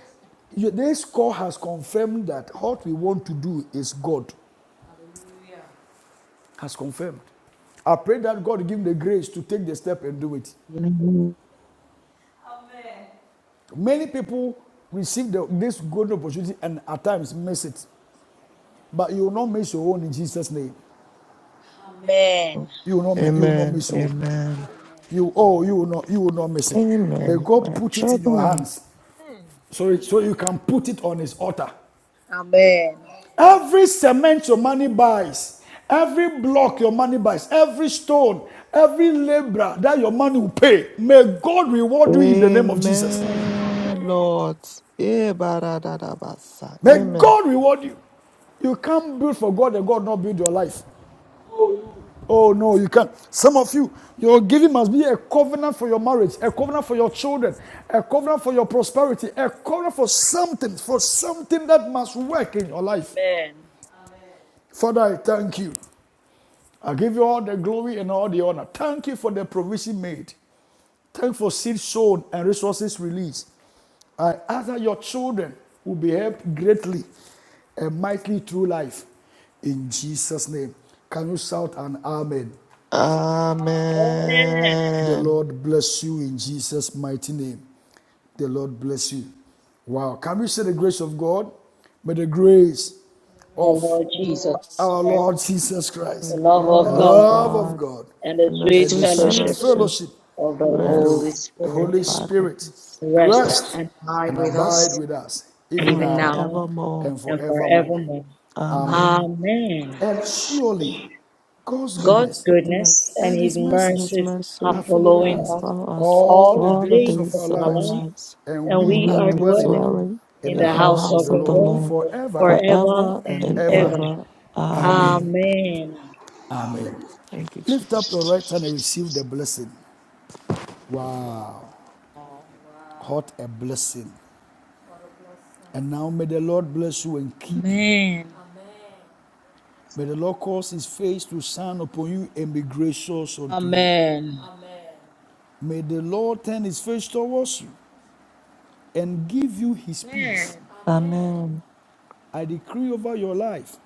This call has confirmed that what we want to do is God. has confirmed. I pray that God give him the grace to take the step and do it. Amen. Many people receive the- this golden opportunity and at times miss it. But you will not miss your own in Jesus' name. Amen. You will not, mi- you will not Amen. miss your own. Amen. You, oh, you will, not, you will not miss it. May Amen. God My put it in your children. hands so, it- so you can put it on his altar. Amen. Amen. Every cement your money buys, every block your money buys, every stone, every labor that your money will pay, may God reward you in the name of Jesus. Amen, Lord. Eh, baradadabasa. May Amen. God reward you. You can't build for God and God not build your life. Oh no, you can't. Some of you, your giving must be a covenant for your marriage, a covenant for your children, a covenant for your prosperity, a covenant for something, for something that must work in your life. Father, I thank you. I give you all the glory and all the honor. Thank you for the provision made. Thank you for seed sown and resources released. I ask that your children will be helped greatly and mightily through life. In Jesus' name. Can you shout an amen? Amen. The Amen. Lord bless you in Jesus' mighty name. The Lord bless you. Wow. Can we say the grace of God? May the grace The of Lord Jesus, our Christ, Lord Jesus the The Christ, love the of love of God, love of God God, and the and the sweet and the sweet sweet fellowship fellowship fellowship of the of the Holy rest and Spirit Holy abide with Spirit us. rest rest and abide and with abide us with us, even now even and now now forevermore. and and forevermore. forevermore. Amen. Amen. Amen. And surely God's God's God's goodness goodness and goodness and his His and mercies His mercies are mercy are following following are us us follow us all all the the all the days days of of days our of our our lives, life, lives, and and we and we we are are are dwelling dwelling dwelling in in the in the the house house of house of the of the the Lord Lord Lord forever forever forever and and and ever. ever. ever. Amen. Amen. Amen. Amen. Thank you, Lift Jesus. up your right hand and receive the blessing. Wow. What a blessing. And now may the Lord bless you and keep you. Amen. May the Lord cause his face to shine upon you and be gracious unto you. Amen. May the Lord turn his face towards you and give you his peace. Amen. Amen. I decree over your life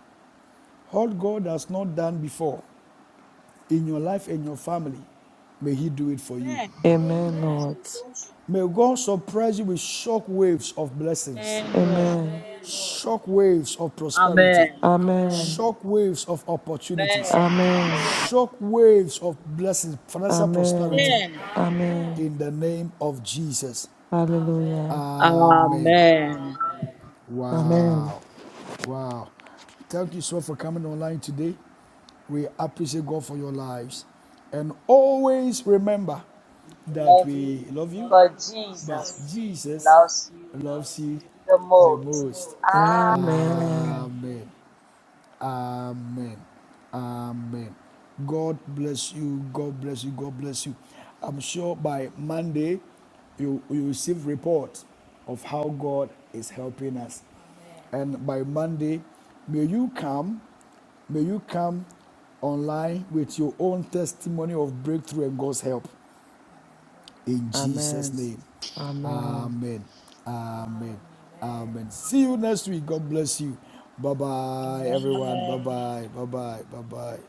what God has not done before in your life and your family. May he do it for you. Amen. Amen, Lord. May God surprise you with shock waves of blessings, Amen. Amen. Amen. shock waves of prosperity, Amen. Amen. Amen. shock waves of opportunities, Amen. Amen. Amen. shock waves of blessings, financial prosperity. Amen. Amen. Amen. Amen. In the name of Jesus. Hallelujah. Amen. Amen. Wow. Wow. Thank you so much for coming online today. We appreciate God for your lives. And always remember that love you, we love you but but Jesus Jesus loves you loves you the the most. most. Amen. Amen. Amen. Amen. Amen. God bless you. God bless you. God bless you. I'm sure by Monday you you receive report of how God is helping us. Amen. And by Monday, may you come, may you come online with your own testimony of breakthrough and God's help. In Jesus' Amen. name. Amen. Amen. Amen. Amen. See you next week. God bless you. Bye bye, everyone. Amen. Bye bye. Bye bye. Bye bye.